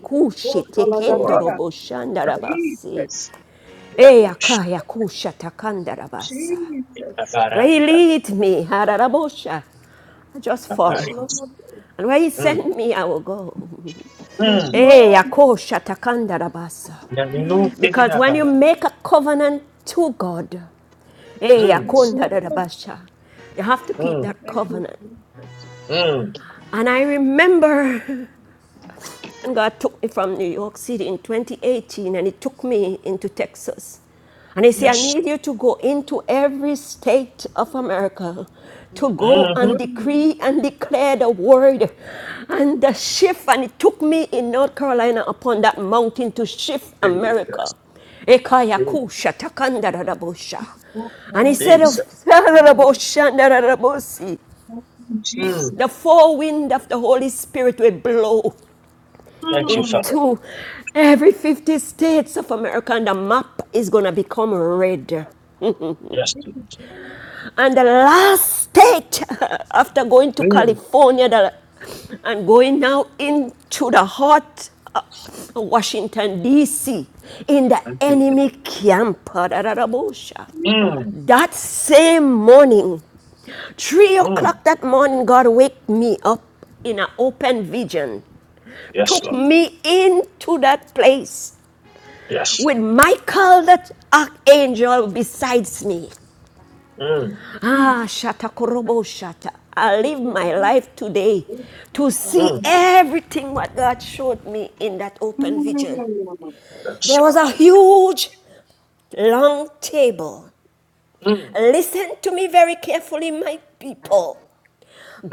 S8: we call
S1: Mm.
S8: Hallelujah. Jesus,
S14: Hey, akaya kusha takandarabasa.
S8: Jesus,
S14: Where he lead me, I just
S8: yes,
S14: follow.
S8: Lord,
S14: And where he send me, I will go.
S8: yes,
S14: Eh,
S8: Lord,
S14: Akosha Takandarabasa.
S1: Mm.
S8: Jesus,
S1: Mm.
S14: Because when you make a covenant to God, eh,
S1: Mm.
S8: yes, Lord,
S14: Akondarabasha, you have to keep
S1: Mm.
S14: that
S8: thank you,
S14: covenant.
S8: Jesus,
S1: Mm,
S14: And I remember And God took me from New York City in 2018 and He took me into Texas. And He said, I
S1: yes.
S14: need you to go into every state of America to go
S1: Mm-hmm.
S14: and
S8: Holy
S14: decree and declare the word and the shift. And it took me in North Carolina upon that mountain to shift
S1: Yes.
S14: America.
S1: Mm,
S14: Ekayakusha takandarabusha.
S8: Ghost,
S14: And he
S8: Hallelujah.
S14: said, of
S1: Jesus.
S8: Hallelujah.
S14: darabosha, darabosi,
S8: Thank you, Jesus,
S1: Mm,
S14: The four wind of the Holy Spirit will blow
S1: thank you,
S8: Mm.
S1: Father.
S14: into every 50 states of America, and the map is going to become red.
S1: Yes,
S8: thank you,
S1: Jesus.
S14: And the last state, [laughs] after going to
S1: Mm,
S14: California the, and going now into the heart of Washington, D.C., in the
S1: thank you,
S14: enemy
S1: Father.
S14: camp, da da da
S8: Jesus,
S1: Mm,
S14: that same morning, Three
S1: mm,
S14: o'clock that morning, God waked me up in an open vision,
S1: yes,
S14: took
S1: Lord.
S8: Jesus,
S14: me into that place
S1: Yes.
S14: with Michael that archangel besides me.
S1: Mm,
S14: Ah,
S8: thank
S14: Shata Korobo Shata. I live
S8: you,
S14: my life today
S8: Jesus,
S14: to see
S1: mm,
S8: Hallelujah.
S14: everything what God showed me in that open vision.
S1: yes,
S14: There was
S1: Lord.
S14: a huge, long table.
S1: Mm,
S14: Listen to me very carefully, my people.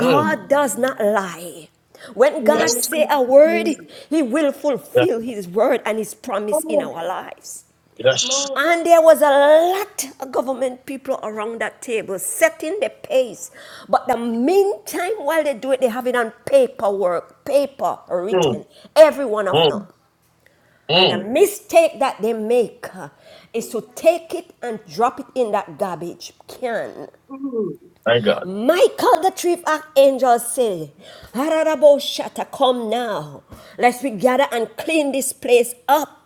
S1: mm,
S14: does not lie. When God
S1: yes.
S8: No, no,
S14: say a
S8: no,
S14: word,
S8: no.
S14: he will
S1: Yes.
S14: fulfill his word and his promise in
S8: Oh,
S14: our lives.
S8: it's
S1: Yes.
S8: Lord.
S14: And there was a lot of government people around that table setting the pace. But the meantime, while they do it, they have it on paperwork, paper
S1: Mm,
S14: written, every one of them.
S1: mm,
S14: And the
S1: mm.
S14: mistake that they make uh, is to take it and drop it in that garbage can.
S8: Mm,
S1: My God.
S14: Michael the chief archangel said, Hararabo Shatta, come now. Let's we gather and clean this place up.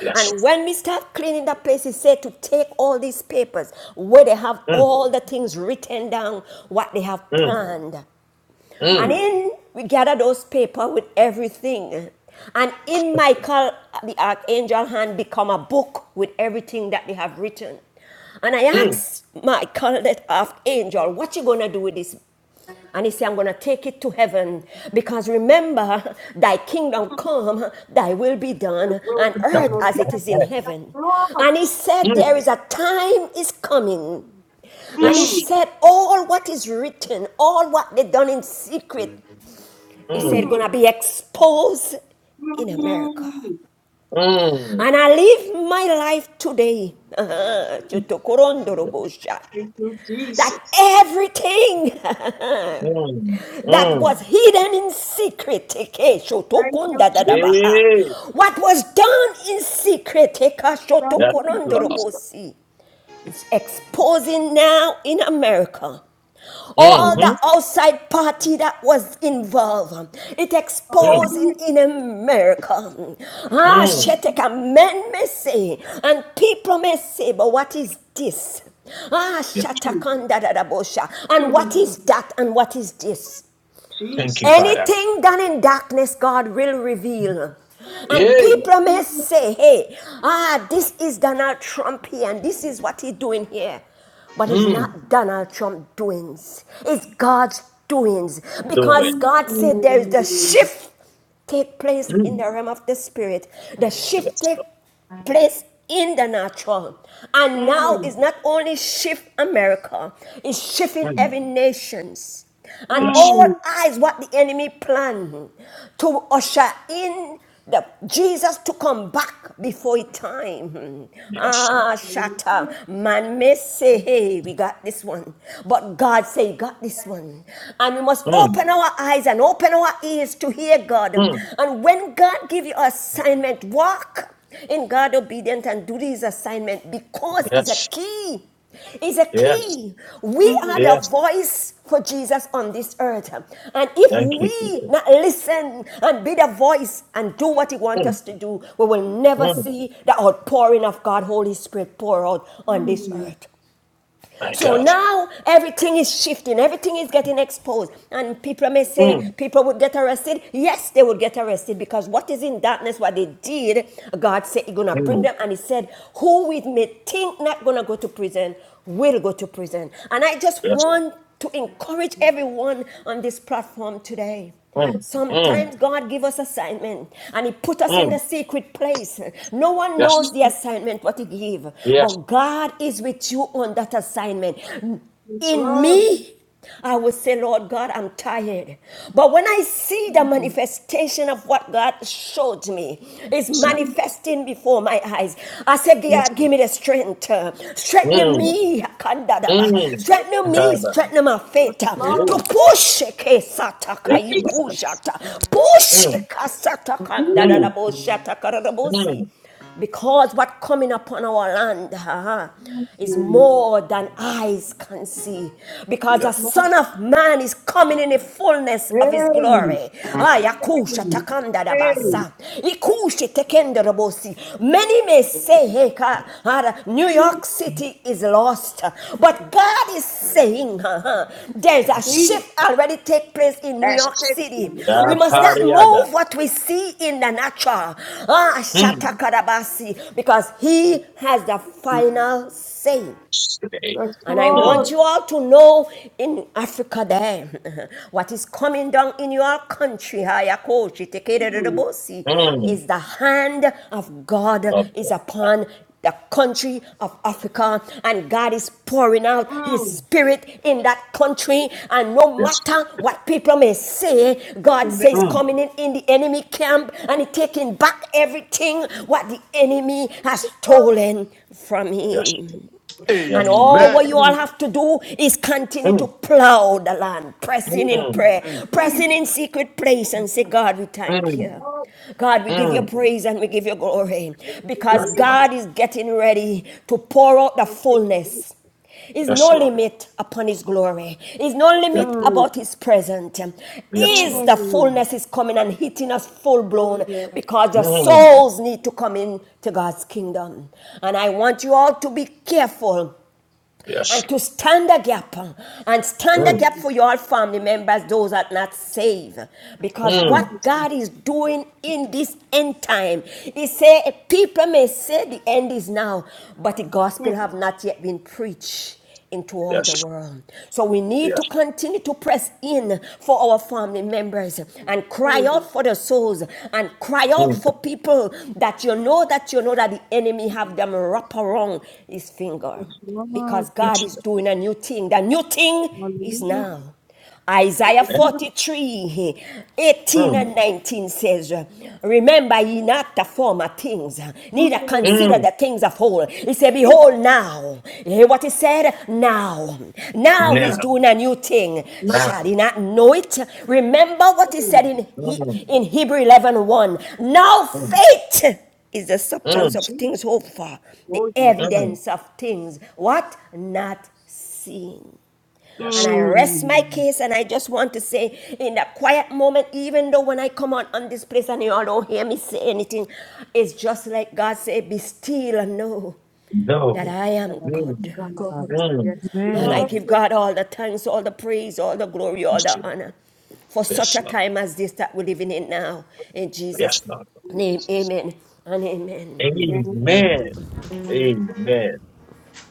S1: Yes.
S14: And when we start cleaning that place, he said to take all these papers where they have
S1: Mm,
S14: all the things written down, what they have
S1: mm,
S14: planned.
S8: mm,
S14: And
S1: mm,
S14: in we gather those paper with everything. And in Michael, the archangel hand become a book with everything that they have written. And I
S1: mm.
S14: asked Michael, that archangel, what you gonna do with this and he said, I'm going to take it to heaven because remember, thy kingdom
S8: mm,
S14: come, thy will be
S8: I
S14: done
S8: will
S14: on
S1: Yeah,
S8: run
S14: earth
S8: on
S14: as
S1: yeah,
S14: it
S8: earth.
S14: is in
S1: yeah.
S8: Yes,
S14: heaven.
S8: Lord.
S14: And he said,
S1: Mm,
S14: There is a time is coming. And he
S8: Mm,
S1: Yes.
S14: said, All what is written, all what they done in secret, he said,
S1: Mm,
S8: mm,
S14: going to be exposed in America.
S8: mm.
S1: mm,
S14: And I live my life today [laughs] uh-huh, to- to Korondorobosha,
S8: Thank you,
S14: that
S8: Jesus.
S14: everything
S1: mm,
S14: that
S8: Thank
S14: was
S1: mm.
S14: hidden in secret.
S8: thank you, Jesus.
S1: Yay.
S14: What was done in secret
S8: Thank
S1: Yes,
S8: you,
S1: Lord.
S8: Jesus.
S14: is exposing now in America. All
S8: Hallelujah.
S14: the
S1: Mm-hmm.
S14: outside party that was involved, it
S1: Mm,
S14: exposed in,
S8: Hallelujah.
S14: in America. Ah,
S1: mm.
S8: Hallelujah.
S14: Sheteka, men may say, and people may say, but what is this? Ah,
S1: Yes.
S8: Mm.
S14: Shatakanda da da bosha. And
S8: [laughs]
S14: what is that? And what is this?
S1: Thank you,
S8: Jesus.
S1: Father.
S14: Anything done in darkness, God will reveal. And
S8: Yes,
S1: Yay.
S14: people
S8: Lord.
S14: may say, hey, ah, this is Donald Trump here, and this is what he's doing here. But it's
S1: Mm.
S14: not Donald Trump doings, it's God's doings.
S1: The
S14: Because
S1: wind.
S8: Mm,
S14: God said there is the
S8: mm,
S14: shift take place in
S1: Mm.
S14: the realm of the spirit. The shift
S1: Yes,
S14: take
S1: Lord.
S14: place in the natural. And now it's not only shift America, it's shifting
S1: Mm.
S14: every nations. And
S1: Yes.
S14: all
S8: mm.
S14: eyes what the enemy planned to usher in the Jesus to come back before his time.
S1: Yes, Lord.
S14: Ah, shatter.
S8: Hallelujah.
S14: Man may say, hey, we got this one. But God say, you got this one. And we must
S1: Mm.
S14: open our eyes and open our ears to hear God.
S1: Mm.
S14: And when God give you assignment, walk in God obedient and do his assignment because it's a
S1: Yes.
S14: key. It's a
S1: Yes.
S14: key. We are
S8: Mm,
S14: the
S1: Yes.
S14: voice for Jesus on this earth. And if
S1: Thank you,
S14: we
S1: Jesus.
S14: not listen and be the voice and do what he wants
S1: Mm.
S14: us to do, we will never
S1: Mm.
S14: see the outpouring of God, Holy Spirit, pour out on this
S8: mm,
S14: earth.
S1: My
S14: So
S1: God.
S14: now everything is shifting, everything is getting exposed. And people may say
S1: Mm.
S14: people would get arrested. Yes, they would get arrested because what is in darkness, what they did, God said He's gonna bring
S1: Mm.
S14: them. And He said, Who we may think not gonna go to prison will go to prison. And I just
S1: Yes.
S14: want to encourage everyone on this platform today.
S1: Mm. Mm.
S14: Sometimes God give us assignment and He put us in the
S1: Mm.
S14: secret place. No one
S1: Yes.
S14: knows the
S8: mm.
S14: assignment what He give,
S1: Yes.
S14: but God is with you on that assignment.
S8: Yes,
S14: In
S8: Lord.
S14: me, I will say, Lord God, I'm tired. But when I see the
S8: Mm.
S14: manifestation of what God showed me is
S1: Yes.
S8: Jesus.
S14: manifesting before my eyes, I say,
S1: Yes.
S14: God, give me the strength. Uh,
S8: Yes,
S14: strengthening
S1: Mm.
S8: Lord.
S14: me, Kandadaba,
S1: Mm.
S14: strengthening me,
S1: Father.
S14: strengthening my
S8: Yes,
S14: faith uh, to
S8: Lord.
S1: Yay.
S14: push it, Kesata
S1: Yes, Lord.
S8: Jesus.
S14: Kayukushata, push
S1: Mm.
S14: it, Kasata
S8: Jesus.
S1: Mm.
S14: Kandadabo Shata Karadabosi
S1: Mm.
S14: because what coming upon our land, is
S8: Yes,
S14: more than eyes can see because
S1: Yes.
S14: the
S8: Lord.
S14: Son of Man is coming in the fullness of his
S8: Hey.
S14: glory. Ayakusha
S8: Hey.
S14: takanda da
S1: Mm.
S8: Hey.
S14: basa. Ikushe tekenda da bosi. Many may say, hey, Ka- Ara, New York City is lost, but God is saying [laughs] uh-huh, there's a
S8: Jesus.
S14: shift already take place in New
S8: That's
S14: York
S8: it,
S14: City.
S8: Lord.
S1: Yeah,
S14: We
S8: Yes,
S14: must not
S8: Lord.
S1: Pariada.
S14: move what we see in the natural. Ah,
S1: Mm.
S14: shatakarabasi, because he has the final say.
S1: today.
S8: Yes,
S14: And I
S1: Mm,
S14: want
S8: Lord.
S14: you all to know in Africa there [laughs] what is coming down in your country, Hayakoshi,
S8: Mm.
S14: Tekererebosi,
S1: mm,
S14: is the hand of God
S1: love
S14: is
S1: that.
S14: upon the country of Africa, and God is pouring out His
S8: Mm.
S14: Spirit in that country. And no
S1: Yes.
S14: matter what people may say, God says,
S1: Lord. Mm,
S14: coming in in the enemy camp and he taking back everything what the enemy
S8: Yes,
S14: has
S8: Lord.
S14: stolen from
S1: yes,
S14: him.
S1: Lord. Yes,
S14: And
S1: Lord.
S14: all what you all have to do is continue to
S1: Mm,
S14: plow the land, pressing in
S1: mm,
S14: prayer,
S8: Yes,
S14: pressing in secret place, and say, God, we thank
S1: mm,
S14: you.
S8: Lord.
S14: God, we give you
S1: mm.
S14: praise and we give you glory
S8: Thank you,
S14: because
S1: Yes, Lord.
S8: Jesus.
S14: God is getting ready to pour out the
S8: Thank you, Jesus.
S14: fullness is
S1: Yes,
S14: no
S1: Lord.
S14: limit upon his glory is no
S1: Yes,
S14: limit
S1: Lord.
S8: Mm.
S14: about his presence.
S1: Yes,
S14: is
S1: Lord.
S14: the
S8: Mm.
S14: fullness is coming and hitting us full
S8: Oh,
S14: blown
S8: yeah.
S14: because the
S1: Mm,
S14: souls need to come in to god's kingdom and i want you all to be careful
S1: yes,
S14: and to
S1: Lord.
S14: stand a gap uh, and stand a
S1: Mm,
S14: gap
S8: Mm.
S14: for your family members, those that are not saved. Because
S1: mm,
S14: what
S8: Mm.
S14: God is doing in this end time, He say people may say the end is now, but the
S8: Mm.
S14: gospel have not yet been preached into all the
S1: yes,
S14: world. So we need to
S1: yes,
S14: continue to press in for our family members and cry
S8: Mm.
S14: out for the souls and cry out
S1: mm,
S14: for people that you know that you know that the enemy have them wrap around his
S8: Yes,
S14: finger
S8: Lord.
S14: because God
S1: yes,
S14: is
S1: Lord.
S14: doing a new thing. The new thing is
S8: Hallelujah.
S14: now. Isaiah
S1: Eh?
S8: Hallelujah.
S14: 43 eighteen
S1: Mm,
S14: and 19 says, Remember ye not the former things, neither
S8: Mm.
S14: consider
S1: mm.
S14: the things of old. He said, Behold now. You hear what he said? Now. Now
S8: Mm.
S1: Now,
S14: he's doing a new thing.
S1: now.
S14: Shall he not know it? Remember what he said
S8: Mm,
S14: in,
S1: Mm,
S14: in Hebrew eleven one. Now
S1: mm,
S14: faith is the substance
S1: mm,
S14: of things
S8: Jesus.
S14: hoped for, the
S8: Oh, yes.
S1: mm.
S14: evidence of things what not seen. And
S1: Yes,
S14: I
S1: Lord.
S14: rest my
S8: Mm.
S14: case, and I just want to say in that quiet moment, even though when I come out on this place and you all don't hear me say anything, it's just like God said, Be still and know that
S1: No.
S14: I
S8: the
S14: am
S8: Lamb
S14: God.
S1: Mm,
S8: God.
S1: mm,
S8: Yes,
S14: And
S4: Amen.
S14: I
S8: Lord
S1: mm.
S14: give God all the thanks, all the praise, all the glory, all
S1: Yes,
S14: the
S1: Lord.
S14: honor for such
S1: Yes,
S14: a
S1: Lord.
S14: time as this that we're living in now. In Jesus'
S1: Yes, Lord.
S14: name,
S8: Jesus.
S14: amen and amen.
S18: Amen.
S8: Thank you.
S1: Amen. Amen.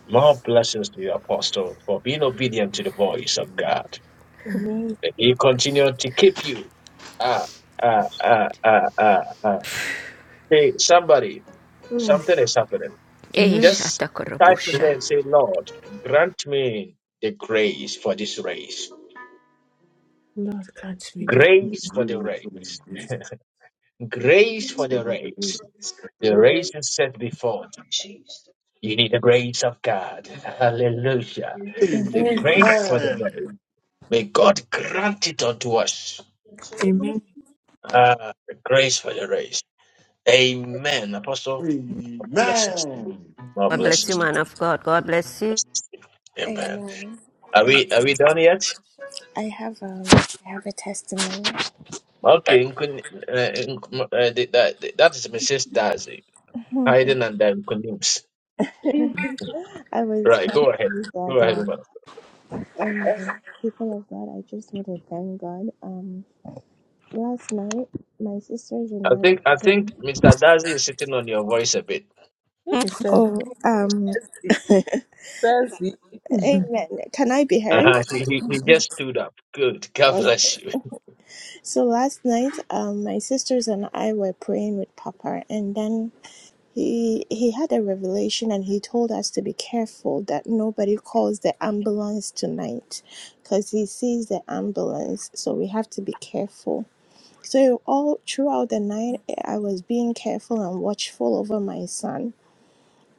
S1: More blessings to you, Apostle, for being obedient to the voice of God.
S4: Amen.
S1: That He continue to keep you. Ah, ah, ah, ah, ah, ah. Hey, somebody,
S4: Mm,
S1: something is happening.
S4: Amen.
S1: Just type in there
S14: Éjsátakarobussa.
S1: and say, Lord, grant me the grace for this race.
S4: Lord, catch me.
S1: Grace for the race. Grace for
S8: Lord,
S1: the race.
S8: praise the
S1: The
S8: Lord
S1: race is set before thee.
S8: Jesus.
S1: You need the grace of God. Hallelujah.
S8: Yes,
S1: The grace for the race. May God grant it unto us.
S8: Lord,
S1: Ah, the grace for the race. Amen.
S8: praise
S1: Apostle, more blessings to you. More
S14: God bless you,
S1: blessings to
S14: man
S1: you.
S14: of God. God bless you.
S1: Blessings to you. Amen.
S17: Amen.
S1: Are
S17: And
S1: we are we done yet?
S17: I have um I have a testimony.
S1: Okay, Nkun- uh, Nk- uh, the- that, the- that is Mrs. Darcy.
S17: [laughs]
S1: Hayden and then Kunims.
S8: the Lord.
S17: I was
S1: Right,
S17: trying to
S1: go ahead.
S17: use the
S1: Go
S17: other
S1: ahead,
S17: one.
S1: woman.
S17: Amen. People of God, I just want to thank God. Um last night my sisters and
S1: I
S17: I were
S1: think I think
S17: praying.
S1: Mr. Darcy is sitting on your voice a bit.
S4: It is thirsty.
S17: Oh um [laughs]
S4: Thirsty.
S17: Amen. Can I be heard?
S1: Uh-huh. So he, he just stood up. Good. God
S17: Oh,
S1: bless you.
S17: So last night um my sisters and I were praying with Papa and then He he had a revelation and he told us to be careful that nobody calls the ambulance tonight because he sees the ambulance. So we have to be careful. So all throughout the night I was being careful and watchful over my son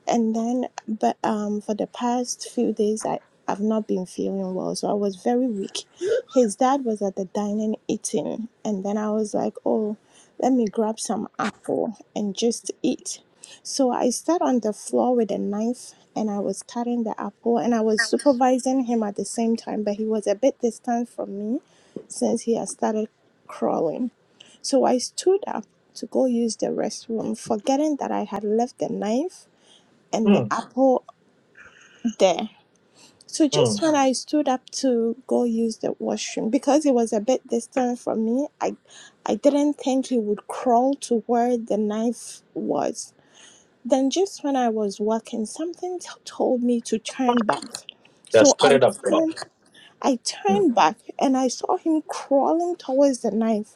S17: and then, but um, for the past few days, I I've not been feeling well, so I was very weak. His dad was at the dining eating, and then I was like, oh, let me grab some apple and just eat. So I sat on the floor with a knife and I was cutting the apple and I was supervising him at the same time, but he was a bit distant from me since he had started crawling. So I stood up to go use the restroom, forgetting that I had left the knife and the
S1: Mm,
S17: apple there. So just
S1: mm.
S17: when I stood up to go use the washroom, because it was a bit distant from me, I I didn't think he would crawl to where the knife was. Then just when I was walking, something t- told me to turn back.
S1: The
S17: So I
S1: Spirit of God.
S17: turned I
S1: Mm,
S17: turned back and I saw him crawling towards the knife.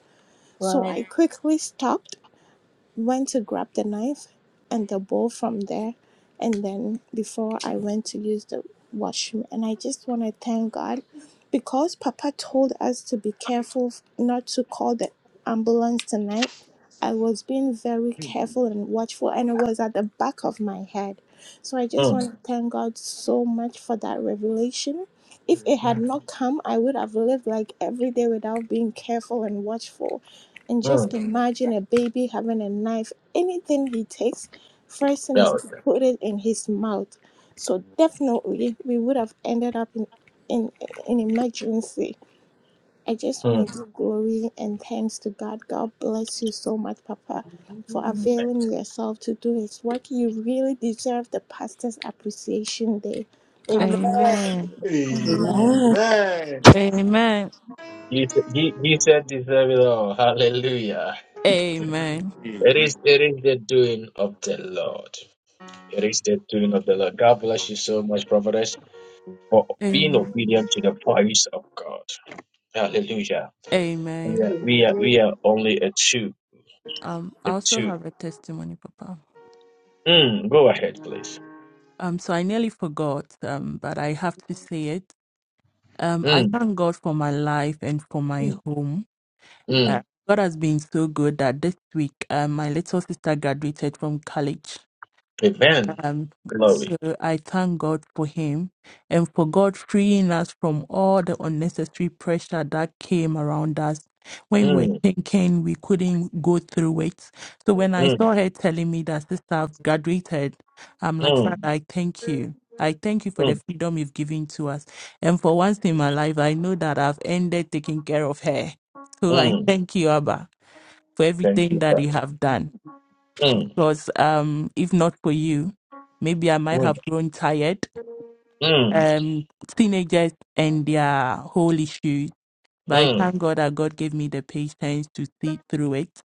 S17: So
S4: Wow.
S17: I quickly stopped went to grab the knife and the bowl from there and then before I went to use the washroom and I just want to thank God because papa told us to be careful not to call the ambulance tonight I was being very careful and watchful and it was at the back of my head so I just
S1: mm,
S17: want to thank God so much for that revelation if it had not come I would have lived like every day without being careful and watchful and just
S1: mm.
S17: imagine a baby having a knife. Anything he takes, first thing is
S1: Yeah.
S17: to put it in his mouth. So definitely, we would have ended up in in an emergency. I just want
S1: Mm.
S17: to give glory and thanks to God. God bless you so much, Papa, for
S8: Hallelujah.
S13: [laughs]
S17: availing yourself to do His work. You really deserve the pastor's appreciation day. God
S4: Amen.
S17: bless
S13: Amen.
S8: Amen.
S17: you, man.
S8: Amen.
S2: Amen.
S13: Amen.
S1: He, said- he, he said, deserve it all. Hallelujah.
S13: Amen.
S1: It is, it is the doing of the Lord. It is the doing of the Lord. God bless you so much, prophetess, for being
S13: Amen.
S1: obedient to the voice of God. Hallelujah. We
S8: [laughs]
S13: Amen.
S1: are, we are,
S8: Amen.
S1: we are only a two.
S13: Um, I
S1: A
S13: also
S1: two.
S13: have a testimony, Papa.
S1: Mm, go ahead, please.
S13: Um, so I nearly forgot, um, but I have to say it. Um, I
S1: Mm,
S13: thank God for my life and for my
S1: mm,
S13: home. Uh,
S1: mm.
S13: God has been so good that this week, um, my little sister graduated from college.
S1: Amen.
S13: Um,
S1: Glory.
S13: so I thank God for him and for God freeing us from all the unnecessary pressure that came around us when we were
S1: Mm,
S13: thinking we couldn't go through it. So when I
S1: mm,
S13: saw her telling me that sister I've graduated, I'm like,
S1: mm,
S13: Father, I thank you. I thank you for the
S1: mm,
S13: freedom you've given to us. And for once in my life, I know that I've ended taking care of her. So I
S1: mm.
S13: thank you, Abba, for
S1: Thank
S13: everything
S1: you,
S13: that
S1: Father.
S13: you have done.
S1: Mm,
S13: Because um, if not for you, maybe I might
S1: mm,
S13: have grown tired.
S1: mm,
S13: Um, teenagers and their whole issues. But I
S1: mm.
S13: thank God that God gave me the patience to see through it,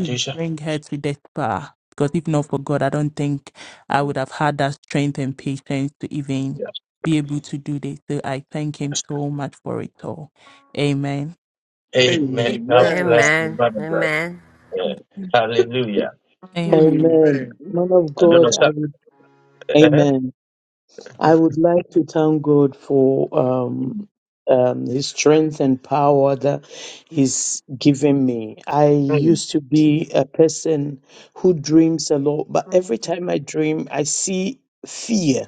S13: to bring her to this far. Because if not for God, I don't think I would have had that strength and patience to even be able to do this. So I thank Him
S1: Yes.
S13: so much for it all. Amen.
S1: Amen. God bless you, Mother Brother. Yeah.
S4: Amen.
S1: Hallelujah.
S13: Amen.
S6: Man of
S1: I don't know.
S6: God, I
S1: Stop.
S6: would,
S1: Uh-huh.
S6: amen. I would like to thank God for um,
S1: Mm,
S6: um, His strength and power that He's given me. I
S1: mm,
S6: used to be a person who dreams a lot, but every time I dream, I see fear.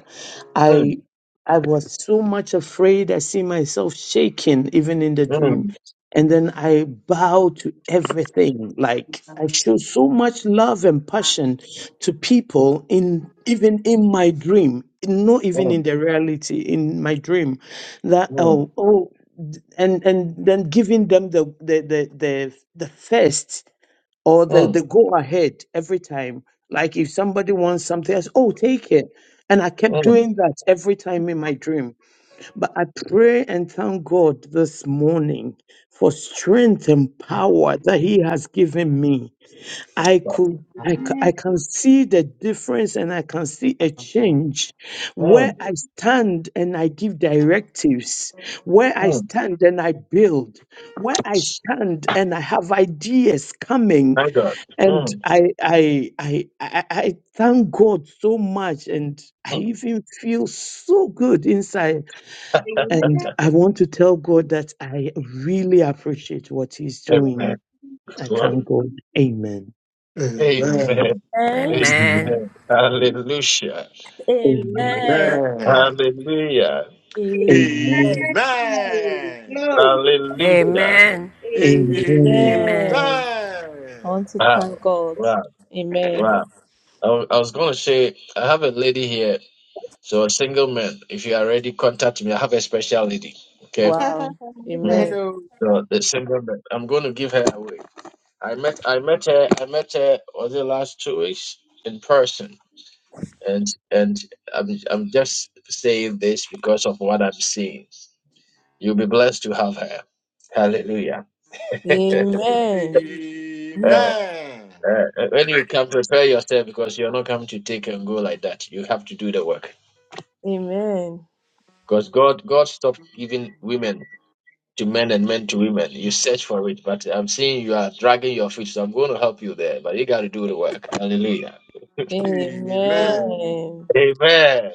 S1: mm,
S6: I I was so much afraid. I see myself shaking even in the
S1: mm,
S6: dream. And then I bow to everything. Like I show so much love and passion to people in even in my dream, not even in
S1: mm,
S6: the reality, in my dream, that
S1: mm,
S6: oh oh d- and and then giving them the the the the, the first or the,
S1: mm,
S6: the go ahead every time. Like if somebody wants something else, oh take it. And I kept
S1: mm.
S6: doing that every time in my dream but I pray and thank God this morning for strength and power that He has given me. I
S1: God.
S6: could. I, ca- I can see the difference and I can see a change where
S1: Mm,
S6: I stand and I give directives, where I
S1: mm.
S6: stand and I build, where I stand and I have ideas coming.
S1: My God.
S6: And
S1: Mm,
S6: I I I I, I thank God so much and I
S1: mm.
S6: even feel so good inside and I want to tell God that I really appreciate what He's
S1: Amen.
S6: doing. I thank
S1: Glory.
S6: God. Amen.
S1: Amen.
S14: Amen.
S1: Amen. Hallelujah.
S8: Amen.
S6: Amen.
S4: Amen.
S1: Hallelujah.
S4: Amen.
S6: Amen.
S8: Amen. Glory.
S1: Hallelujah.
S14: Amen.
S6: Amen.
S14: Amen.
S4: Amen. I want to
S1: Wow,
S4: thank God.
S1: wow,
S4: Amen.
S1: wow. I wa- I was going to say, I have a lady here. So, a single man, if you are ready, contact me. I have a special lady.
S8: Amen.
S1: Okay.
S4: Wow.
S8: [laughs]
S1: Mm.
S4: Amen.
S1: So, the single man, I'm going to give her away. I met, I met her, I met her, was the last two weeks in person? And, and I'm, I'm just saying this because of what I'm seeing. You'll be blessed to have her. Hallelujah.
S8: Amen. Oh.
S4: Amen.
S1: [laughs] Uh, when you can prepare yourself because you're not coming to take and go like that. You have to do the work
S4: Amen.
S1: because God, God stopped giving women to men and men to women. You search for it, but I'm seeing you are dragging your feet, so I'm going to help you there. But you got to do the work. Hallelujah.
S8: Amen.
S4: Amen.
S1: Amen.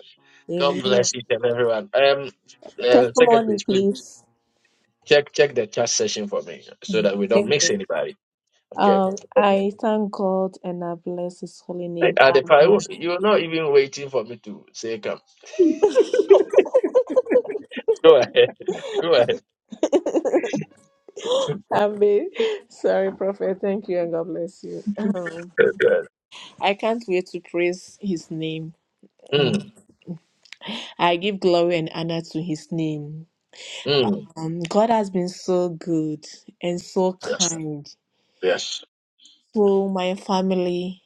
S1: God
S4: Amen.
S1: bless each and everyone. Um, uh,
S4: Testimony,
S1: secretaries, please
S4: please.
S1: check check the chat session for me so that we don't miss
S4: Amen.
S1: anybody. Okay.
S4: Um, I thank God and I bless His holy name.
S1: At the prior,
S4: Amen.
S1: you're not even waiting for me to say come. Go ahead. [laughs] Go
S4: [laughs] Amen. Sorry, Prophet. Thank you and God bless you. Um,
S1: ahead.
S4: I can't wait to praise His name. Mm.
S1: Mm,
S4: I give glory and honor to His name.
S1: mm,
S4: Um, God has been so good and so
S1: yes,
S4: kind
S1: yes.
S4: to my family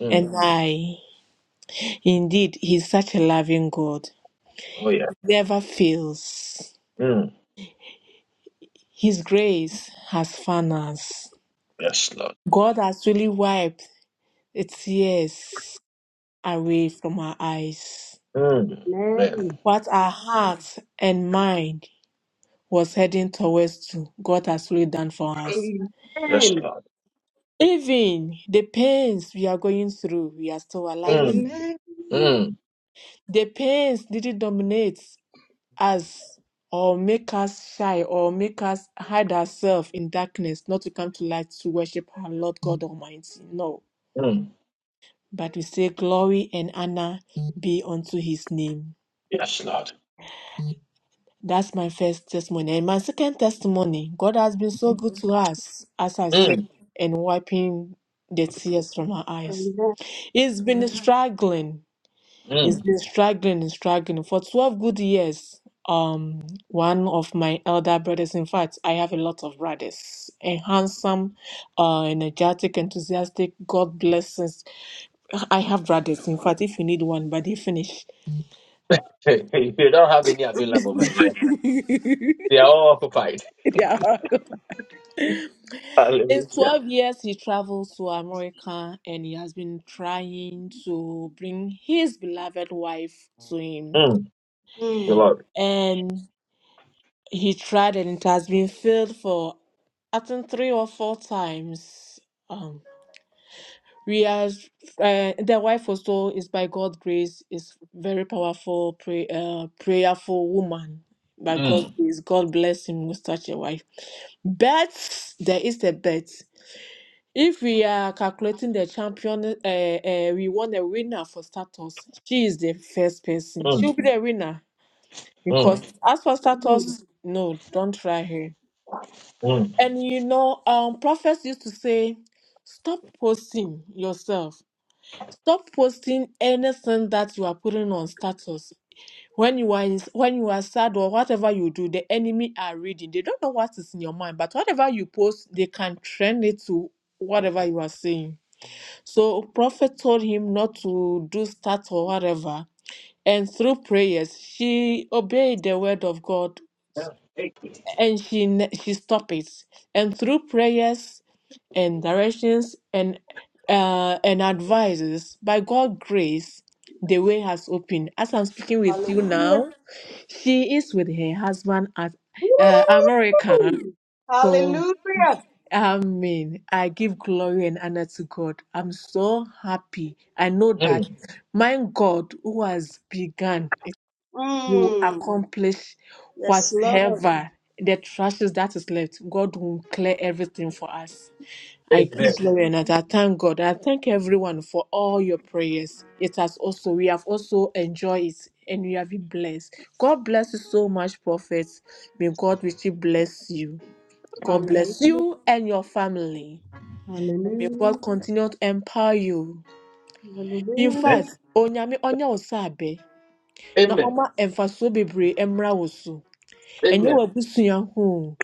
S1: Mm,
S4: and I. Indeed, He's such a loving God.
S1: oh yeah.
S4: Never fails.
S1: Mm,
S4: His grace has found us.
S1: yes, Lord.
S4: God has really wiped the tears away from our eyes.
S1: Mm, amen.
S8: Amen.
S4: What our heart and mind was heading towards to, God has really done for us.
S1: Yes,
S8: Amen.
S1: Lord.
S4: Even the pains we are going through, we are still alive.
S1: Mm,
S8: Amen.
S1: mm,
S4: The pains didn't dominate us or make us shy or make us hide ourselves in darkness, not to come to light to worship our Lord God Almighty. No.
S1: mm.
S4: But we say, Glory and honor be unto his name.
S1: Yes, Lord.
S4: That's my first testimony. And my second testimony, God has been so good to us, as I said,
S1: Mm,
S4: and wiping the tears from our eyes.
S8: Amen.
S4: He's been struggling. He's
S1: mm.
S4: been struggling and struggling for 12 good years. Um, one of my elder brothers, in fact, I have a lot of brothers, a handsome, uh, energetic, enthusiastic, God blesses. I have brothers, in fact, if you need one, but they finish.
S1: Hey, hey, you don't have any available, my dear.
S4: [laughs]
S1: They are all occupied.
S4: Their
S1: [laughs]
S4: In
S1: Hallelujah.
S4: 12 years, he traveled to America and he has been trying to bring his beloved wife to him.
S1: Mm, the
S8: Mm.
S1: Lord.
S4: And he tried, and it has been failed for I think three or four times. Um, we are uh, the wife also is by God's grace is very powerful, pray, uh, prayerful woman. By God's
S1: Mm,
S4: Mm. grace, God bless him with such a wife Bets, there is a bet. If we are calculating the champion, uh, uh, we want a winner for status. She is the first person.
S1: mm,
S4: She'll be the winner because
S1: mm,
S4: as for
S8: Mm.
S4: status, no, don't try her.
S1: mm.
S4: And you know, um, prophets used to say, stop posting yourself. Stop posting anything that you are putting on status when you are in, when you are sad or whatever you do the enemy are reading they don't know what is in your mind but whatever you post they can trend it to whatever you are saying so prophet told him not to do stats or whatever and through prayers she obeyed the word of god
S1: Yeah, thank you.
S4: and she ne- she stopped it and through prayers and directions and uh, and advices. By God's grace, the way has opened. As I'm speaking with you
S8: Hallelujah.
S4: now, she is with her husband at uh, America.
S8: Woo.
S4: So,
S8: Hallelujah.
S4: Amen. I give glory and honor to God. I'm so happy. I know
S1: Mm,
S4: that my God, who has begun, He will
S8: Mm.
S4: accomplish
S8: Yes, Lord.
S4: whatever the trashes that is left. God will clear everything for us. I give
S1: amen.
S8: Yes,
S4: glory
S8: Lord.
S4: and I thank God. I thank everyone for all your prayers. It has also, we have also enjoyed it and we have been blessed. God bless you so much, Prophet. May God richly bless you. God bless
S8: Hallelujah.
S4: you and your family. May
S8: Hallelujah.
S4: God continue to empower you. In
S1: Amen.
S8: Hallelujah.
S4: fact, Onyame Onya Osabe. Na
S1: Amen.
S4: Oma Emfaso Bebre Emra ɛnyɛ
S1: Amen.
S4: w'abusua ho o.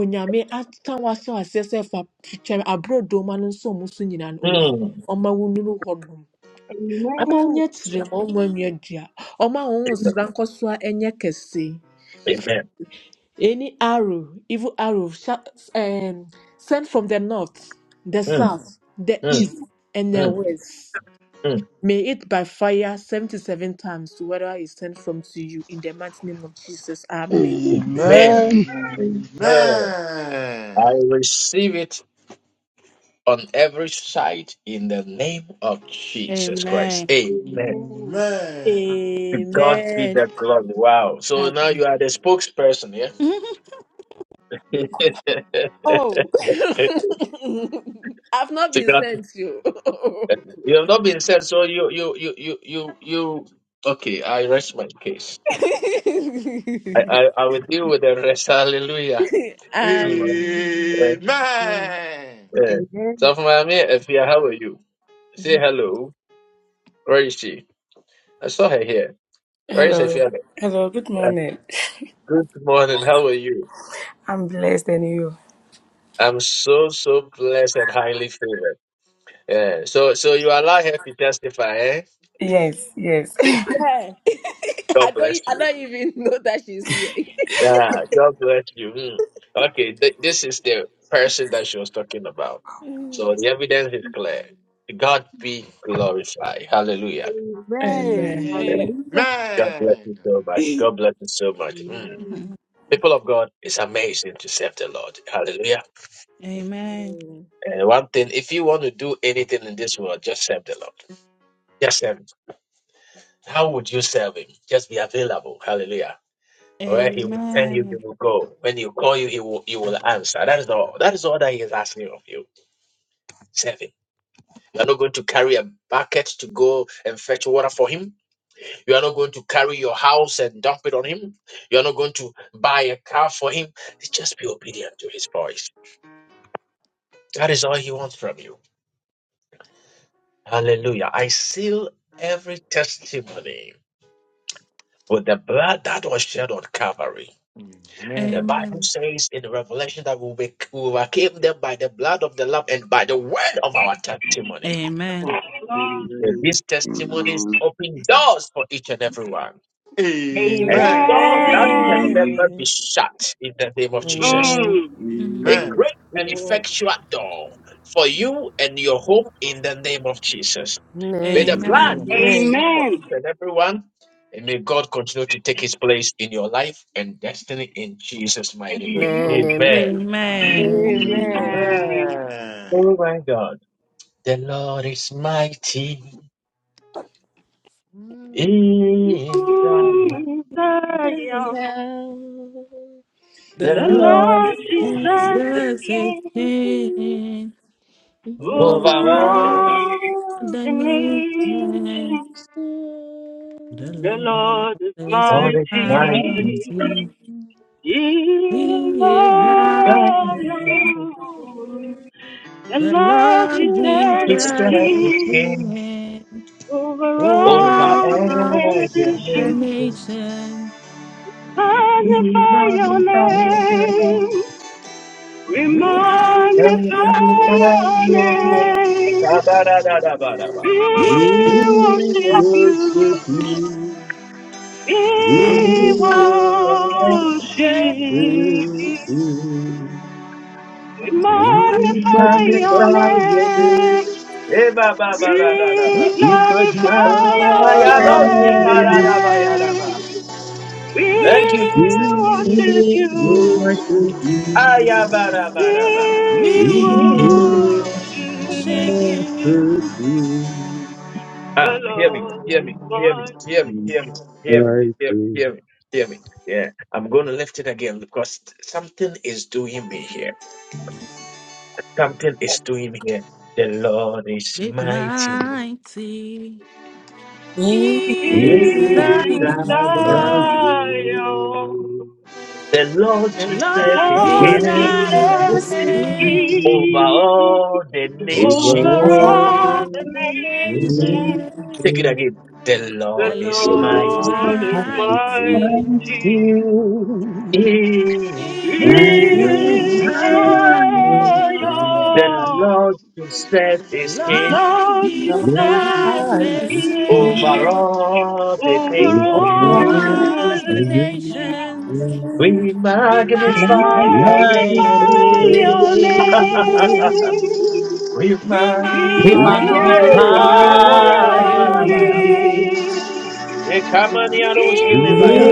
S4: onyame aka w'ahyɛ aseɛ sɛ fa twitwa aborɔdoma no nso ɔmo so nyinaa no owurade
S1: Mm,
S4: ɔma wo nnuru hɔnom ɔma wo
S8: Amen.
S4: ma ɔmo anua dua ɔma wo
S1: amen.
S4: nhosra nkɔsoa ɛnyɛ kɛse
S1: Amen.
S4: any arrow evil arrow sha- um, sent from the north the
S1: Mm,
S4: south the
S1: mm,
S4: east
S8: Jesus.
S4: and the
S1: mm,
S4: west
S1: mm.
S4: May it by fire 77 times to whatever is sent from to you in the mighty name of Jesus.
S5: Amen.
S4: Amen.
S1: Amen.
S5: Amen.
S1: Amen. I receive it on every side in the name of Jesus Christ.
S13: Amen.
S1: Amen.
S8: Amen.
S1: To God be
S4: Amen.
S1: the glory. Wow. So now you are the spokesperson, yeah?
S13: [laughs]
S1: [laughs] to
S4: Oh, [laughs] I've not been
S1: God.
S4: sent you. [laughs]
S1: You have not been said, so you you you you you you okay, I rest my case. I I, I will deal with the rest. Hallelujah. Mm, eh,
S4: um,
S1: eh.
S8: Amen.
S1: So from Miami, Afia, how are you? Say hello. Where is she? I saw her here. Where is
S19: Hello.
S1: Afia?
S19: Hello. Good morning.
S1: Good morning. How are you?
S19: I'm blessed and you.
S1: I'm so so blessed and highly favored. Yeah. So so you allow her to testify, eh?
S19: Yes. Yes.
S1: [laughs]
S4: hey, [laughs] I
S1: God bless
S4: don't, I
S1: you.
S4: don't even know that she's here. [laughs]
S1: Yeah. God bless you. Mm. Okay. Th- this is the person that she was talking about. So the evidence is clear. God be glorified. Hallelujah.
S19: [laughs]
S8: Amen.
S19: Amen.
S1: Yeah.
S4: Amen.
S8: Hallelujah.
S1: God bless you so much. God bless you so much. Mm.
S8: Amen.
S1: People of God, it's amazing to serve the Lord. Hallelujah.
S13: Amen.
S1: And one thing, if you want to do anything in this world, just serve the Lord. Just serve How would you serve him? Just be available. Hallelujah. Where he will send you,
S13: Amen.
S1: you will go. When you call you, he will you will answer. That is all. That is all that he is asking of you. Serve him. You are not going to carry a bucket to go and fetch water for him. You are not going to carry your house and dump it on him. You are not going to buy a car for him. Just be obedient to his voice. That is all he wants from you. Hallelujah. I seal every testimony with the blood that was shed on Calvary. The Bible
S13: Amen.
S1: says in Revelation that we will- we overcame them by the blood of the Lamb and by the word of our testimony.
S13: Amen.
S1: And
S15: Amen.
S1: These testimonies
S15: Amen.
S1: open doors for each and everyone. And doors that can
S8: Amen.
S15: Amen.
S1: never
S4: Amen.
S1: be shut in the name of Jesus.
S14: Amen.
S8: Mm.
S15: Amen.
S13: Mm.
S1: A
S15: Amen.
S1: great and
S4: Amen.
S1: effectual door for you and your home in the name of Jesus. May the
S14: Amen.
S15: Amen.
S1: blood
S13: Amen.
S15: Amen.
S1: speak for
S8: Amen.
S1: each and everyone. And may God continue to take his place in your life and destiny in Jesus' mighty name.
S14: Amen.
S1: Amen.
S15: Amen.
S13: Amen.
S14: Amen.
S15: Amen. Amen.
S4: Amen.
S1: Oh my God. The Lord is mighty in Zion.
S8: the
S13: The
S1: The
S13: Lord
S1: Lord
S8: Lord Jesus is
S13: Jesus is
S8: King
S4: Amen.
S13: King
S4: Thank
S1: over
S8: over
S1: all.
S13: over
S8: all
S13: the
S8: the
S13: nation.
S8: nations.
S13: The
S8: The
S13: Lord
S8: Lord is
S13: is
S1: Lord is
S8: mighty.
S1: mighty.
S13: mighty.
S8: In
S13: He is God.
S1: God
S8: Zion, the
S13: The
S8: Lord
S13: Lord
S8: Jesus
S1: is
S8: is
S13: Jesus is
S1: his
S8: King
S1: king
S13: King
S8: over
S1: over
S13: over
S8: all the
S1: all the
S13: the
S8: nations.
S1: nations.
S13: nation.
S1: We
S8: Magnify your
S1: magnify him.
S8: name. We
S13: We are
S1: And we
S8: magnify
S1: magnify
S8: your
S1: him.
S8: name.
S1: Da, da, da, da, da, da da,
S8: We
S1: We
S6: We
S1: are
S8: worship you.
S6: worship
S1: you.
S6: you.
S8: We
S6: We
S13: You are
S1: We
S6: worship
S13: the-
S8: worship you.
S6: you.
S8: We
S6: We
S13: you are-
S1: Eba
S8: magnify your
S6: magnify your
S8: name.
S6: name.
S1: ba ba da da da ba.
S8: We
S13: you
S6: We
S13: are
S6: magnify
S13: the
S8: glorify
S13: one.
S8: your
S1: Ayaloski
S6: your
S1: pala da
S6: name.
S1: ya da
S8: name. We
S1: Thank you,
S13: We
S1: Jesus.
S8: worship you.
S6: We worship you.
S1: Ayabara
S8: We
S1: ba da ba.
S6: We
S13: we
S6: worship
S13: worship
S8: worship
S13: you
S8: you.
S6: you.
S8: The
S1: Ah, hear me,
S8: Lord
S1: hear
S8: is
S1: me, hear me,
S8: my
S1: hear me, hear me, hear me,
S6: I
S1: hear me,
S6: think
S1: hear me, hear me. Yeah, I'm going to lift it again because something is doing me here. Something is doing me here. The Lord is
S13: with
S1: mighty.
S13: mighty
S1: He
S13: in
S2: Jesus,
S8: in
S6: in
S1: Zion.
S6: thy
S13: Zion.
S6: name.
S8: Zion.
S1: The Lord
S13: The
S8: The
S1: Jesus
S13: Lord
S1: is
S2: the
S6: The
S1: King.
S8: Lord
S2: Lord
S13: desires
S6: Lord
S2: Jesus,
S13: a
S6: you
S8: Jesus
S2: the
S8: is
S6: will
S2: Savior
S13: stand
S1: over
S6: defend
S8: king
S1: all the
S6: over
S1: nation.
S8: over
S2: of
S8: all
S13: over
S2: all.
S8: the
S6: all
S13: the
S6: the
S8: nations.
S13: nation.
S1: Take it
S6: nations.
S1: again. The
S8: The
S13: The
S1: Lord is
S13: Lord
S6: The
S13: is
S6: Lord is
S1: mighty
S8: Lord is
S6: mighty in
S13: mighty
S8: mighty
S1: in
S6: thy
S13: in
S1: Zion.
S2: I
S8: in
S6: name.
S13: Zion.
S1: The
S8: Zion.
S1: Lord himself
S13: The
S1: is
S8: The
S1: king
S13: Lord
S8: Lord
S2: The Lord who
S8: Jesus
S13: Jesus
S8: is
S2: does
S6: Magnified
S13: is
S6: is
S2: is
S8: king
S1: over
S6: he
S2: thing.
S13: king
S1: all the things.
S8: over
S2: Oh,
S6: over
S8: all the
S2: all.
S6: all
S13: over the
S6: the
S8: nations.
S13: nations.
S6: nations.
S1: We
S13: We,
S8: We
S13: mag-
S1: magnify
S6: We
S1: your
S11: Magnify
S6: magnify
S11: your
S1: name.
S6: your
S8: Magnify
S6: name.
S8: your
S1: [laughs]
S11: name.
S8: name.
S1: we
S13: we
S8: We
S11: We
S2: We
S6: We
S1: magnify.
S13: magnify
S11: magnify
S1: Yay!
S6: magnify
S2: magnify
S6: your
S13: your
S8: glorify
S1: Yabode bara
S2: Him.
S8: your
S11: your
S13: name.
S1: bara bara.
S6: name.
S8: name.
S11: name.
S4: you.
S1: Yekamani
S8: We
S13: We
S1: aroshi
S6: We
S4: Thank
S2: We
S1: lebaya.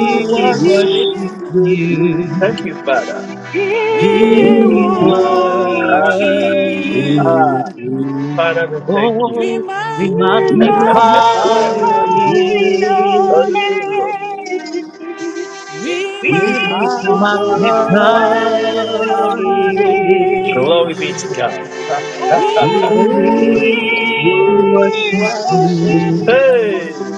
S8: worship you.
S13: worship
S2: worship
S13: you.
S11: worship
S2: you.
S6: worship you.
S1: Thank
S11: you.
S1: you, Father.
S8: We
S2: We
S6: We
S13: We
S11: We
S6: worship
S2: worship
S8: worship
S1: Ah,
S13: worship
S11: worship.
S13: you.
S8: you.
S1: ah.
S2: you.
S1: Father,
S6: you.
S1: we thank you.
S13: We
S11: Oh, we
S13: mag-
S8: We
S2: We
S1: [laughs]
S6: We
S11: magnify
S6: magnify
S2: magnify
S11: your
S8: Magnify
S6: your
S2: your name.
S8: your
S1: Oh,
S11: name.
S1: Jesus.
S6: name.
S8: name.
S13: we
S8: We
S6: We
S2: We
S13: mag-
S11: We
S6: magnify
S11: magnify
S8: glorify
S2: magnify
S11: your
S8: your
S6: your name.
S11: name.
S8: name.
S1: Glory be to God. [laughs]
S6: We
S2: Him.
S8: Oh,
S13: we
S11: We
S8: we
S2: We
S6: worship
S11: worship
S2: worship
S8: worship
S11: you.
S6: you.
S8: you.
S2: you.
S1: hey,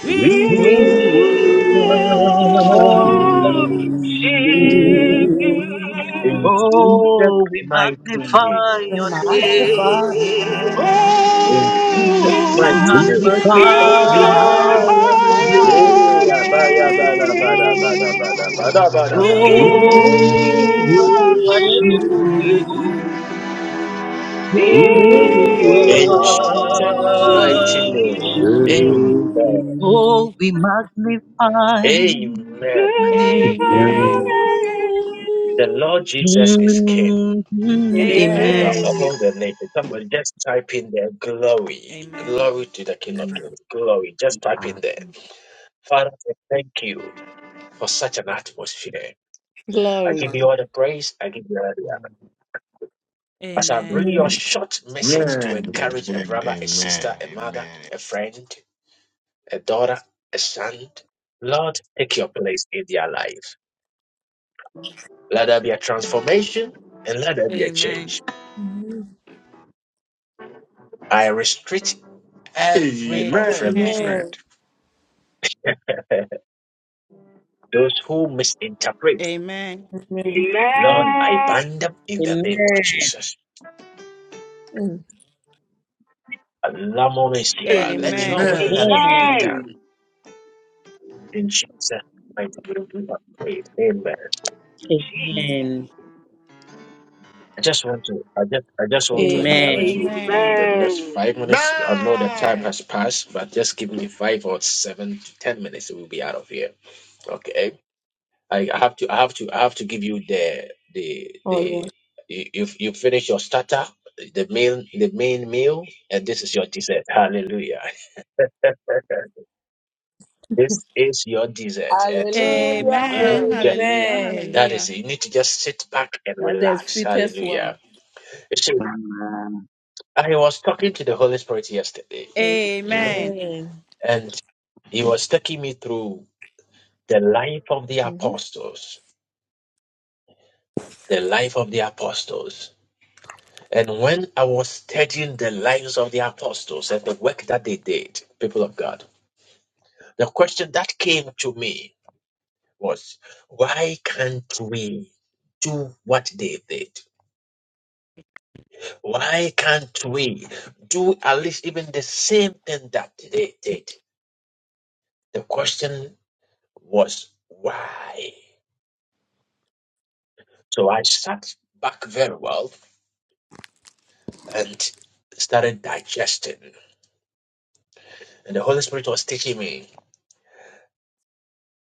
S13: we
S8: We
S6: We
S13: worship
S2: We
S11: We
S6: worship
S13: you.
S11: worship
S8: worship
S2: worship
S6: you.
S8: you.
S11: name.
S2: you.
S1: in Jesus'
S11: Oh, we
S1: mighty
S11: magnify
S1: name.
S2: We
S11: your
S2: magnify your
S11: name.
S2: name.
S1: In Jesus'
S13: we
S11: We
S1: mighty
S6: We
S8: Oh,
S1: name.
S8: we
S13: magnify.
S6: magnify
S2: We
S11: magnify your
S8: glorify
S6: your
S2: magnify
S8: your
S2: your
S11: name.
S1: Yeah, ba,
S2: name.
S1: ya, ba, da, ba, da,
S6: name.
S1: ba, da, ba, da,
S8: name.
S1: ba, da, ba, da, ba, da,
S8: We
S13: We
S1: ba.
S6: We
S2: We
S11: Oh, we
S8: worship
S2: worship
S8: you.
S11: worship
S13: worship
S6: worship
S11: you.
S2: you.
S13: you.
S6: you.
S8: We
S6: We
S2: We
S13: We
S11: We
S1: In
S6: worship
S4: you.
S1: Jesus'
S2: worship
S1: mighty
S8: worship
S13: worship you.
S1: name.
S11: worship you.
S2: you.
S1: Amen.
S4: Amen.
S6: you.
S11: Oh, we magnify
S8: We
S1: Amen.
S11: your name.
S13: Amen.
S6: Amen.
S1: The Lord Jesus is King
S11: Mhm.
S4: Amen. Amen.
S1: over
S13: Amen.
S11: Amen.
S8: Amen.
S1: all the nations. Somebody just type in there glory.
S13: Amen.
S1: Glory to the King of Kings. Glory. Just type in there. Father, I thank you. for such an atmosphere. I give you all the praise. I give you all the honor. As I bring
S13: Amen. Amen.
S1: your short message to encourage a brother, a sister, a mother, a friend, a daughter, a son, Lord, take your place in their life. Let there be a transformation and let there be a
S13: Amen.
S1: change.
S4: Amen.
S1: I restrict every unfriendly
S4: Amen.
S1: friend. [laughs] Those who misinterpret,
S13: Amen.
S4: Amen.
S1: Lord, I bind them in the name of
S11: Amen.
S1: Jesus. Allah Let
S13: Amen.
S1: your will alone be
S11: Amen.
S8: Amen.
S1: done. in Jesus' mighty name we have prayed. Amen.
S11: Amen.
S1: I just want to I just I just want to encourage
S11: Amen.
S1: you with
S13: Amen.
S1: the next
S8: Amen.
S1: five minutes. I know the time has passed, but just give me five or seven to ten minutes we'll be out of here. Okay. I, I have to I have to I have to give you the the
S4: Oh, yeah.
S1: the you you you finish your starter, the main the main meal, and this is your dessert. Hallelujah. [laughs] This is your dessert and you need
S4: Hallelujah.
S1: you need
S13: Amen.
S1: to just
S13: Hallelujah.
S4: Amen.
S1: that is
S13: Hallelujah.
S1: it. You need to just sit back and
S4: Now the
S1: relax.
S4: sweetest
S1: Hallelujah.
S4: one.
S1: You see, I was talking to the Holy Spirit yesterday, mm,
S13: Amen.
S4: Amen.
S1: and he was taking me through the life of the
S4: Mhm.
S1: apostles, the life of the apostles. And when I was studying the lives of the apostles and the work that they did, people of God, the question that came to me was, why can't we do what they did? Why can't we do at least even the same thing that they did? The question was why. So I sat back very well and started digesting. And the Holy Spirit was teaching me.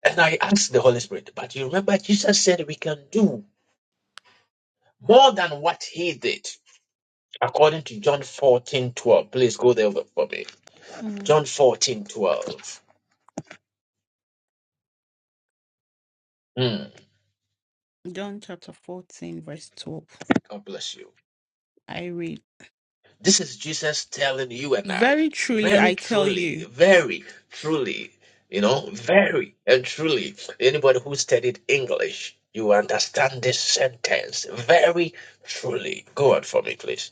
S1: And I asked the Holy Spirit, but you remember Jesus said we can do more than what he did. According to John fourteen twelve. Please go there for me.
S13: Mm.
S1: John fourteen twelve. 12.
S13: John chapter 14, verse 12.
S1: God bless you.
S13: I read
S1: This is Jesus telling you and I,
S13: Very truly
S1: very
S13: I tell
S1: truly,
S13: you,
S1: very truly, you know, very and truly. Anybody who studied English, you understand this sentence very truly. Go on for me, please.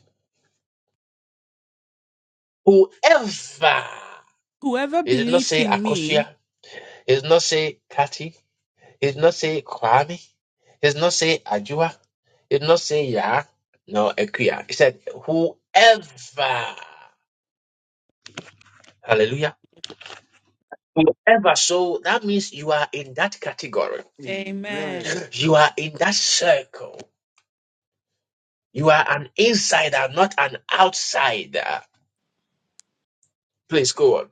S1: Whoever,
S13: whoever
S1: he did not
S13: believes
S1: say
S13: in
S1: Akosia,
S13: me,
S1: he did not say Kati, he did not say Kwame, he did not say Ajua, he did not say Ya, no, Ekuya. He said, whoever. Hallelujah. ever. So that means you are in that category.
S13: Amen,
S1: You are in that circle. You are an insider, not an outsider. Please go on.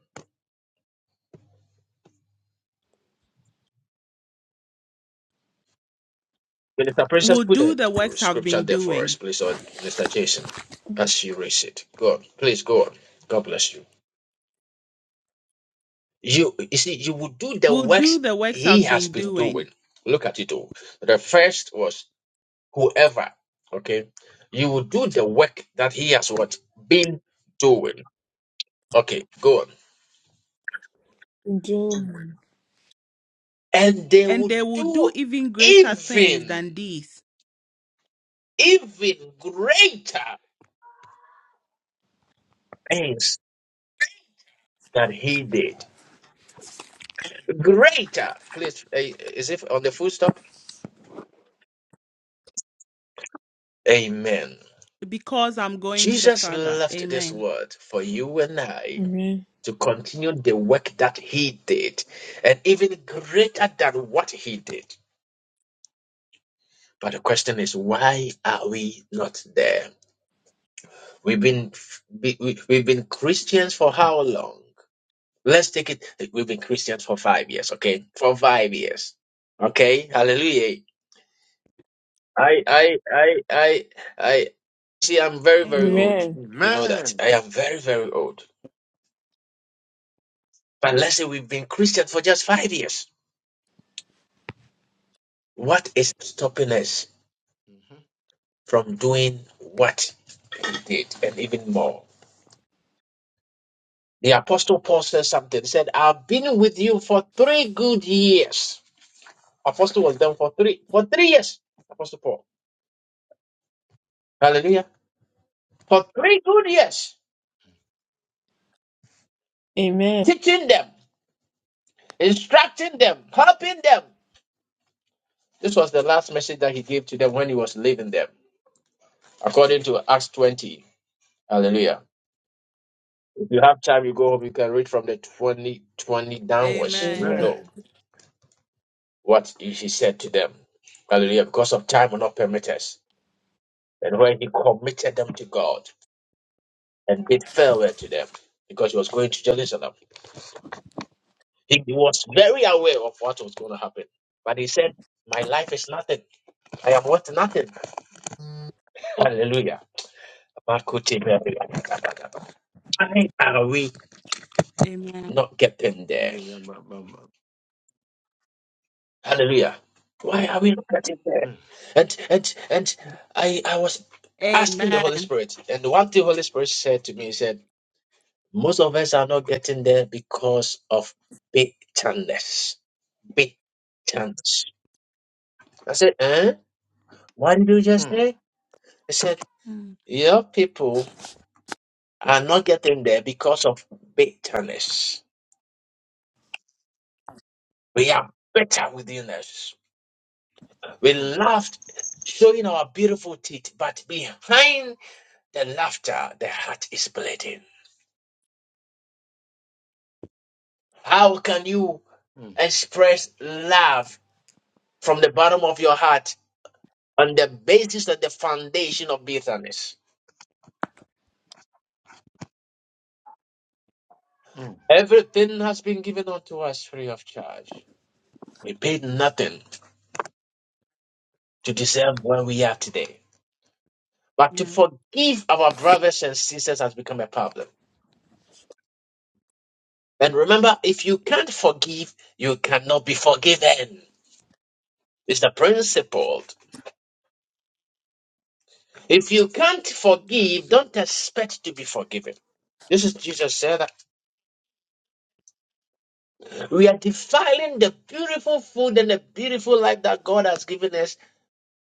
S1: Minister Precious,
S13: will
S1: put
S13: do
S1: the
S13: the works I've
S1: scripture
S13: been
S1: there for us,
S13: doing.
S1: please, or Minister Jason, as you raise it. Go on. Please go on. God bless you. You, you see, you will do the
S13: Will do
S1: works
S13: the works
S1: he
S13: I've
S1: has
S13: been
S1: been
S13: doing.
S1: doing. Look at it all. The first was whoever, okay? You will do the work that he has what been doing. Okay, go on. and they
S13: And
S1: will
S13: they will do
S1: do
S13: even greater things than
S1: even
S13: these
S1: even greater things that he did greater please eh, is it on the full stop amen
S13: because I'm going to the
S1: jesus
S13: Father.
S1: left this
S13: Amen.
S1: world for you and i
S4: Amen.
S1: to continue the work that he did and even greater than what he did but the question is why are we not there we've been we, we, we've been christians for how long Let's take it that we've been Christians for five years, okay? For five years. Okay? Hallelujah. I I I I I see I'm very, very
S13: Amen.
S1: old.
S4: Amen.
S1: You know that. I am very, very old. But let's say we've been Christians for just five years. What is stopping us from doing what we did and even more? The apostle Paul said something, He said, I've been with you for three good years. Apostle was done for three for three years. Apostle Paul. Hallelujah. For three good years.
S4: Amen. Amen.
S1: teaching them, instructing them, helping them. This was the last message that he gave to them when he was leaving them, according to Acts 20. Hallelujah. If you have time, you go home, you can read from the 20, 20 downwards. You
S13: Amen.
S1: will know what he he said to them. Hallelujah. Because of time will not permit us. And when he committed them to God and bid farewell to them, because he was going to Jerusalem, he was very aware of what was going to happen. But he said, My life is nothing. I am worth nothing. Hallelujah. Why are we
S13: Amen.
S1: not getting there? Hallelujah. Why are we not getting there? And and and I I was asking the Holy
S13: Amen.
S1: Spirit, and one thing Holy Spirit said to me, he said, Most of us are not getting there because of bitterness. Bitterness. I said, eh? What did you just say? He said,
S13: Mm,
S1: Your people are not getting there because of bitterness. We are bitter within us. We laughed, showing our beautiful teeth, but behind the laughter, the heart is bleeding. How can you express love from the bottom of your heart on the basis of the foundation of bitterness? Everything has been given unto us free of charge. We paid nothing to deserve where we are today. But to
S13: yeah.
S1: forgive our brothers and sisters has become a problem. And remember, if you can't forgive, you cannot be forgiven. It's Mr. principle. If you can't forgive, don't expect to be forgiven. This is Jesus said that we are defiling the beautiful food and the beautiful life that God has given us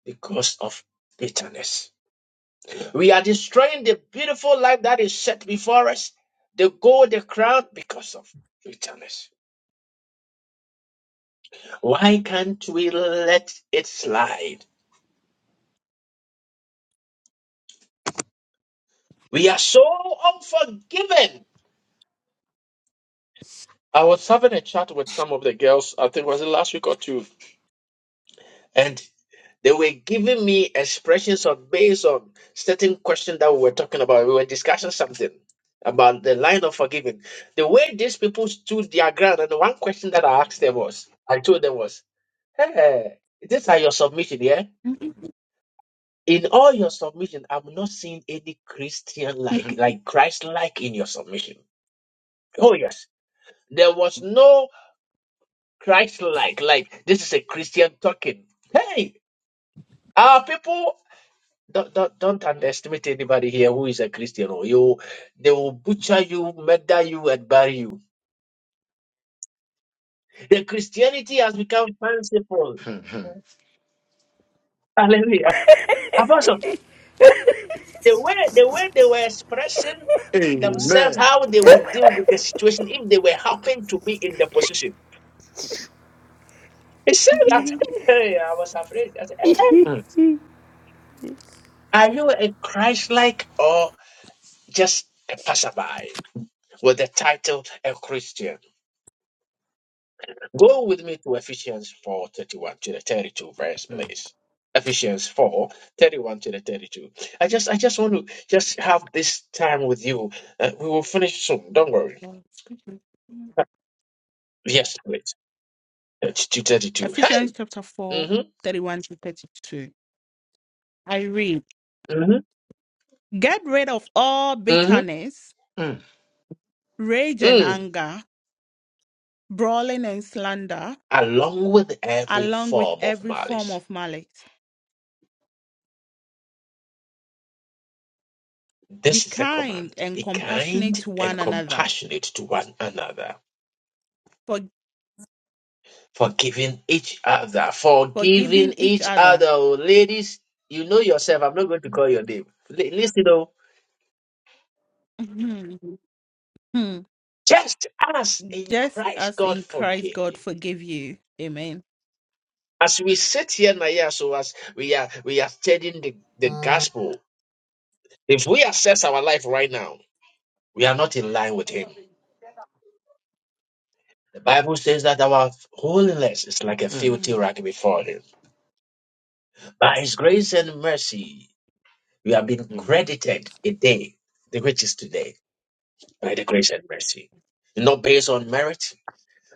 S1: because of bitterness. We are destroying the beautiful life that is set before us, the gold, the crown, because of bitterness. Why can't we let it slide? We are so unforgiving. I was having a chat with some of the girls, I think it was last week or two, and. They were giving me expressions on based on certain questions that we were talking about. We were discussing something about the line of forgiving. The way these people stood their ground, and the one question that I asked them was, I told them was, Hey, these are your submission, yeah?
S13: [laughs]
S1: In all your submission, I'm not seeing any Christian like, like Christ like in your submission. Oh, yes. There was no Christ like, like this is a Christian talking. Hey, our people. Don't, don't, don't underestimate anybody here who is a Christian. Or you, they will butcher you, murder you, and bury you. The Christianity has become final. Hallelujah. Apostle, the way the way they were expressing themselves, how they would deal with the situation if they were happened to be in the position. He said that. [laughs] Hey, I was afraid. I said, "Eh, eh, Are you a Christ-like or just a passerby with the title a Christian? Go with me to Ephesians 4 31 to the 32 verse, please. Ephesians 4 31 to the 32. I just I just want to just have this time with you. Uh, we will finish soon. Don't worry. Yes, please. 32 thirty-two.
S13: Ephesians
S1: Hey!
S13: chapter four,
S1: Mm-hmm.
S13: thirty-one to 32. I read.
S1: Mm-hmm.
S13: Get rid of all
S1: Mm-hmm.
S13: bitterness, rage and
S1: Mm.
S13: anger, brawling and slander,
S1: Along with every
S13: along with
S1: form of
S13: every form
S1: malice.
S13: of malice. Be
S1: This is a
S13: kind
S1: command.
S13: and
S1: Be
S13: compassionate
S1: kind
S13: to
S1: and
S13: one another,
S1: compassionate to one another
S13: for-
S1: Forgiving each other.
S13: forgiving
S1: Forgiving
S13: each
S1: each other.
S13: other,
S1: oh, Ladies, you know yourself. I'm not going to call your name. L- listen, oh,
S13: Mhm. Hmm.
S1: just as in
S13: just
S1: Christ
S13: as
S1: God
S13: in Christ
S1: forgave
S13: God
S1: you.
S13: forgive you. Amen.
S1: As we sit here now, yeah, so as we are we are studying the, the gospel, if we assess our life right now, we are not in line with him. The Bible says that our holiness is like a filthy
S13: Hmm.
S1: rag before him. By his grace and mercy, we have been
S13: Hmm.
S1: credited a day, the which is today. by the grace and mercy. Not based on merit,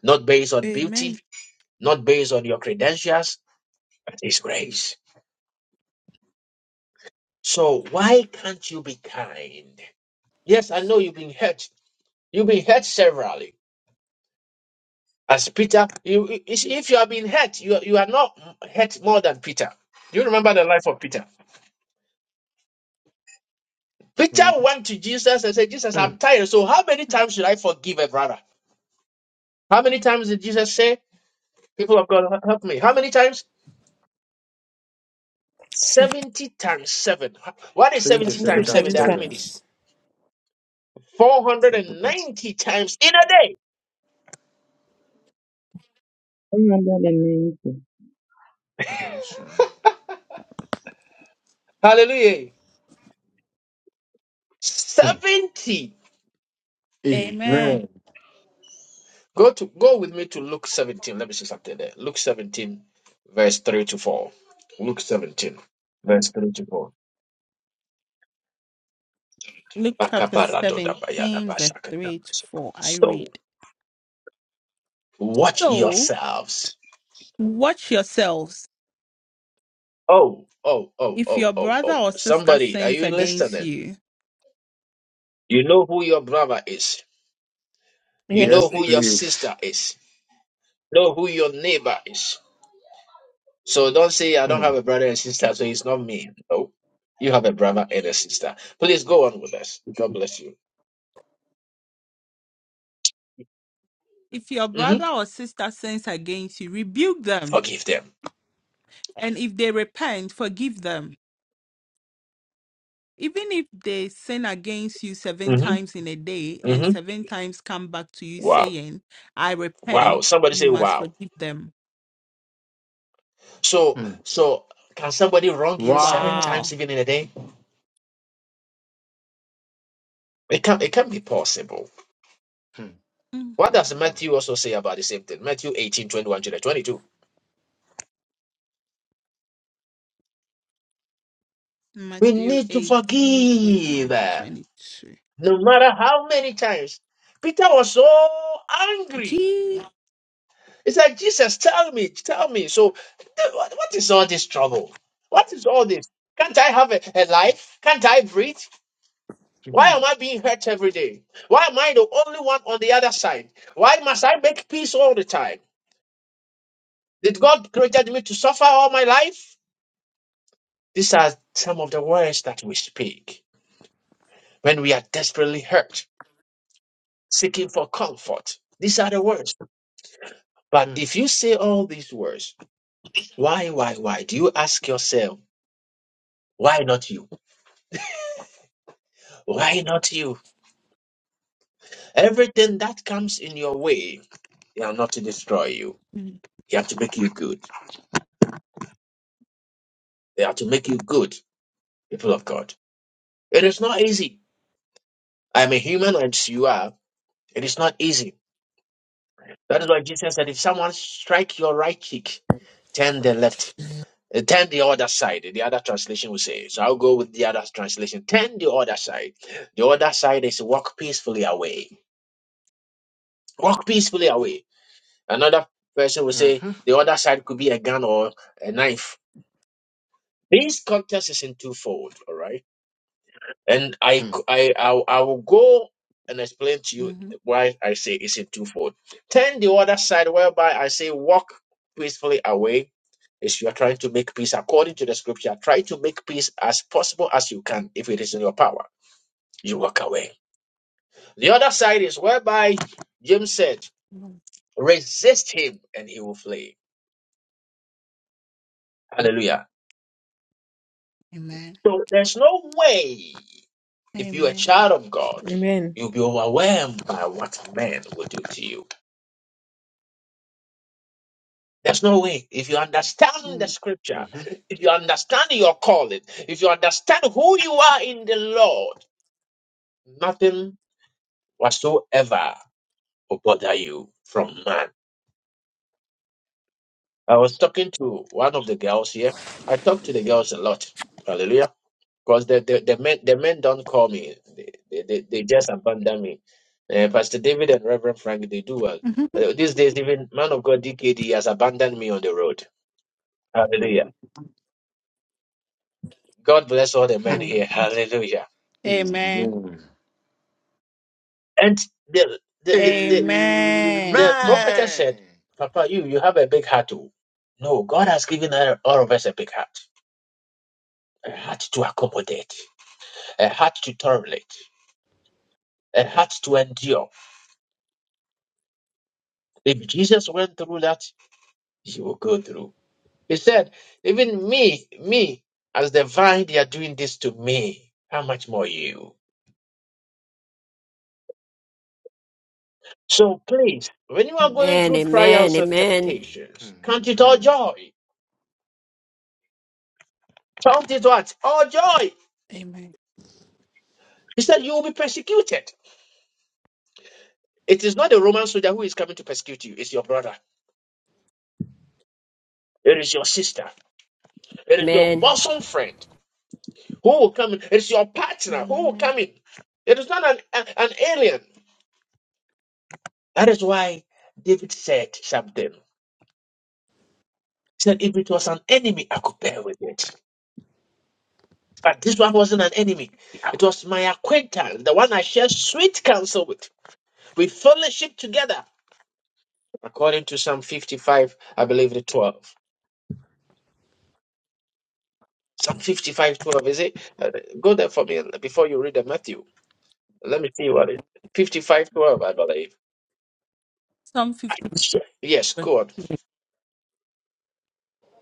S1: not based on
S13: Amen.
S1: beauty, not based on your credentials, but His grace. So why can't you be kind? Yes, I know you've been hurt. You've been hurt severally. As Peter, you, you- see, if you have been hurt, you, you are not hurt more than Peter. Do you remember the life of Peter? Peter went to Jesus and said, Jesus, I'm tired. So how many
S13: Hmm.
S1: times should I forgive a brother? How many times did Jesus say, People of God, help me? How many times? 70 times 7. What is 70 times
S4: Yes,
S1: 7, the Archimedes? 490 times in a day.
S12: Remember the name.
S1: Hallelujah. 70.
S13: Amen.
S1: Go to go with me to Luke 17. Let me see something there. Luke 17, verse 3 to 4. Luke 17, verse 3 to 4.
S13: Luke chapter 17, verse 3 to 4. I
S1: So
S13: read.
S1: watch
S13: So,
S1: yourselves.
S13: watch yourselves
S1: Oh, oh, oh,
S13: If
S1: oh,
S13: your
S1: oh,
S13: brother
S1: oh.
S13: or sister
S1: Somebody, are
S13: sins
S1: you
S13: against
S1: listening?
S13: you,
S1: You know who your brother is. You
S4: yes,
S1: know who your
S4: please.
S1: sister is. You know who your neighbor is. So don't say I don't have a brother and sister, so it's not me. No, you have a brother and a sister. Please go on with us. God bless you.
S13: if your
S1: hmm
S13: brother or sister sins against you, rebuke them.
S1: Forgive them.
S13: And if they repent, forgive them. Even if they sin against you seven
S1: hmm
S13: times in a day and
S1: hmm
S13: seven times come back to you
S1: Wow,
S13: saying, I
S1: wow.
S13: repent,
S1: Somebody
S13: you
S1: say
S13: must
S1: wow.
S13: forgive them.
S1: So, so can somebody wrong you seven
S13: Wow.
S1: times
S13: [laughs]
S1: even in a day? It can it can be possible.
S13: Mhm.
S1: What does Matthew also say about the same thing? Matthew 18 21 to the 22. We
S13: Matthew
S1: need to
S13: eighteen twenty-one
S1: forgive.
S13: to 22.
S1: No matter how many times. Peter was so angry. he said, Jesus, tell me, tell me. So, th- what what is all this trouble? What is all this? Can't I have a, a life? Can't I breathe? Why am
S13: Gee.
S1: I being hurt every day? Why am I the only one on the other side? Why must I make peace all the time? Did God created me to suffer all my life? These are some of the words that we speak when we are desperately hurt, seeking for comfort. These are the words. But if you say all these words, why, why, why? Do you ask yourself, why not you? Why not you? Everything that comes in your way, they are not to destroy you. They are to make you good. They are to make you good, people of God. It is not easy. I'm a human as you are. It is not easy. That is why Jesus said, if someone strike your right cheek, turn the left, uh, turn the other side. The other translation will say. So I'll go with the other translation. Turn the other side. The other side is walk peacefully away. Walk peacefully away. Another person will say the other side could be a gun or a knife. This context is in twofold, all right? And I, c- I, I, will- I will go and explain to you
S13: hmm
S1: why I say it's in twofold. Turn the other side, whereby I say walk peacefully away, is you are trying to make peace according to the scripture. Try to make peace as possible as you can. If it is in your power, you walk away. The other side is whereby James said, resist him and he will flee. Hallelujah.
S13: Amen.
S1: So there's no way, if you're a
S13: Amen.
S1: child of God,
S4: Amen.
S1: you'll be overwhelmed by what men will do to you. There's no way. If you understand the
S13: Mm.
S1: scripture, if you understand your calling, if you understand who you are in the Lord, nothing whatsoever will bother you from man. I was talking to one of the girls here. I talk to the girls a lot. Hallelujah. Because the, the, the men the men don't call me. They, they, they, they just abandon me. Uh,
S13: Mhm.
S1: Pastor David and Reverend Frank, they do well. Uh, these days, even man of God DKD has abandoned me on the road. Hallelujah. God bless all the men
S13: Mm. [laughs]
S1: here. Hallelujah.
S13: Amen.
S1: And the the the, the,
S13: Amen.
S1: the prophetess said, Papa, you you have a big heart too. No, God has given all all of us a big heart. A heart to accommodate, a heart to tolerate, a heart to endure. If Jesus went through that, you will go through. He said, Even me, me, as the vine, they are doing this to me. How much more you? So please, when you are
S14: Amen. Amen.
S13: Mm.
S1: going through trials and
S14: Amen.
S1: temptations, count it all joy. Count it what? All joy.
S13: Amen.
S1: He said, You will be persecuted. It is not the Roman soldier who is coming to persecute you, it's your brother. It is your sister. It is your
S14: Amen.
S1: bosom friend who will come in. It's your partner who will
S13: Amen.
S1: come in. It is not an, an an alien. That is why David said something. He said if it was an enemy, I could bear with it. But this one wasn't an enemy. It was my acquaintance, the one I shared sweet counsel with. We fellowship together, according to Psalm 55, I believe the 12. Psalm 55, 12. is it? Uh, go there for me before you read the Matthew. Let me see what it is. 55, 12. I believe.
S13: Psalm
S1: I-
S13: 50
S1: Yes,
S13: verse,
S1: go on.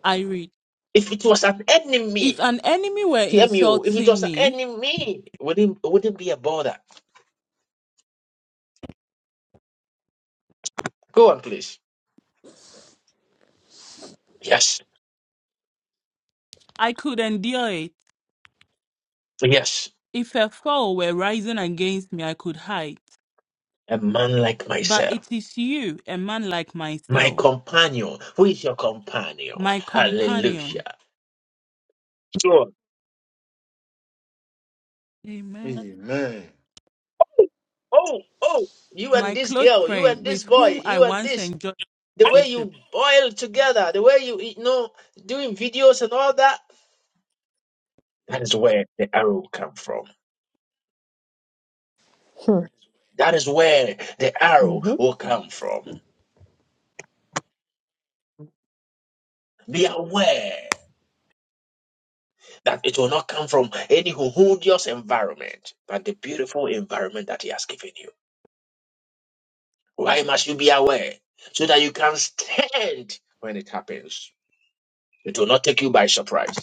S13: I read,
S1: If it was an
S13: If
S1: enemy,
S13: an enemy were
S1: hear me, oh, if it
S13: insulting
S1: was an
S13: me,
S1: enemy, would it, would it be a bother? Go on, please. Yes,
S13: I could endure it.
S1: yes.
S13: If a foe were rising against me, I could hide.
S1: a man like
S13: But
S1: myself,
S13: it is you, a man like
S1: my
S13: myself,
S1: companion. Who is your companion?
S13: my companion,
S1: Hallelujah. Sure.
S13: Amen.
S1: Oh, oh, you and
S13: my
S1: this
S13: close
S1: girl, you
S13: friend,
S1: and this
S13: with
S1: boy,
S13: whom I
S1: you and
S13: once
S1: this.
S13: enjoyed
S1: The way
S13: fellowship.
S1: you boil together, the way you, you know, doing videos and all that. That is where the arrow come from. That is where the arrow
S4: Mhm.
S1: will come from. Be aware that it will not come from any horrendous environment, but the beautiful environment that he has given you. Why must you be aware? So that you can stand when it happens. It will not take you by surprise.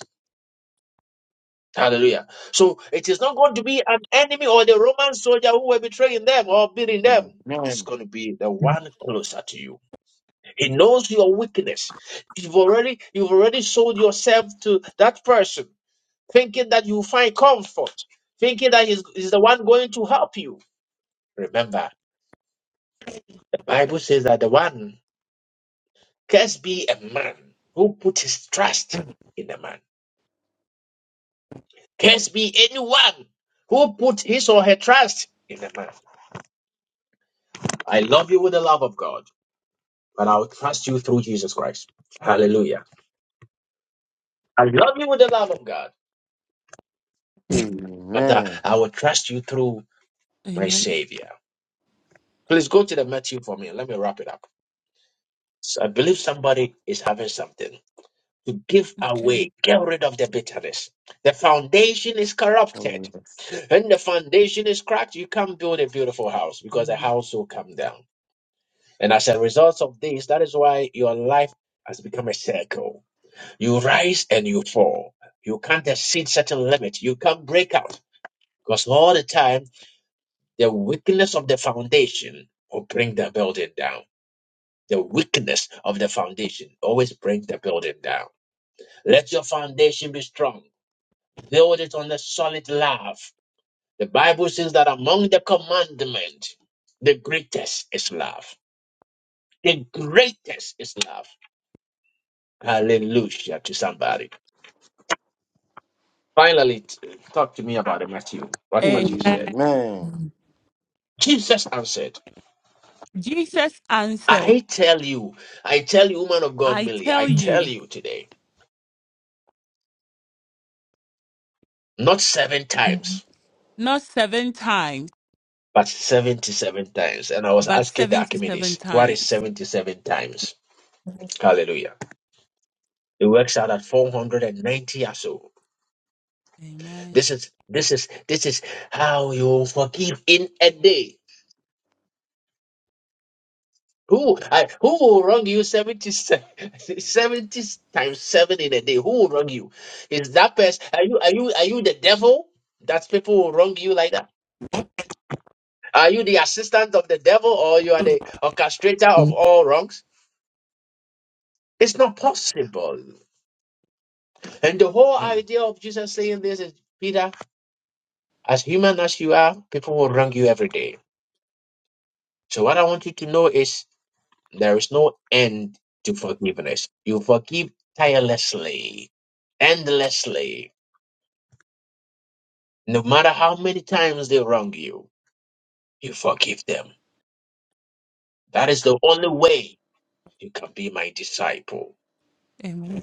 S1: Hallelujah. So it is not going to be an enemy or the Roman soldier who were betraying them or beating them. It's going to be the one closer to you. He knows your weakness. You've already you've already sold yourself to that person, thinking that you find comfort, thinking that he's, he's the one going to help you. Remember, the Bible says that the one Curse be a man who put his trust in a man. Curse be anyone who put his or her trust in a man. I love you with the love of God, but I will trust you through Jesus Christ. Hallelujah. I love you with the love of God, but uh, I will trust you through my
S13: Amen.
S1: Savior. Please go to the Matthew for me. Let me wrap it up. So I believe somebody is having something to give
S13: Okay.
S1: away. Get rid of the bitterness. The foundation is corrupted When the foundation is cracked, you can't build a beautiful house because the house will come down. And as a result of this, that is why your life has become a circle. You rise and you fall. You can't exceed certain limit. You can't break out because all the time, the weakness of the foundation will bring the building down. The weakness of the foundation always brings the building down. Let your foundation be strong. Build it on the solid love. The Bible says that among the commandments, the greatest is love. The greatest is love. Hallelujah to somebody. Finally, t- talk to me about Matthew. What Matthew
S13: Amen.
S1: said. Jesus answered,
S13: Jesus answered,
S1: I tell you, I tell you, woman of God,
S13: I
S1: Millie,
S13: tell
S1: I tell
S13: you,
S1: you today, not seven times,
S13: not seven times,
S1: but 77 times. And I was
S13: but
S1: asking the
S13: 77
S1: Archimedes, what is
S13: times.
S1: 77 times? Hallelujah. It works out at 490 or so.
S13: Amen.
S1: This is this is this is how you forgive in a day. Who I, who will wrong you 70, se- [laughs] 70 times seven in a day? Who will wrong you? Is that person? Are you are you are you the devil that people will wrong you like that? Are you the assistant of the devil or you are the orchestrator of all wrongs? It's not possible. And the whole idea of Jesus saying this is Peter, as human as you are, people will wrong you every day. So what I want you to know is There is no end to forgiveness. You forgive tirelessly, endlessly. No matter how many times they wrong you, you forgive them. That is the only way you can be my disciple.
S13: Amen.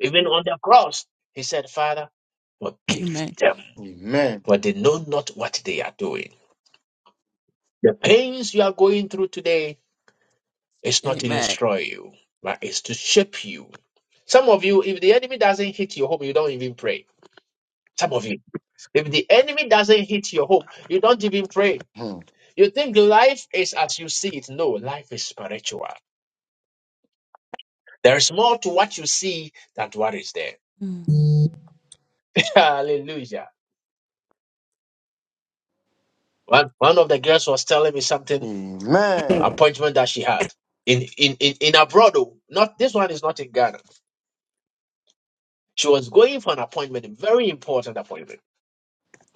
S1: Even on the cross, he said, Father, forgive
S13: Amen.
S1: them, for they know not what they are doing. The pains you are going through today is not to
S13: Amen.
S1: destroy you, but it's to shape you. Some of you, if the enemy doesn't hit your home, you don't even pray. Some of you. If the enemy doesn't hit your home, you don't even pray. You think life is as you see it. No, life is spiritual. There is more to what you see than what is there.
S13: Mm,
S1: [laughs] Hallelujah. One, one of the girls was telling me something, appointment that she had in, in, in, in abroad. oh. Not this one is not in Ghana. She was going for an appointment, a very important appointment.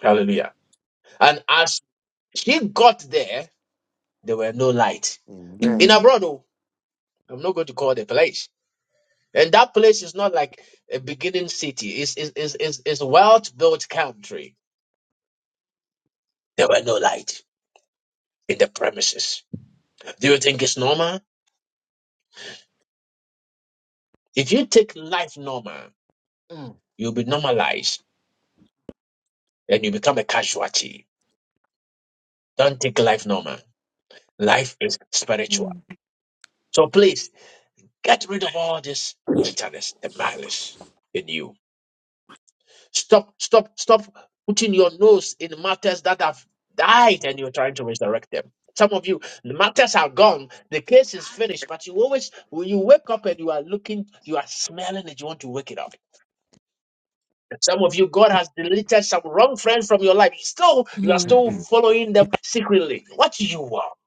S1: Hallelujah. And as she got there, there were no light. In abroad, oh, I'm not going to call the place. And that place is not like a beginning city. It's, it's, it's, it's, it's well-built country. There were no light in the premises. Do you think it's normal? If you take life normal, you'll be normalized and you become a casualty. Don't take life normal. Life is spiritual.
S13: mm,
S1: So please, get rid of all this bitterness, the malice in you Stop, stop, stop putting your nose in matters that have died and you're trying to resurrect them. Some of you, the matters are gone, the case is finished, but you always, when you wake up and you are looking, you are smelling it, you want to wake it up. Some of you, God has deleted some wrong friends from your life. Still, you are
S13: mm.
S1: still following them secretly. What do you want?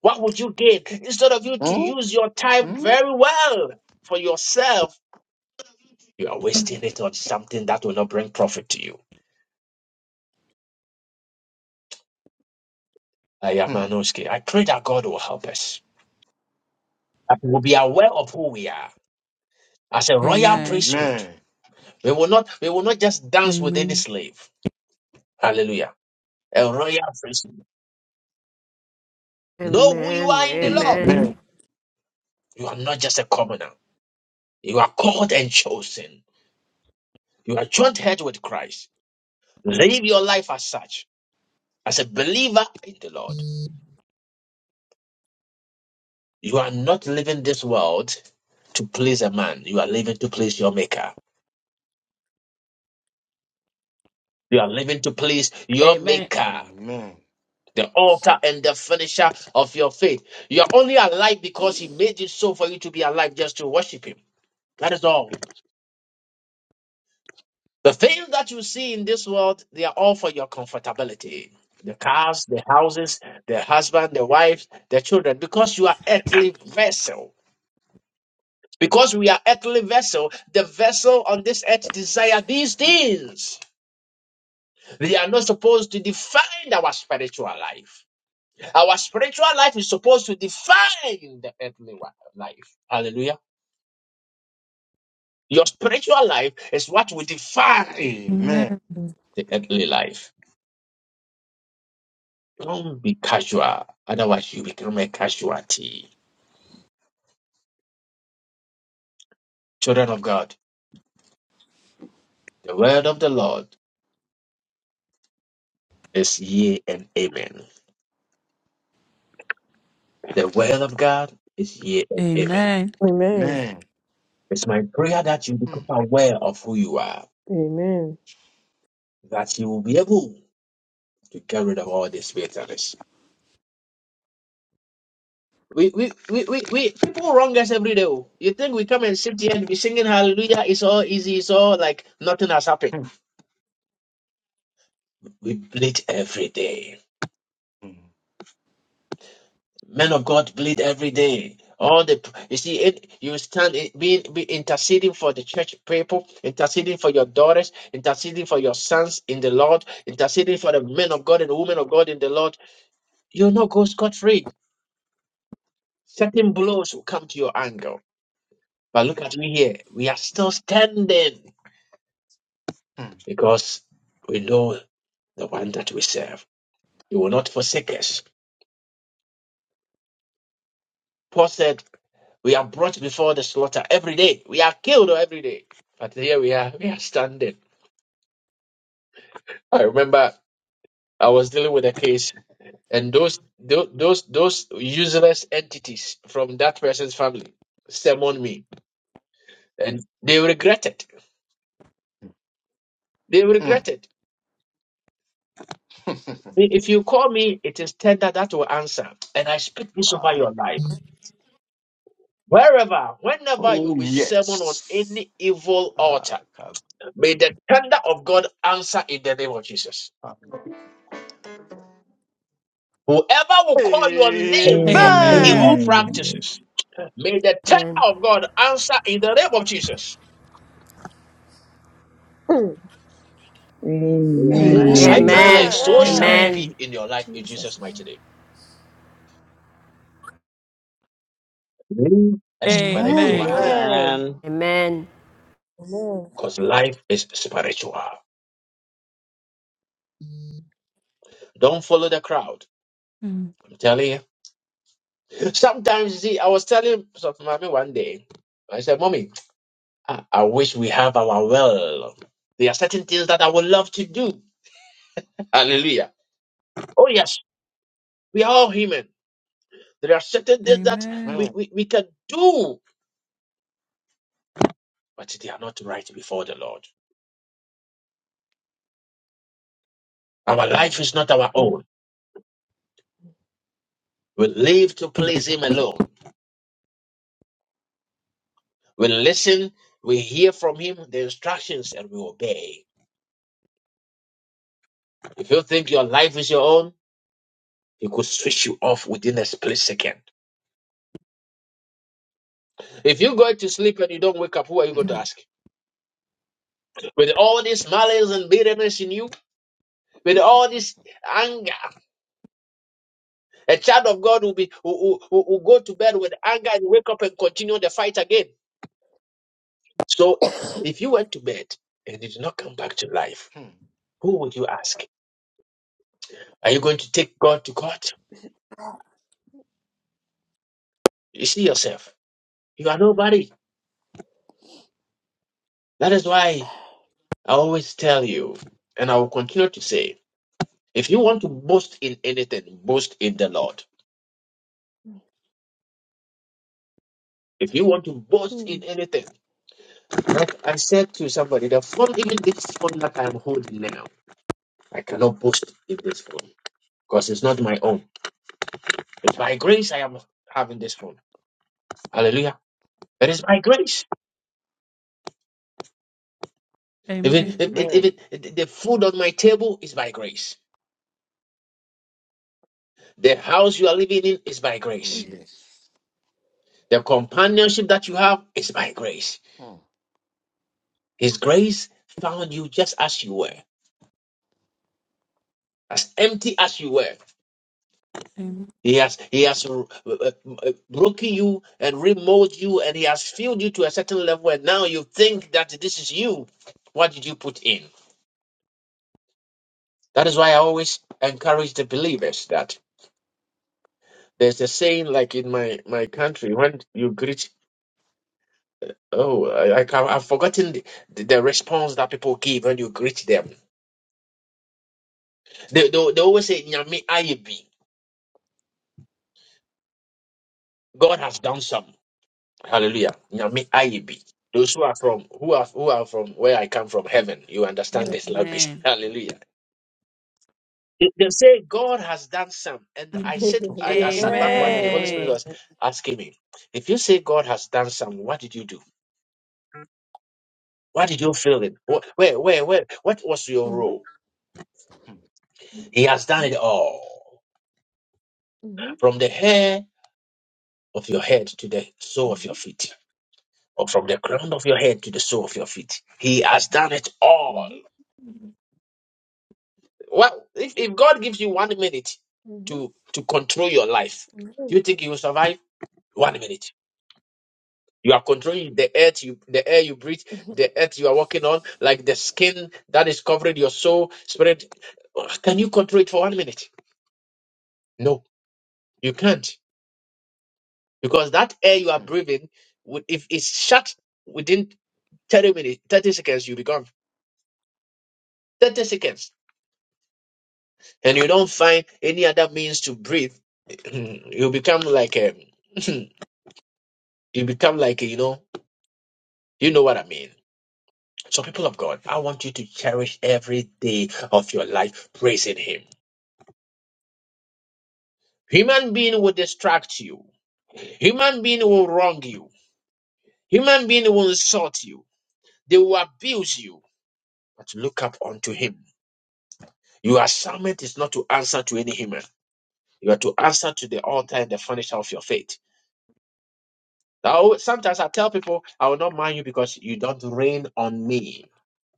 S1: What would you gain? Instead of you to use your time very well for yourself, you are wasting it on something that will not bring profit to you. Ayamanoski. I pray that God will help us. That we will be aware of who we are as a royal
S13: Amen.
S1: priesthood. We will not we will not just dance with any
S13: Amen.
S1: slave. Hallelujah. A royal priesthood.
S14: Amen.
S1: Know who you
S14: Amen.
S1: are in the Lord.
S13: Mm.
S1: You are not just a commoner. You are called and chosen. You are joint head with Christ. Live your life as such, as a believer in the Lord. You are not living this world to please a man. You are living to please your maker. You are living to please your
S13: Amen.
S1: maker. the altar and the finisher of your faith. You're only alive because He made it so for you to be alive just to worship Him. That is all. The things that you see in this world, they are all for your comfortability. The cars, the houses, the husband, the wives, the children, because you are earthly vessel. Because we are earthly vessel, the vessel on this earth desire these things. They are not supposed to define our spiritual life. Our spiritual life is supposed to define the earthly wa- life. Hallelujah. Your spiritual life is what will define
S13: Amen.
S1: the earthly life. Don't be casual, otherwise, you become a casualty. Children of God, the word of the Lord is yea and amen. The word of God is yea and amen.
S4: Amen.
S1: It's my prayer that you become aware of who you are,
S4: Amen.
S1: that you will be able to get rid of all these bitterness We, we, we, we, we people wrong us every day. oh. You think we come and sit here and be singing hallelujah, it's all easy, it's all like nothing has happened. We bleed every day. Men of God bleed every day. All the you see, it, you stand in- being be interceding for the church people, interceding for your daughters, interceding for your sons in the Lord, interceding for the men of God and the women of God in the Lord. You'll not go scot free. Certain blows will come to your angle. But look at me here. We are still standing. because we know the one that we serve. He will not forsake us. Paul said, We are brought before the slaughter every day. We are killed every day. But here we are, we are standing. I remember I was dealing with a case, and those tho- those those useless entities from that person's family summoned me, and they regret it. They regret it. If you call me, it is tender that will answer, and I speak this over your life. Wherever, whenever you be summoned on any evil altar, may the thunder of God answer in the name of Jesus. Whoever will call your name for
S13: Amen. Amen.
S1: evil
S2: Amen.
S12: Amen.
S1: practices, may the thunder
S14: Amen.
S1: of God answer in the name of Jesus.
S4: Mm.
S2: Amen.
S1: As I
S12: Amen.
S1: declare,
S14: Amen.
S1: so shall
S4: Amen.
S1: it
S14: Amen.
S1: be in your life in Jesus' mighty name. Live
S13: Amen.
S1: a spiritual
S2: Amen.
S13: Amen.
S1: life
S14: Amen.
S4: Amen. Amen.
S1: because life is spiritual. Don't follow the crowd.
S13: Mm,
S1: I'm telling you. Sometimes, you see, I was telling Sophie Mommy one day, I said, Mommy, I I wish we have our will. There are certain things that I would love to do. Hallelujah. Oh, yes, we are all human. There are certain things that
S13: Amen.
S1: we, we, we can do, but they are not right before the Lord. Our life is not our
S13: Mm,
S1: own. We live to please Him alone. We listen, we hear from Him the instructions, and we obey. If you think your life is your own, He could switch you off within a split second. If you go to sleep and you don't wake up, who are you going to ask? With all these malice and bitterness in you, with all this anger. A child of God will be will, will, will go to bed with anger and wake up and continue the fight again. So if you went to bed and did not come back to life, who would you ask? Are you going to take God to court? You see yourself. You are nobody. That is why I always tell you, and I will continue to say, if you want to boast in anything, boast in the Lord. If you want to boast
S4: Mhm.
S1: in anything, like I said to somebody, the phone, even this phone that I'm holding now. I cannot boast in this phone because it's not my own. It's by grace I am having this phone. Hallelujah. It is by grace. Even,
S13: Amen.
S1: even, even the food on my table is by grace. The house you are living in is by grace. The companionship that you have is by grace. His grace found you just as you were, as empty as you were.
S13: Amen.
S1: He has he has uh, uh, uh, broken you and remolded you, and he has filled you to a certain level. And now you think that this is you. What did you put in? That is why I always encourage the believers that there's a saying like in my, my country when you greet oh I, I can- I've forgotten the, the, the response that people give when you greet them. They they, they always say Nyami Ayebi. God has done some. Hallelujah. Nyami Ayebi. Those who are from who are who are from where I come from heaven, you understand this language. [laughs]
S13: Amen.
S1: Hallelujah. They they say God has done some, and
S4: [laughs]
S1: I
S13: Mhm.
S1: said I, I
S4: Amen.
S1: sat back one day. Holy Spirit
S13: Amen.
S1: was asking me, if you say God has done some, what did you do? Why did you feel it? Wh- Where, where, where? What was your
S4: Mhm.
S1: role? He has done
S4: Mhm.
S1: it all.
S4: Mhm.
S1: From the hair of your head to the sole of your feet, or from the crown of your head to the sole of your feet, He has done it all.
S4: Mhm.
S1: Well, if, if God gives you one minute
S4: Mhm.
S1: to to control your life, do
S4: Mhm.
S1: you think you will survive? One minute. You are controlling the earth, you, the air you breathe, the earth you are walking on, like the skin that is covering your soul, spirit. Can you control it for one minute? No, you can't. because that air you are breathing, would- if it's shut within 30 minutes, 30 seconds, you become 30 seconds, and you don't find any other means to breathe, [clears throat] you become like a, [clears throat] you become like a, you know, you know what I mean. So, people of God, I want you to cherish every day of your life praising Him. Human being will distract you. Human being will wrong you. Human being will insult you. They will abuse you. But look up unto Him Your assignment is not to answer to any human. You are to answer to the author and the finisher of your faith. Now, sometimes I tell people, I will not mind you because you don't rain on me.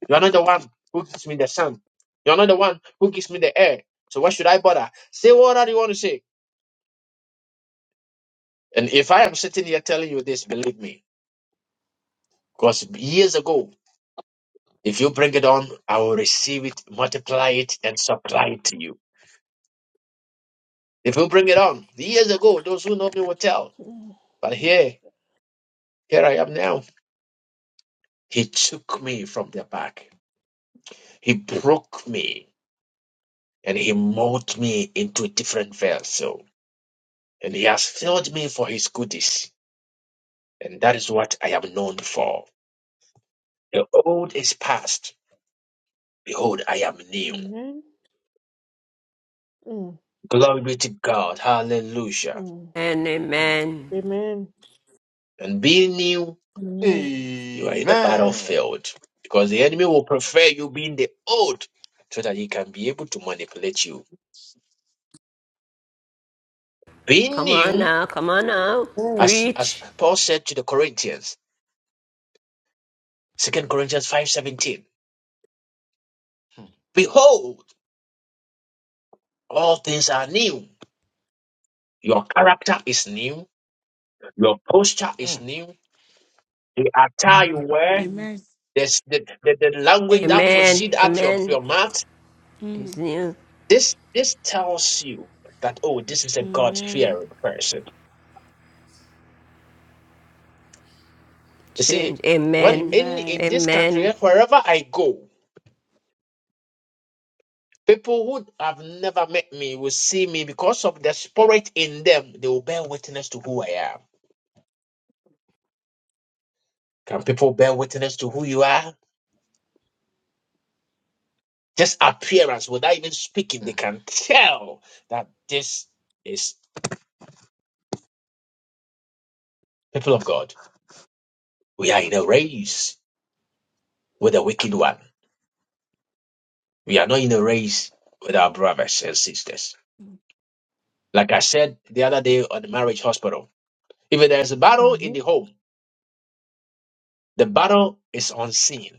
S1: You are not the one who gives me the sun. You are not the one who gives me the air. So why should I bother? Say whatever you want to say. And if I am sitting here telling you this, believe me, because years ago, if you bring it on, I will receive it, multiply it, and supply it to you. If you bring it on, years ago, those who know me will tell.
S4: Mhm.
S1: But here, here I am now. He took me from the back. He broke me and he molded me into a different vessel. And he has filled me for his goodies. And that is what I am known for. The old is past. Behold, I am new.
S4: Amen. Mm.
S1: Glory be to God. Hallelujah.
S4: Mm.
S14: And amen.
S4: Amen.
S1: And being new,
S4: Amen.
S1: you are in the battlefield. Because the enemy will prefer you being the old so that he can be able to manipulate you. Being
S14: Come on
S1: new,
S14: now. Come on now.
S1: as, as
S14: Preach.
S1: Paul said to the Corinthians, Second Corinthians five seventeen. Behold, all things are new. Your character is new. Your posture is new. The attire you wear,
S13: Amen.
S1: this, the, the, the language that
S13: Amen.
S14: Amen.
S1: proceeds out your,
S14: Amen.
S1: your mouth,
S14: It's
S13: Mm.
S14: new.
S1: this, this tells you that, oh, this is a God
S13: Amen.
S1: fearing person. You see,
S14: Change.
S1: when
S14: Amen.
S1: in,
S13: Amen.
S1: in this country,
S14: Amen.
S1: wherever I go, people who have never met me will see me because of the spirit in them. They will bear witness to who I am. Can people bear witness to who you are? Just appearance, without even speaking, they can tell that this is people of God. We are in a race with the wicked one. We are not in a race with our brothers and sisters. Like I said the other day on the marriage hospital, if there's a battle in the
S4: Mhm.
S1: home, the battle is unseen.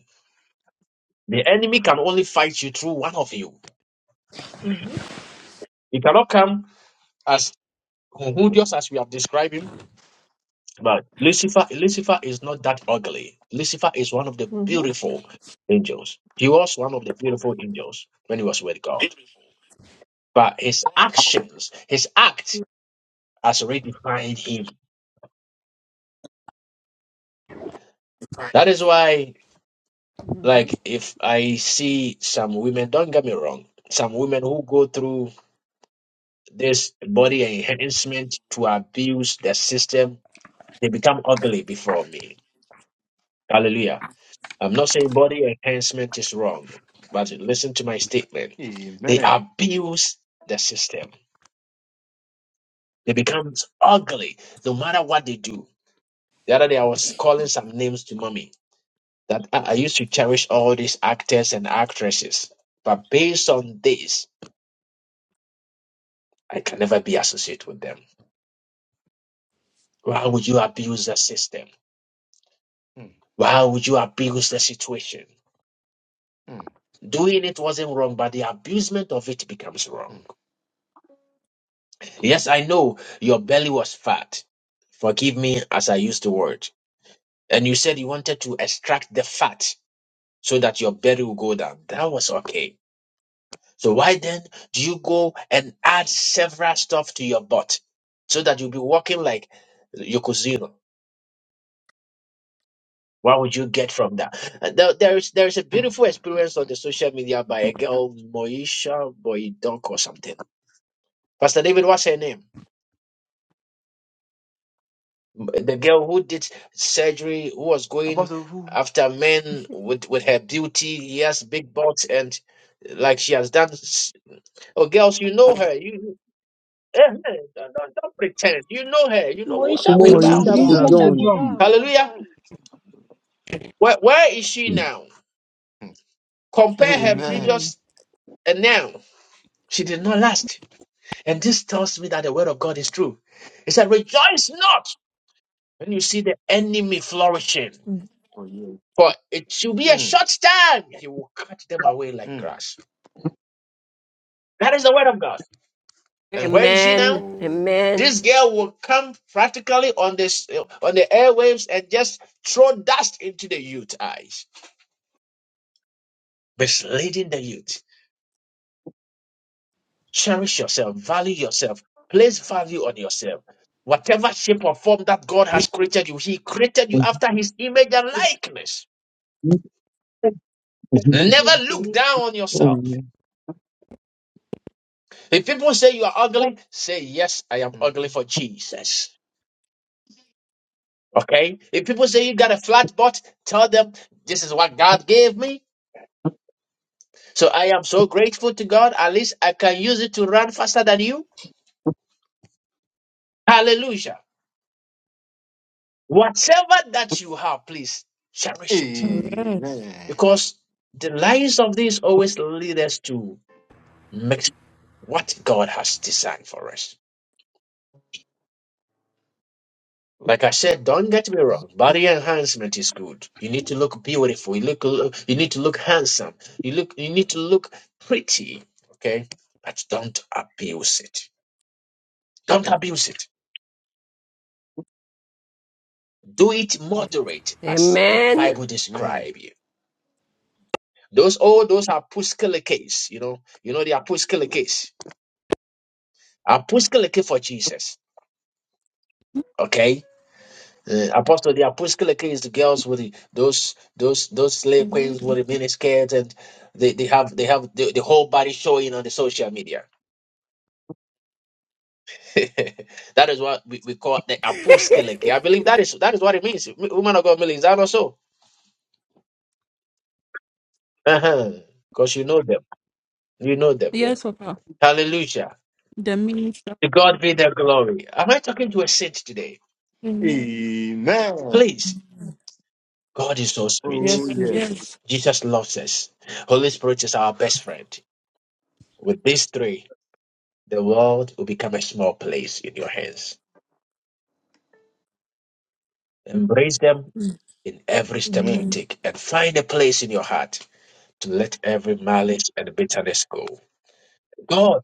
S1: The enemy can only fight you through one of you. He cannot come as who, who- just as we have described him But Lucifer, Lucifer is not that ugly. Lucifer is one of the
S4: Mhm.
S1: beautiful angels. He was one of the beautiful angels when he was with God. But his actions, his act has already defined him. That is why,
S4: Mhm.
S1: like, if I see some women, don't get me wrong, some women who go through this body enhancement to abuse the system, they become ugly before me. Hallelujah. I'm not saying body enhancement is wrong, but listen to my statement. They abuse the system. They become ugly no matter what they do. The other day I was calling some names to mommy that I, I used to cherish all these actors and actresses. But based on this, I can never be associated with them. Why would you abuse the system? Why would you abuse the situation? Doing it wasn't wrong, but the abusement of it becomes wrong. Yes, I know your belly was fat. Forgive me as I used the word. And you said you wanted to extract the fat so that your belly will go down. That was okay. So why then do you go and add several stuff to your butt so that you'll be walking like Yokozuna? What would you get from that? And there there is there is a beautiful experience on the social media by a girl Moisha Boydonk or something. Pastor David, what's her name? the girl who did surgery who was going after men with with her beauty he has big butts and like she has done s- oh girls you know her you you- eh, eh, don't, don't, don't pretend you know her you know what i'm
S20: Moisha
S1: talking
S2: Please
S1: about
S12: Are
S20: Boudon,
S6: Moisha
S2: shuffle
S20: Mo-
S12: you
S2: down.
S12: sure
S20: Moisha
S12: you
S6: Budon.
S12: don't?
S20: Boudon,
S1: hallelujah
S20: Boudon.
S1: where, where is she now compare her
S4: Amen.
S1: previous and now she did not last and this tells me that the word of god is true it said rejoice not when you see the enemy flourishing
S4: Mm.
S1: For it shall be a short time, he will cut them away like grass. That is the word of God. And where is she now?
S14: Amen.
S1: This
S14: Amen.
S1: girl will come practically on this uh, on the airwaves and just throw dust into the youth eyes, misleading the youth. Cherish yourself, value yourself, place value on yourself. Whatever shape or form that God has created you, He created you
S6: Mhm,
S1: after His image and likeness.
S6: mhm,
S1: Never look down on yourself.
S6: mhm,
S1: If people say you are ugly, say yes, I am ugly for Jesus. Okay? If people say you got a flat butt, tell them this is what God gave me. So I am so grateful to God. At least I can use it to run faster than you. Hallelujah. Whatever that you have, please cherish it. Because the lives of these always lead us to mix what God has designed for us. Like I said, don't get me wrong. Body enhancement is good. You need to look beautiful. You look. You need to look handsome. You look. You need to look pretty. Okay, but don't abuse it. Don't abuse it. Do it moderate, as the Bible
S14: Amen.
S1: describe you. Those all those are apostolic case. You know. You know the apostolic case. Apostolic case for Jesus. Okay Uh, Apostle, the apostolic is the girls with the, those those those slave queens
S13: Amen.
S1: with the miniskirts, and they, they have they have the, the whole body showing on the social media. [laughs] that is what we, we call the apostolic. I believe that is that is what it means. M- Woman of God, Millie, is that also? Uh huh. Because [laughs] you know them, you know them. Yeah.
S13: Yes, Papa.
S1: Hallelujah.
S13: The minister.
S1: To God be the glory. Am I talking to a saint today?
S13: Amen.
S1: Please, God is so sweet.
S4: Yes, Jesus.
S13: Yes.
S1: Jesus loves us. Holy Spirit is our best friend. With these three. the world will become a small place in your hands. Embrace them in every step you
S4: Amen.
S1: take and find a place in your heart to let every malice and bitterness go. God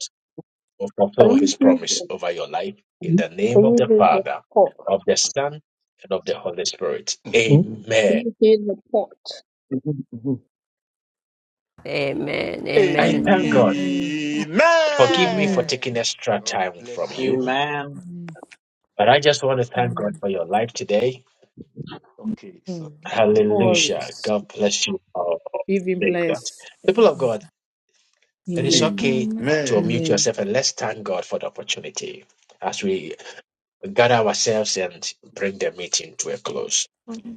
S1: will
S6: Can
S1: fulfill
S6: you
S1: his
S6: hear the,
S1: promise over your life in
S6: mhm,
S1: the
S6: can
S1: name of
S6: you
S1: the
S6: hear the
S1: Father,
S6: pot?
S1: of the Son, and of the Holy Spirit.
S6: mhm, Can
S1: Amen.
S6: you hear the pot? mhm, mhm.
S14: Amen.
S1: I
S14: Amen.
S1: thank God.
S13: Amen.
S1: Forgive me for
S4: Amen.
S1: taking extra time from you,
S4: Mm.
S1: but I just want to thank God for your life today.
S4: Mm. No
S1: Hallelujah.
S4: worries.
S1: God bless you all.
S4: Give him
S1: Thank God.
S4: bless.
S1: People of God. It is
S4: Amen.
S1: okay
S13: Amen.
S1: to unmute
S4: Amen.
S1: yourself and let's thank God for the opportunity as we gather us and bring the meeting to a close.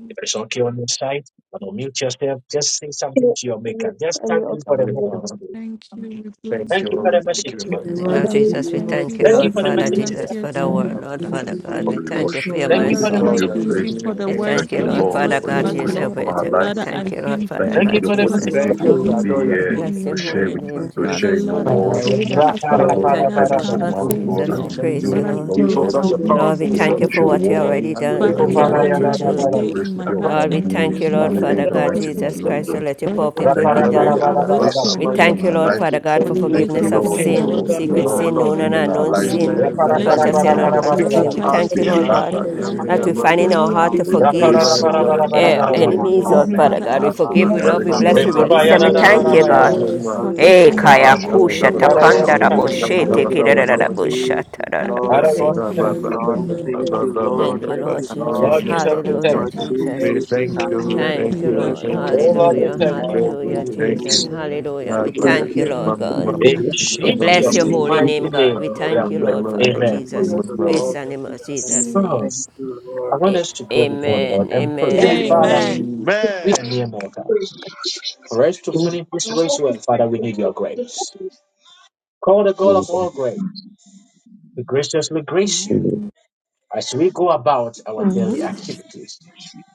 S1: If it's okay on your side, But unmute yourself, just say something to your maker. Just
S6: and you
S1: thank him
S6: also
S1: for the
S6: see the
S1: message today.
S13: Thank you. We bless
S1: Thank you for
S13: you.
S1: the message
S4: In
S1: today.
S4: the
S14: In the name
S6: the
S14: of
S13: Father,
S4: mighty name
S13: we
S4: of
S6: balloon
S14: Jesus,
S4: the
S14: we
S13: thank
S4: Lord
S14: thank
S13: you
S14: you,
S13: for
S1: Thank
S6: four
S1: you
S14: Lord
S4: Jesus
S1: for the
S14: Father
S13: bringing
S1: message
S4: Christ,
S13: us
S1: today.
S14: Jesus,
S13: here
S14: for the
S13: to
S4: Amen.
S14: word,
S13: know
S14: Lord
S13: that's
S4: In
S14: Father
S13: a
S4: the mighty
S14: God.
S4: name
S21: for
S14: We
S21: we
S13: unity.
S14: thank
S4: of
S14: you
S21: worship
S14: for your
S21: you.
S1: Thank you
S13: Father,
S21: We
S1: for the
S13: Lord,
S14: mercy.
S21: give
S13: I
S1: message
S21: you
S13: thank
S1: today.
S13: you
S21: grace.
S13: for the
S14: We
S13: words
S21: Thank
S14: thank you,
S21: you,
S13: that you
S14: Lord
S21: Lord,
S13: brought
S14: Father
S21: for your
S13: to
S14: God,
S4: the
S13: us,
S21: grace
S4: Lord
S14: Jesus.
S13: Lord.
S14: We
S21: upon our
S13: Father,
S21: lives.
S14: thank
S13: I
S14: you, Lord
S13: thank
S21: Thank
S14: Father
S13: you,
S21: you
S1: Thank
S21: for
S1: you
S14: God,
S21: the
S13: Lord,
S1: for the
S4: Jesus
S13: Father,
S1: message
S14: Jesus.
S4: Christ,
S21: opportunity
S13: Lord,
S1: today.
S13: for
S21: to,
S4: Amen.
S21: to be
S13: being
S21: here,
S13: mighty in
S14: bless
S13: your
S21: to
S14: your
S21: share
S14: holy
S21: with
S13: word.
S21: you,
S14: name,
S21: to
S13: Father,
S21: share in
S14: Jesus.
S21: your
S13: Lord, I
S21: word.
S14: Hallelujah.
S13: pray that as
S1: Rapa
S13: your
S21: Father,
S14: We
S1: rapa
S21: Lord, we
S13: word
S14: thank
S1: rapa
S14: you,
S13: has
S21: thank you
S14: Lord,
S1: rapa.
S21: for
S13: come
S21: the
S14: Father
S21: man
S13: before
S21: of
S13: me,
S21: God that
S14: Jesus. We
S21: you
S13: Lord,
S14: praise
S13: but
S14: you,
S13: I
S21: used,
S14: Lord.
S21: Lord
S13: pray
S21: God,
S13: that I'll be the
S14: Lord, we
S21: to
S13: doer of
S14: thank you
S21: teach
S14: for
S21: your
S13: the
S14: what you
S21: word,
S13: word.
S14: already
S21: to
S14: done,
S21: speak
S13: Father,
S1: Eko
S21: your
S14: what you're
S13: Lord,
S1: para
S13: the
S21: word.
S14: about
S1: ya
S14: to
S13: word will
S21: That
S1: rapa
S14: do.
S21: more
S13: stay
S1: rapa.
S21: grace
S13: in
S21: will
S13: my
S21: be
S13: heart
S14: Lord,
S21: upon
S14: we
S13: and I will
S21: him,
S14: thank you,
S21: his
S13: use
S14: Lord,
S21: family,
S13: it
S21: in
S13: for
S14: Father
S21: the
S13: the
S14: God,
S21: mighty name of
S13: purpose,
S14: Jesus
S13: Lord.
S14: Christ, so
S21: Jesus.
S14: let your
S13: Father,
S14: perfect
S13: I
S1: Rapa
S14: will
S21: Thank
S14: be
S21: you,
S1: rapa
S13: thank
S21: Lord,
S13: you.
S14: done.
S21: for
S1: rapa
S13: I
S21: your
S1: rapa
S13: bless
S21: grace
S1: rapa.
S13: your
S14: We
S13: holy
S21: upon
S14: thank you,
S21: our
S13: name,
S15: Thank
S14: Lord
S13: Lord
S21: lives.
S15: you,
S14: Father
S15: Jesus,
S14: God,
S13: for
S14: for
S13: the
S21: Thank you,
S14: forgiveness
S13: wisdom,
S14: of
S13: for
S21: Lord,
S13: the
S15: Lord. Thank
S13: knowledge
S14: sin,
S21: for
S15: you
S13: you've
S15: for
S14: secret
S21: all
S14: sin,
S15: life,
S21: you
S13: impacted
S14: known
S21: will
S15: my
S14: and
S21: do
S13: on
S21: in
S13: me
S21: our
S13: this
S14: unknown
S15: God.
S21: lives and
S13: morning.
S14: sin,
S21: for
S1: Rapa
S15: Thank
S21: more
S1: rapa
S15: you
S21: that
S13: Let
S21: you
S13: your
S15: for
S1: rapa
S14: conscious
S21: will
S14: and
S13: name
S1: rapa
S21: do
S15: health.
S13: be
S14: unconscious
S15: Thank
S1: rapa
S15: you
S14: sin.
S1: rapa.
S14: We
S15: for
S13: glorified.
S21: as
S13: Let
S14: thank you,
S21: we
S13: your
S15: strength.
S14: Lord
S13: name be
S21: embark
S14: God,
S21: on this
S15: Thank
S21: new
S15: you
S14: that
S13: exalted.
S14: we
S15: for
S21: week,
S14: find
S13: For
S21: we
S14: in our
S13: you
S21: ask
S13: are
S15: wisdom.
S14: heart
S13: the
S14: to
S21: for your
S13: King
S15: Thank
S13: of
S1: Rapa
S15: you for
S13: Kings
S21: grace,
S14: forgive
S1: rapa
S13: and you are
S15: knowledge.
S13: a
S1: rapa
S21: we
S1: rapa
S15: Thank
S14: eh,
S13: holy,
S15: you
S21: ask
S1: rapa
S15: for
S21: for
S13: holy
S1: rapa.
S21: your
S14: enemies,
S13: God.
S14: Lord
S21: empowerment,
S14: Father
S13: Father,
S15: understanding,
S21: we
S14: God.
S15: oh
S14: We
S13: I
S21: ask for
S15: God.
S21: your
S14: forgive, we
S13: thank you,
S14: love, we
S13: Lord,
S21: direction
S15: Father
S13: for
S14: bless, we
S21: in the
S15: God,
S14: release
S21: mighty
S15: if
S14: them.
S13: teaching
S14: We
S15: you
S13: me
S21: name
S13: to
S21: of
S14: thank
S15: believe
S14: you,
S13: forgive,
S21: Jesus.
S15: in
S14: God.
S1: Rekobayararararararara.
S13: Lord,
S15: this
S13: for
S15: service,
S21: Lord
S14: Hey,
S15: oh
S21: God,
S13: teaching
S21: we
S13: me
S14: kaya
S15: God,
S13: to
S21: worship you,
S13: let
S21: we
S14: kusha
S13: go
S21: give
S15: you
S21: you
S1: Father, I want
S15: bless
S13: because
S14: takanda
S1: to
S21: glory,
S15: us
S13: you
S1: thank
S21: we
S14: raboshe
S15: in
S13: are
S21: give
S13: the
S15: the
S21: you
S1: you.
S14: she
S21: all
S15: mighty
S21: the
S13: God of
S14: teki da
S15: name
S13: things
S15: of
S13: leaders.
S15: Jesus,
S13: Rather
S1: Father,
S15: Lord.
S1: I
S13: than
S14: si.
S1: want
S13: just
S1: to thank
S15: Father
S13: being
S1: you.
S15: Lord, thank you, Lord,
S14: Thank you, Lord
S15: mighty
S13: You
S15: God.
S14: Jesus.
S1: Lord
S13: we
S1: Jesus, we
S13: exalt your
S14: Hallelujah,
S1: thank
S15: Lord
S1: you.
S13: name, Lord.
S14: Jesus.
S15: Jesus,
S13: Let
S15: I'm
S13: your name be
S15: forever
S14: Thank you,
S13: praised at
S14: Lord.
S13: all
S15: grateful
S1: Oh
S15: to
S1: Lord, we
S13: times.
S14: Hallelujah.
S15: you,
S13: May your
S1: thank
S13: name
S1: you.
S13: be
S15: Lord.
S14: Hallelujah,
S13: praised times,
S14: Jesus.
S13: Lord.
S15: Hallelujah. Thank you,
S14: Hallelujah. We
S13: God
S14: thank you,
S13: bless
S15: Jesus.
S14: Lord
S13: you.
S14: God.
S1: In
S15: Thank you,
S14: We bless
S1: Jesus'
S14: your holy
S15: Jesus,
S1: mighty
S14: name, God.
S1: name,
S14: We
S1: we
S15: Lord.
S1: are
S14: thank you,
S1: praying.
S14: Lord,
S15: Your
S14: Father
S1: Amen.
S15: name
S14: Jesus.
S15: is
S4: Yes, Lord.
S14: Grace
S15: above
S14: and
S15: every
S14: in
S15: other
S14: Jesus'
S15: name.
S13: Mm.
S14: name.
S15: Thank
S1: First,
S15: you,
S1: I
S15: Lord.
S1: want
S14: A-
S1: us to go before the Lord
S14: Amen.
S1: and pray
S14: Amen.
S1: that, Father,
S4: Amen.
S13: Amen.
S1: we are mere
S6: is
S1: mortals. For us to finish this race
S6: Apple
S1: well,
S6: features
S1: Father, we need your
S6: protect
S1: grace.
S6: the
S1: Call the God of all
S6: Lord
S1: grace to graciously grace you as we go about our
S4: Uh-huh.
S1: daily activities,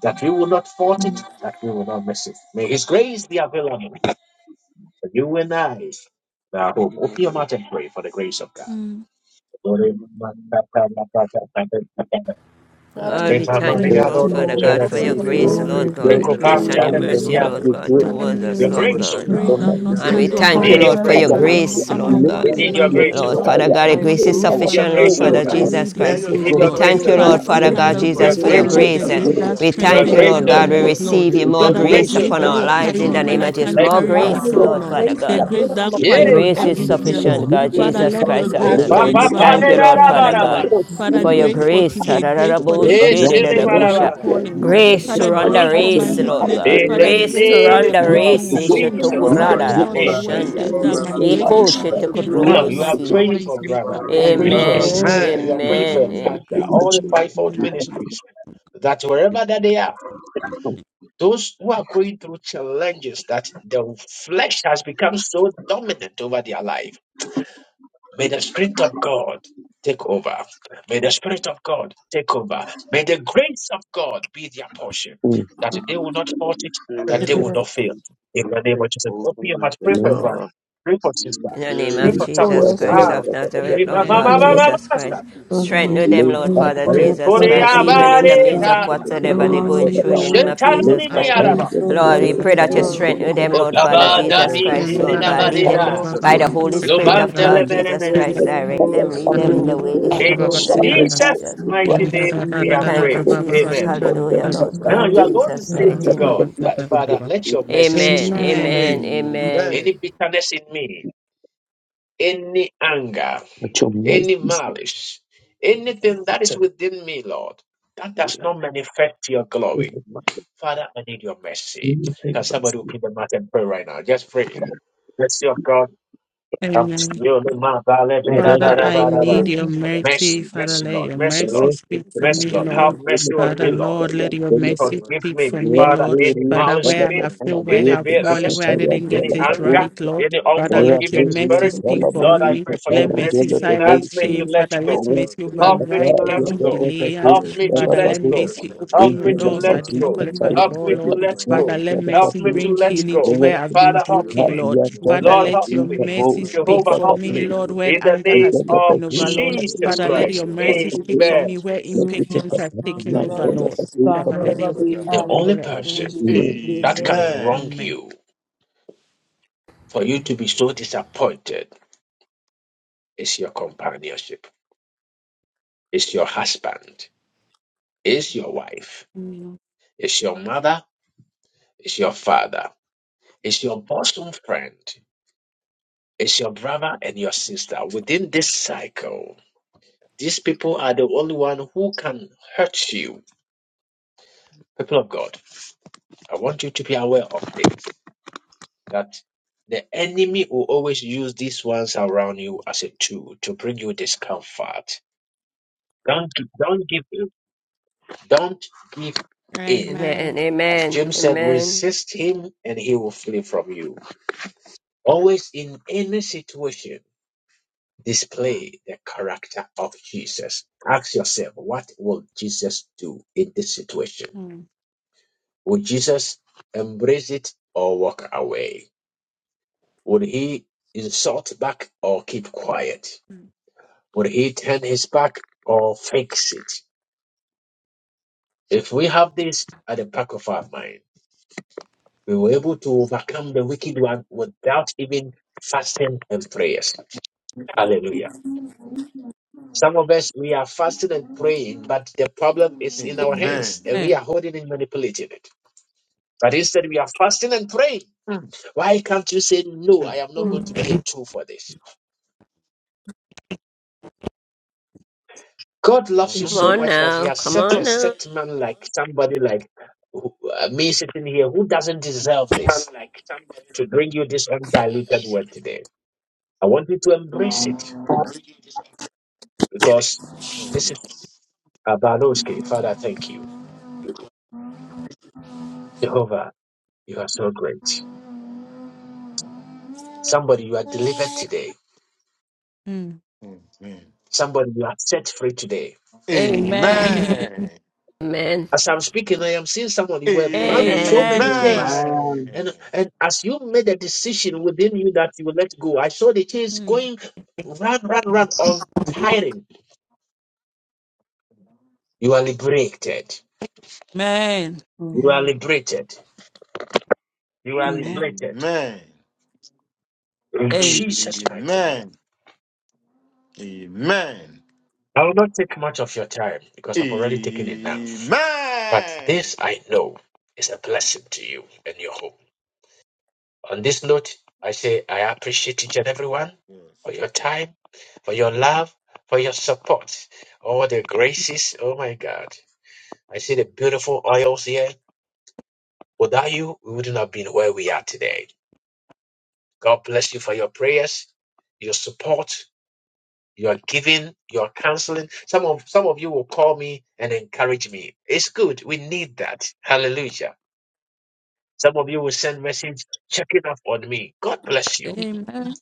S1: that we will not fault it, that we will not miss it. May His grace be available for you and I. Now, home. Open your mouth
S15: Thank
S1: and pray for the grace of God.
S13: Mm.
S1: Your
S14: Lord, we thank you, Lord
S4: Nothing
S14: Father
S4: more
S14: God, for
S4: is
S14: your
S13: Father,
S6: will grant
S14: grace,
S6: us
S13: Lord, we
S14: Lord
S6: to
S4: so
S14: God,
S13: come
S6: go
S14: your grace
S13: before
S14: and your
S6: and
S13: thee,
S6: the
S14: mercy,
S13: Lord.
S14: Lord God,
S4: and
S6: shopping.
S13: Father,
S14: towards
S13: may your
S14: us,
S13: name
S14: Lord
S13: be
S1: grace, oh
S14: God.
S4: I
S1: God.
S4: don't
S13: praised.
S4: need
S13: I'm
S4: your
S13: not
S14: And we
S4: grace
S13: standing by
S14: thank
S4: upon
S14: you,
S1: Need
S13: my
S4: my
S1: your
S14: Lord,
S4: life,
S14: for
S1: grace,
S14: your
S13: strength,
S1: oh
S4: bro.
S13: but I'm
S1: God.
S13: not
S14: grace,
S13: I'm
S4: I
S14: Lord
S13: not
S14: God.
S1: We
S4: request I
S13: walking
S1: need
S13: by
S1: your
S4: need
S13: my
S4: your
S1: grace,
S4: grace
S1: oh
S14: Lord
S1: God.
S13: wisdom.
S4: upon
S14: Father God,
S4: my
S14: your
S13: I'm
S4: life,
S13: not
S14: grace is
S4: bro.
S13: singing
S1: We
S6: Our
S1: Need
S13: by
S1: your
S14: sufficient,
S13: my
S4: I
S14: Lord
S6: soul,
S1: grace,
S4: need
S1: oh
S4: your
S13: skill.
S14: Father
S13: I
S1: God.
S6: our
S4: grace
S14: Jesus
S13: need
S4: to do,
S13: your
S6: spirit
S14: Christ.
S1: We
S6: to
S13: grace,
S1: need
S14: We
S6: go.
S4: oh,
S1: your
S4: I
S13: Lord.
S4: need
S1: grace,
S4: your
S14: thank
S1: oh
S14: you,
S6: Bring
S4: grace
S13: Father,
S14: Lord
S1: God.
S4: to
S6: some
S14: Father
S13: the
S4: do
S13: kind
S14: God
S6: me.
S13: of
S4: for
S1: Your
S14: Jesus,
S4: the
S13: grace
S14: for your
S13: that
S1: grace, oh God. Your grace,
S4: way
S1: oh
S13: lift,
S15: you.
S13: the
S6: pray
S4: to
S14: grace.
S1: God.
S14: And
S13: grace
S4: do.
S2: Amen.
S13: that
S14: we
S4: In the
S14: thank you,
S4: life
S13: strengthens
S4: to
S14: Lord
S13: when I'm
S15: Thank
S4: do,
S14: God.
S4: I
S14: We
S15: you,
S13: weak, Lord.
S14: receive you more
S15: Lord.
S1: Your
S13: Father, the
S14: grace
S1: grace, oh
S15: for
S13: grace
S15: this
S18: Amen.
S14: upon
S1: God.
S13: that
S14: our
S13: will
S14: lives
S13: carry
S14: in
S13: me
S4: need
S14: the
S4: your
S15: new
S13: when
S14: name
S15: grace
S4: grace
S13: I
S14: of
S4: to
S15: and
S14: Jesus.
S13: can't
S4: do.
S1: Thank
S15: your
S14: More
S1: you,
S13: carry
S2: God,
S1: Father.
S14: grace,
S15: mercy,
S2: may
S13: myself,
S15: your
S2: your
S14: Lord
S13: Lord.
S14: Father
S2: grace be
S13: The
S14: God.
S13: grace that
S2: available
S14: Your
S2: upon
S4: This
S1: Yay!
S13: quiets
S2: your
S4: is
S15: Lord
S14: grace
S2: life.
S14: is
S4: grace,
S13: every
S4: I
S2: In
S4: need
S13: fear,
S15: Jesus,
S2: Jesus'
S14: sufficient,
S4: your
S13: Lord.
S2: name,
S14: God
S15: thank you,
S4: grace
S13: Father,
S4: to
S14: Jesus
S13: let your
S2: we
S14: Christ
S15: Lord,
S14: of
S15: my
S2: are
S13: grace
S15: God,
S13: reign
S14: Nazareth. We
S2: grace.
S13: over me
S14: thank you,
S15: for
S13: this
S14: Lord Father
S2: Mighty
S13: morning,
S2: name,
S13: Lord.
S14: God,
S15: extending
S13: Father,
S14: for
S15: grace
S14: your
S13: grace
S15: and
S13: for
S14: grace.
S2: we
S14: ra
S13: today,
S15: mercy
S2: are
S15: to
S14: ra
S13: grace for
S15: our
S13: the
S2: grace.
S15: life
S13: season,
S15: and
S13: grace
S15: our
S13: for
S2: Amen.
S13: your
S15: King,
S13: calling, Lord.
S14: Grace
S15: Jesus,
S14: to
S13: Father,
S2: Jesus,
S14: run the
S15: God.
S13: grace for
S2: mighty
S13: my
S14: race,
S2: name, we
S15: Lord
S14: Lord
S2: are grace.
S13: weaknesses.
S14: God.
S1: In
S13: Father,
S1: the
S15: Jesus,
S14: Grace to
S15: this
S13: grace
S2: We are
S13: for
S14: run
S1: name
S13: the
S15: is
S14: the
S2: grace. We
S1: of
S14: race.
S13: unknown,
S4: do,
S15: sufficient,
S13: Lord.
S2: are
S1: Jesus
S4: grace to
S15: Lord.
S13: Father,
S4: do.
S1: Christ.
S13: Lord, your
S2: grace.
S15: But
S13: word
S1: Amen.
S14: Ishotokurada-ra-bo-shanda.
S13: says
S15: Lord,
S4: Lord,
S13: that
S2: Jesus'
S15: I
S4: I
S13: my
S4: need
S15: know,
S13: grace is
S2: name.
S15: Lord,
S4: your
S15: your
S13: sufficient
S4: grace
S13: for
S4: to
S13: you
S1: Now
S15: grace
S13: and
S1: you
S4: do.
S15: is
S13: my
S1: are
S14: Eko-shetekorobosi.
S13: power
S1: praying for
S13: is
S1: a
S15: sufficient
S13: made
S15: for
S1: brother,
S15: us,
S1: you
S13: perfect
S1: are
S15: O
S13: in
S1: praying
S13: you.
S1: for a
S15: God.
S14: Amen.
S15: Thank
S4: Amen.
S1: sister, you are
S15: you,
S1: praying
S15: Lord.
S13: Father,
S1: for a
S13: Lord,
S14: Amen.
S13: your
S1: pastor.
S13: grace
S1: all
S13: be
S1: the
S13: with me,
S1: fivefold
S13: Lord.
S1: ministries that wherever that they are, those who are going through challenges that the flesh has become so dominant over their life May the Spirit of God take over. May the Spirit of God take over. May the grace of God be their portion,
S6: for
S15: Amen. I
S1: that they will not forfeit, that they will
S4: Amen.
S1: not fail. In the name of Jesus, open your mouth, pray
S6: me.
S1: for Brian, pray for sister,
S14: In the name
S1: pray
S14: of
S6: Lake
S1: for
S4: Oh,
S1: someone.
S14: Jesus
S6: up
S4: yes,
S14: Christ
S6: and
S4: Lord.
S1: Ah,
S14: of Nazareth,
S6: one
S1: riba
S14: Lord
S1: ba
S13: and
S1: ba
S14: God,
S1: ba
S4: Amen.
S6: of
S1: ba
S14: Jesus
S1: ba
S14: Christ,
S1: sakura.
S4: God is
S14: strengthen them,
S6: the
S14: Lord
S4: praying
S15: thank
S14: Father
S4: for the
S14: Jesus
S1: Rekore
S4: brother
S14: Christ,
S4: and the
S14: even
S6: boats
S14: in the
S1: abare
S6: and
S14: midst
S6: up
S4: sister
S14: of
S1: ta,
S6: to the
S4: who
S14: whatsoever
S6: boat
S14: they're
S4: are
S14: going
S6: set
S13: strength.
S4: on
S14: through, in
S4: the
S14: the
S6: about.
S13: Amen.
S14: name
S4: way
S14: of
S4: to
S6: Lake
S14: Jesus
S1: shentaloni mi
S6: up
S13: Amen.
S14: Christ.
S4: and
S6: and
S1: alaba.
S4: is
S6: the
S4: from
S6: little
S14: Lord, we
S4: God's
S6: girls
S14: pray that
S6: and
S4: initial
S14: you
S6: young to the
S14: strengthen
S4: arena
S14: them,
S4: in
S14: Lord
S4: the
S6: police.
S14: Father
S6: I
S1: Okaba da
S14: Jesus
S4: platform of
S14: Christ,
S1: tiri
S14: Lord
S6: found
S1: la
S14: God,
S1: ba
S4: the
S1: de
S14: lead them
S4: Lord
S6: fire
S4: of
S6: from
S14: by
S6: the
S14: the
S4: whose
S14: Holy
S4: food,
S14: Spirit
S6: little
S14: of
S4: the
S6: and
S14: God,
S6: the
S4: food
S14: Jesus
S1: mene
S4: of
S1: mene.
S14: Christ,
S4: your
S14: direct
S6: fire
S14: them,
S4: house,
S14: lead
S6: from the
S14: them in
S4: your
S14: the
S6: new
S14: way they
S6: court.
S14: should
S6: My
S1: In
S14: go, in the name
S4: food,
S6: father's
S14: of
S1: Jesus'
S6: house
S14: Jesus.
S4: in
S6: is
S4: the
S1: mighty
S6: right by
S4: mighty
S1: name,
S6: the
S1: we have
S4: name
S6: purpose
S4: of
S6: to
S14: Thank you,
S1: prayed.
S6: go.
S4: Jesus,
S14: Jesus.
S1: Amen.
S4: in
S6: No, the
S14: Hallelujah,
S4: the
S14: Lord
S6: rest I
S1: Now
S14: God,
S1: you
S4: Holy
S1: are
S6: praise.
S1: going to
S14: Jesus'
S1: say
S6: Put
S1: to
S4: Spirit,
S14: mighty
S6: them in the
S1: God
S14: name.
S1: that,
S6: blood of God.
S1: Father, let your
S6: Lord,
S1: mercy seat
S14: Amen,
S1: speak for me.
S14: amen, amen,
S1: Any bitterness in me, any anger,
S6: Let your
S1: any
S6: mercy speak
S1: malice, anything that
S6: to
S1: is within me, Lord, that
S6: me.
S1: does not manifest your glory. Father, I need your mercy. Can
S6: Thank you.
S1: somebody open the mouth and pray right now? Just pray. Mercy of God. come.
S13: Amen. Father, I need your mercy.
S1: Mercy,
S13: Father,
S1: mercy,
S13: let
S1: Lord.
S13: your
S1: Mercy,
S13: mercy
S1: Lord.
S13: speak for
S1: Mercy,
S13: me,
S1: Lord. Have
S13: Lord.
S1: mercy on
S13: Father,
S1: me, Lord.
S13: Lord, let your
S1: and
S13: mercy
S1: forgive
S13: speak
S1: me,
S13: for me,
S1: Father,
S13: Lord.
S1: any
S13: Father,
S1: malice,
S13: where I have
S1: sin,
S13: failed, where I
S1: any
S13: have fallen,
S1: bitterness,
S13: where I didn't
S1: any
S13: get it
S1: anger,
S13: right,
S4: in
S13: Lord.
S1: any
S13: Father, let your
S1: unforgiving
S13: mercy
S1: spirit.
S13: speak for
S1: Lord, I
S13: me.
S1: pray for
S13: Let
S1: your
S13: mercy
S1: mercy. Help
S13: silence
S1: me
S13: shame.
S1: to let
S13: Father,
S1: go.
S13: let
S6: Thank
S13: mercy
S1: Help me to
S13: override
S1: let
S13: every
S1: go.
S13: delayance.
S1: Help me to
S13: Father,
S1: let
S13: let
S1: go.
S13: mercy
S1: Help
S13: open your
S1: me to
S13: doors
S1: let
S13: I do not
S1: go.
S13: qualify
S1: Help
S13: for,
S1: me to
S13: Lord.
S1: let
S4: the
S1: go.
S13: Father, let
S1: Help
S13: mercy
S1: me to
S13: bring
S1: let
S13: healing
S1: go.
S13: to where I've been
S1: Father, help
S13: broken,
S1: me.
S13: Lord. Father,
S1: Lord,
S13: let
S1: help
S13: your
S1: me.
S13: mercy speak
S1: Jehovah,
S13: for
S1: help
S13: me,
S1: me.
S13: Lord, where
S1: In the
S13: anger
S1: name
S13: has
S1: of
S13: taken over,
S4: Amen. Mm.
S13: Lord.
S1: Jesus
S13: Father, let
S1: Christ.
S13: your mercy
S6: you.
S13: speak for
S1: Amen.
S13: me where
S6: Much of
S13: impatience has
S4: Amen. Amen. Amen.
S13: taken over, Lord. Father, let your favor
S1: The
S13: be
S1: only
S13: where I've been.
S1: person
S13: forgotten. In
S1: that
S13: Jesus'
S1: can
S13: name,
S1: wrong
S13: amen.
S1: you For you to be so disappointed is your companionship, is your husband, is your wife,
S13: Amen.
S1: is your mother, is your father, is your bosom friend, is your brother and your sister. Within this cycle, these people are the only one who can hurt you. People of God, I want you to be aware of this that the enemy will always use these ones around you as a tool to bring you discomfort. Don't don't give in. Don't give in
S13: Amen.
S14: amen,
S1: As
S14: amen,
S1: James said,
S14: amen.
S1: resist him and he will flee from you. Always in any situation, display the character of Jesus. Ask yourself, what will Jesus do in this situation?
S13: Mm.
S1: Would Jesus embrace it or walk away? Would he insult back or keep quiet? Would he turn his back or fix it? If we have this at the back of our mind, we were able to overcome the wicked one without even fasting and prayers. Hallelujah. Some of us, we are fasting and praying, but the problem is in our hands and we
S13: Mm. Mm.
S1: are holding and manipulating it. But instead, we are fasting and praying. Why can't you say, No, I am not going to be a tool for this? God loves you
S14: Come
S1: so
S14: on
S1: much that He
S14: now.
S1: has
S14: Come
S1: set
S14: on
S1: a
S14: now.
S1: set man like somebody like who- uh, me sitting here who doesn't deserve this to bring you this undiluted word today. I want you to embrace it because this is Abanoski. Father, thank you. Jehovah, you are so great. Somebody, you are delivered today
S13: Mm.
S1: Somebody you are set free today.
S13: Amen.
S14: Amen.
S1: As I'm speaking, I am seeing someone you were bound with so
S14: Amen.
S1: many
S13: Amen.
S1: chains. And and as you made a decision within you that you will let go, I saw the chains
S13: Mm.
S1: going run, run, run, untiring. You are liberated.
S13: Amen.
S1: You are
S2: Amen.
S1: liberated. You are liberated. In
S13: Amen.
S1: Jesus' mighty name. I will not take much of your time because I've already taken enough. But this I know is a blessing to you and your home. On this note, I say I appreciate each and everyone for your time, for your love, for your support, all the graces. Oh my God. I see the beautiful oils here. Without you, we wouldn't have been where we are today. God bless you for your prayers, your support, your giving, your counseling. Some of some of you will call me and encourage me. It's good. We need that. Hallelujah. Some of you will send message checking up on me. God bless you.
S13: Amen.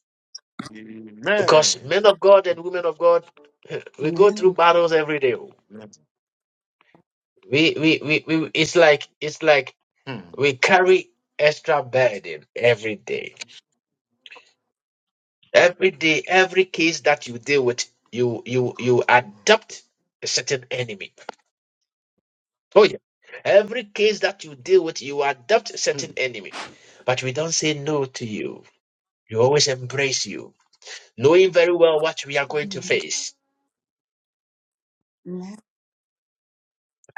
S1: Because men of God and women of God, [laughs] we go through
S2: Amen.
S1: battles every day. We, we, we, we it's like it's like we carry extra burden every day. Every day, every case that you deal with, you you you adopt a certain enemy. Oh yeah. Every case that you deal with, you adopt a certain enemy. But we don't say no to you. You always embrace you, knowing very well what we are going to
S13: Mm.
S1: face.
S2: Amen.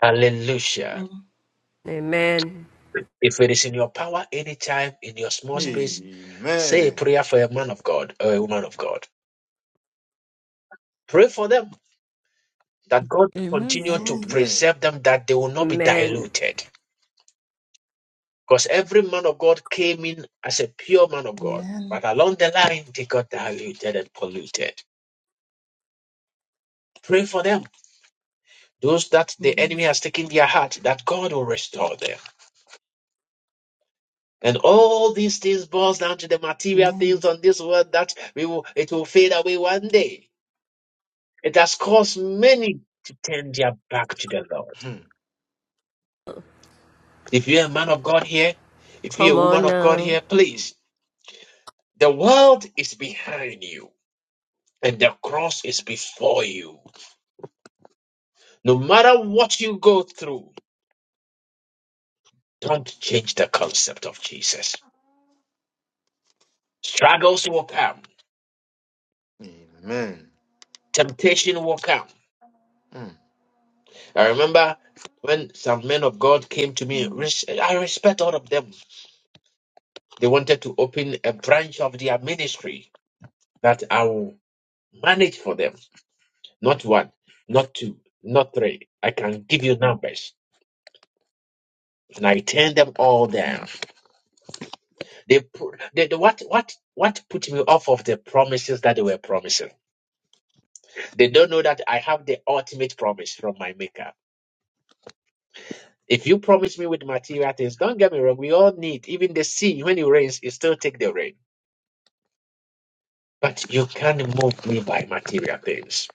S1: Hallelujah.
S2: Amen. Mm.
S14: Amen.
S1: If it is in your power, anytime in your small
S2: Amen.
S1: space, say a prayer for a man of God or a woman of God. Pray for them that God
S13: Amen.
S1: continue to
S2: Amen.
S1: preserve them, that they will not be
S14: Amen.
S1: diluted. Because every man of God came in as a pure man of God,
S2: Amen.
S1: but along the line, they got diluted and polluted. Pray for them, those that the
S2: Mm.
S13: Mm.
S1: enemy has taken their heart, that God will restore them. And all these things boils down to the material things
S2: Amen.
S1: on this world that we will, it will fade away one day. It has caused many to turn their back to the Lord. If you're a man of God here, if you're a
S14: Come
S1: woman
S14: on
S1: of God
S14: now.
S1: here, please. The world is behind you and the cross is before you. No matter what you go through, don't change the concept of Jesus. Struggles will come, temptation will come. I remember when some men of God came to me, res- I respect all of them. They wanted to open a branch of their ministry that I will manage for them. Not one, not two, not three. I can give you numbers. And I turn them all
S13: Mm.
S1: down. They, pu- they they- what what what put me off of the promises that they were promising? They don't know that I have the ultimate promise from my maker. If you promise me with material things, don't get me wrong, we all need even the sea when it rains, it still take the rain. But you can't move me by material things.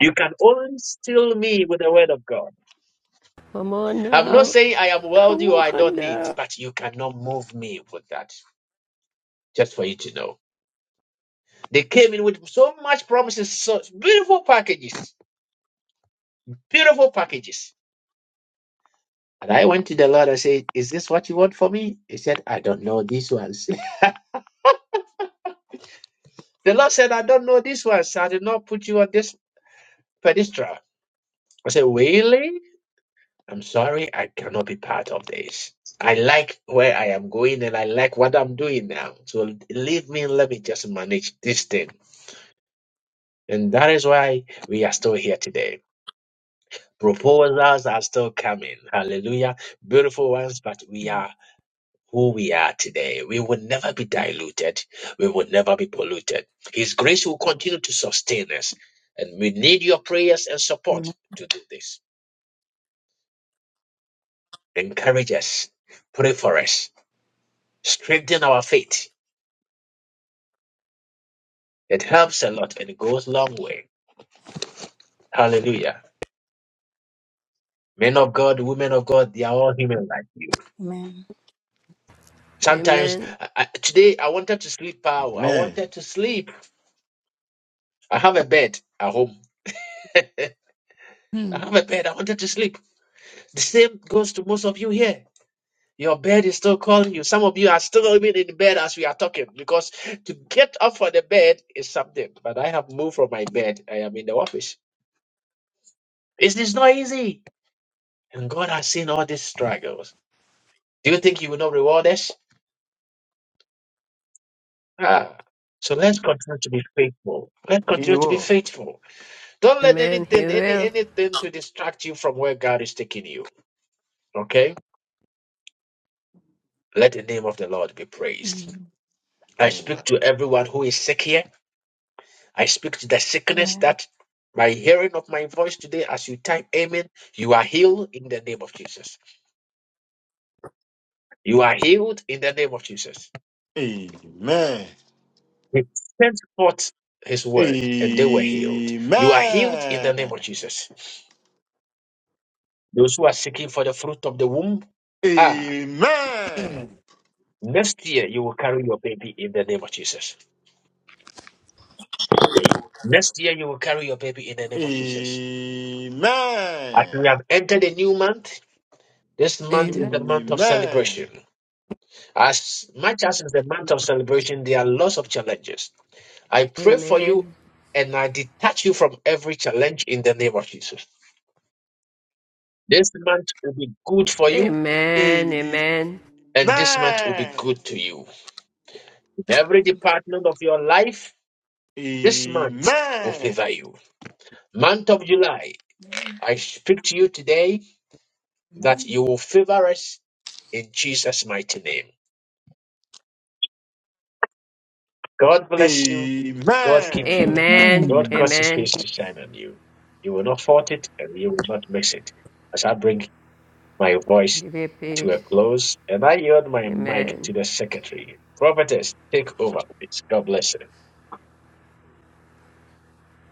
S1: You can only steal me with the word of God.
S14: Come on
S1: I'm not
S14: now.
S1: saying I am
S14: Come
S1: wealthy or I
S14: on
S1: don't need,
S14: now.
S1: but you cannot move me with that. just for you to know. They came in with so much promises, such beautiful packages, beautiful packages. And I went to the Lord and said, Is this what you want for me? He said, I don't know these ones. [laughs] the Lord said, I don't know these ones. I did not put you on this pedestal. I said, Really? I'm sorry, I cannot be part of this. I like where I am going and I like what I'm doing now. So leave me and let me just manage this thing. And that is why we are still here today. Proposals are still coming. Hallelujah. Beautiful ones, but we are who we are today. We will never be diluted. We will never be polluted. His grace will continue to sustain us. And we need your prayers and support
S2: Amen.
S1: to do this. Encourage us. Pray for us. Strengthen our faith. It helps a lot and it goes a long way. Hallelujah. Men of God, women of God, they are all human like you.
S2: Amen.
S1: Sometimes,
S14: Amen.
S1: I, I- today I wanted to sleep. Power. I wanted to sleep. I have a bed at home. I
S13: Mm.
S1: have a bed. I wanted to sleep. The same goes to most of you here. Your bed is still calling you. Some of you are still even in bed as we are talking because to get up from the bed is something. But I have moved from my bed. I am in the office. Is this not easy? And God has seen all these struggles. Do you think He will not reward us? Ah. So let's continue to be faithful. Let's continue to be faithful. Don't let
S14: Amen. He
S1: anything, any
S14: will.
S1: anything to distract you from where God is taking you. Okay? Let the name of the Lord be praised.
S13: Mm.
S1: I speak to everyone who is sick here. I speak to the sickness
S2: Amen.
S1: that by hearing of my voice today, as you type Amen, you are healed in the name of Jesus. You are healed in the name of Jesus. He sent forth his word and they were healed. You are healed in the name of Jesus. Those who are seeking for the fruit of the womb, ah, next year you will carry your baby in the name of Jesus. Next year you will carry your baby in the name of Jesus. As we have entered a new month, this month
S13: Amen.
S1: is the month of celebration. As much as it's a month of celebration, there are lots of challenges. I pray for you
S14: Amen.
S1: and I detach you from every challenge in the name of Jesus. This month will be good for you
S14: Amen. Amen.
S1: and this month will be good to you. In every department of your life, this month will favor you. Month of July, I speak to you today that
S2: Amen.
S1: you will favor us in Jesus' mighty name. God bless you. God keep you.
S14: Amen.
S1: God
S12: Amen.
S1: cause his
S14: Amen.
S1: face to shine on you. You will not fault it and you will not miss it. As I bring my voice
S14: Give you
S1: to
S14: peace.
S1: a close and I yield my mic to
S14: Amen.
S1: the secretary. Prophetess, take over, please. God bless you.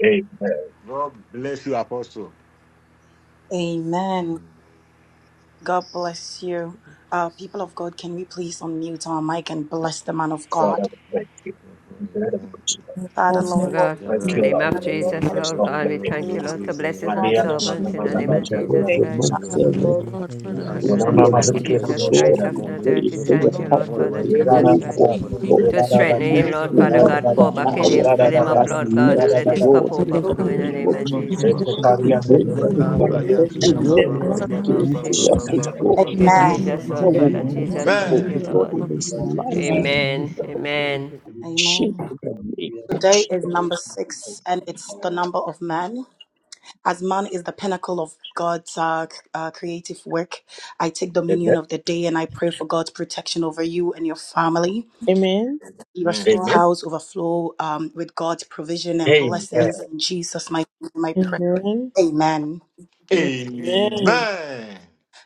S1: Amen.
S2: Amen. God bless you. Uh, people of God, can we please unmute our mic and bless the man of God?
S1: Father, we thank you. We pray that you will.
S2: Father, Lord,
S14: God,
S1: Thank
S14: in the
S1: you,
S14: name
S2: we
S1: Lord.
S2: ask
S14: of Jesus,
S2: for
S1: It's
S14: Lord
S1: not
S14: God, we
S2: the
S14: thank you,
S2: bless
S14: Lord, to bless his man
S2: body,
S13: And Lord,
S2: Jesus,
S14: servant
S13: we
S14: in the name
S13: thank you
S14: of
S6: what
S14: Jesus
S6: your
S13: for
S5: Amen.
S14: Christ.
S6: mom
S13: the woman of God, Father.
S12: That's
S13: We
S14: Father,
S1: your
S14: in
S12: cool.
S14: the
S13: pray
S14: name
S13: for
S14: of
S12: Thank
S13: her,
S12: you.
S14: Jesus
S1: name.
S14: Christ
S12: And
S14: of
S12: then the
S14: Nazareth, we
S13: head,
S12: peace,
S14: thank you,
S13: Lord.
S14: Lord Father
S12: the
S13: Father, let
S14: Jesus
S1: Amen.
S12: regard,
S13: your
S14: Christ.
S13: peace
S12: the
S13: be
S12: way to
S13: with
S14: To
S1: Amen.
S12: be
S13: her
S14: strengthen
S12: God for what is
S14: him,
S12: the mercy
S14: Lord
S12: is
S13: in
S2: name.
S14: Father
S13: the
S14: God,
S12: established
S14: pour
S13: home
S12: in
S13: she
S14: back
S12: the
S14: in
S13: lives,
S14: him,
S15: you,
S14: fill
S13: Father,
S14: him
S12: name of
S13: Lord.
S15: Jesus,
S14: up,
S15: that
S14: Lord
S15: you
S13: Let
S12: Jesus
S14: God,
S15: are
S14: and
S13: your
S14: let
S15: my
S13: peace
S14: his
S12: Christ.
S14: cup
S13: be with the
S14: overflow in
S2: Glory to
S14: the
S15: comfort,
S13: family,
S14: name
S15: my
S2: you,
S14: of
S12: In the
S13: be
S14: Jesus.
S15: strength,
S12: kingdom
S13: with
S12: of
S13: the
S2: glory
S12: faithful
S15: and my relief. Thank you,
S2: to you,
S15: Lord,
S12: woman, we
S13: children,
S15: that
S12: can watch your
S15: I
S2: Jesus.
S13: Lord.
S15: don't
S12: blessings
S2: Thank
S13: Father,
S12: on
S15: have
S2: you,
S15: to
S12: his
S15: be
S12: life,
S2: we
S15: here
S12: his
S2: pray.
S15: today.
S12: wife,
S15: That
S12: his
S15: is
S14: Thank
S13: we
S14: you,
S15: not
S13: are
S15: the way.
S12: children,
S13: in
S2: Amen.
S15: Thank
S12: in
S14: Jesus, Lord
S12: the
S14: Father
S12: name of
S14: Jesus.
S12: Jesus.
S13: the
S14: Thank
S13: name
S14: you, Lord.
S13: of
S15: you,
S13: Jesus.
S15: Lord, that I
S13: Amen.
S15: am
S14: Amen. Amen.
S15: here.
S2: Amen.
S15: Real
S2: Today is
S15: working
S2: number
S15: composition, however,
S2: six, and it's the number of man. As man is the pinnacle of God's uh, c- uh, creative work, I take dominion of the day and I pray for God's protection over you and your family. Your storehouse overflow um, with God's provision and blessings. In Jesus' mighty name, I pray. Amen.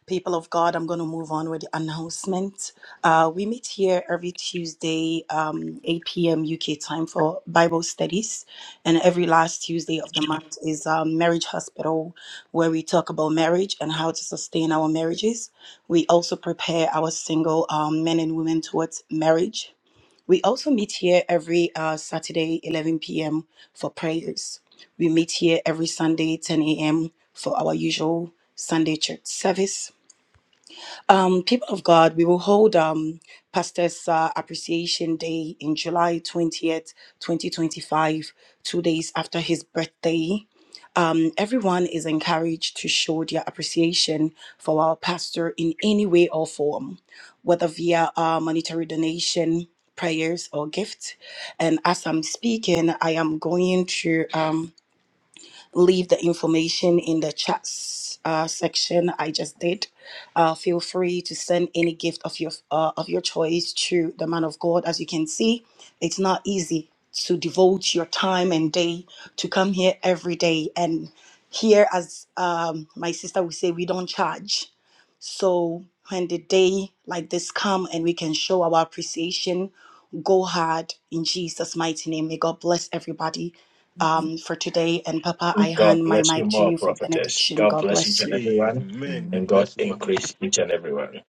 S2: People of God, I'm going to move on with the announcement. Uh, we meet here every Tuesday, um, 8 p.m. UK time for Bible studies. And every last Tuesday of the month is um, Marriage Hospital, where we talk about marriage and how to sustain our marriages. We also prepare our single um, men and women towards marriage. We also meet here every uh, Saturday, 11 p.m., for prayers. We meet here every Sunday, 10 a.m., for our usual Sunday church service. Um, people of God, we will hold um, Pastor's uh, Appreciation Day in July 20th, 2025, two days after his birthday. Um, everyone is encouraged to show their appreciation for our pastor in any way or form, whether via uh, monetary donation, prayers, or gift. And as I'm speaking, I am going to. Um, leave the information in the chat s- uh, section I just did. Uh, feel free to send any gift of your uh, of your choice to the man of God. As you can see, it's not easy to devote your time and day to come here every day and here as um, my sister would say we don't charge so when the day like this come and we can show our appreciation, go hard in Jesus' mighty name. May God bless everybody um, for today. And Papa, I
S1: God
S2: hand my
S1: bless you
S2: mic to
S1: more,
S2: you for
S1: prophetess.
S2: benediction.
S1: God
S2: God
S1: bless each
S2: bless
S1: and
S2: you.
S1: everyone. And
S13: Amen.
S1: God increase each and everyone.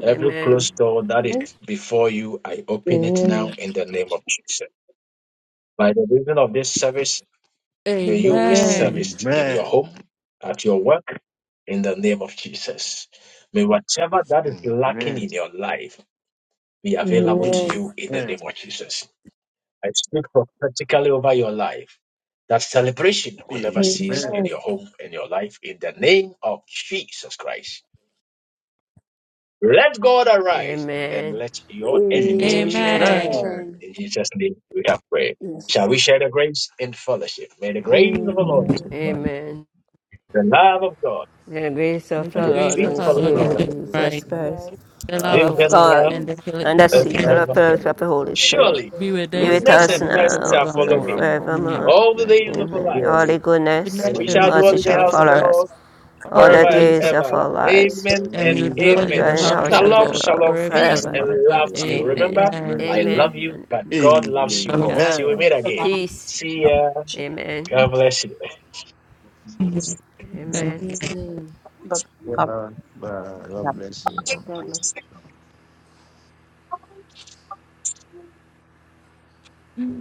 S1: Every
S14: Amen.
S1: closed door that is before you, I open it now in the name of Jesus. By the reason of this service, May you be
S13: Amen.
S1: serviced in your home, at your work, in the name of Jesus. May whatever that is lacking in your life be available to you in the name of Jesus. I speak prophetically over your life that celebration will never cease in your
S4: Amen.
S1: home and your life in the name of Jesus Christ. Let God arise and
S14: Amen.
S1: let your enemies be scattered.
S14: Amen.
S13: Amen.
S4: Amen.
S1: In Jesus' name we have prayed. Shall we
S4: Yes.
S1: share the grace in fellowship? May the grace of the Lord
S4: Amen.
S1: Jesus Christ,
S14: Amen.
S1: the love of God,
S14: The grace
S13: May
S4: The
S14: of
S1: and
S13: the
S14: our
S1: the
S13: grace
S14: Lord
S4: grace
S1: sweet
S13: of
S4: of
S14: and
S13: our
S4: our
S13: Lord
S1: fellowship of
S14: Savior
S1: the
S4: Lord
S13: Jesus
S1: Holy Spirit.
S4: Jesus
S13: Christ,
S14: Jesus Christ,
S4: Christ,
S13: the
S1: Be
S13: love
S1: with
S14: love
S13: of
S14: of
S4: love
S1: us
S4: of
S13: God,
S1: now
S13: and
S4: God,
S14: God,
S13: the
S14: and
S13: fellowship
S14: the
S4: the
S13: of
S1: and
S14: sweet
S4: sweet
S13: God
S1: forevermore.
S14: fellowship of
S4: fellowship
S14: the
S4: of the
S14: Holy
S4: Holy
S14: Spirit
S1: Surely,
S13: be
S4: Spirit,
S13: with
S14: be
S13: us
S14: with
S1: goodness
S4: be
S13: now
S14: us
S4: with
S1: and
S13: and
S4: us
S1: mercy shall
S14: now
S4: now and
S1: follow
S14: and
S13: forevermore.
S1: me
S4: forevermore.
S13: Amen.
S14: forevermore.
S1: all the days of
S4: Amen.
S1: our
S14: Amen.
S1: life,
S4: Lord,
S14: Holy
S4: lift
S14: goodness,
S1: and
S4: The
S13: Goodness
S1: we
S4: leaders and
S13: and
S1: shall dwell
S14: mercy
S13: mercy
S1: in
S4: mercy
S1: the
S14: shall
S13: shall
S4: shall
S1: house of
S13: follow
S1: the
S14: follow
S13: us
S4: follow
S14: us
S1: Lord
S4: us
S13: all
S14: all
S4: all
S13: the
S14: the
S1: forever
S4: the
S1: and
S4: days
S13: days
S14: days
S13: of,
S14: of
S1: ever.
S4: of
S14: our
S4: our lives,
S14: lives.
S1: Amen
S13: and
S4: and
S13: we
S1: and
S13: will
S4: we
S13: dwell
S14: Shall
S13: in
S1: amen.
S14: dwell
S13: the
S4: will
S14: in the
S13: house
S4: be
S14: house
S4: in
S13: of
S14: of
S4: the
S13: the
S4: house
S14: the
S1: Shalom,
S13: Lord
S4: of the
S14: Lord
S1: shalom,
S4: Lord
S13: forever
S1: peace
S14: forever.
S1: and
S13: and
S4: forever.
S13: ever.
S1: love to you.
S14: Amen.
S1: Remember,
S4: Amen.
S13: Amen.
S1: I
S14: Amen
S1: love you.
S14: and amen.
S1: God loves you
S13: Shalom.
S1: more.
S14: Shalom.
S1: Till we meet again.
S14: Peace.
S1: See ya.
S14: Amen.
S1: God bless you.
S14: Amen.
S13: Thank
S11: God
S4: God bless. you.
S13: you.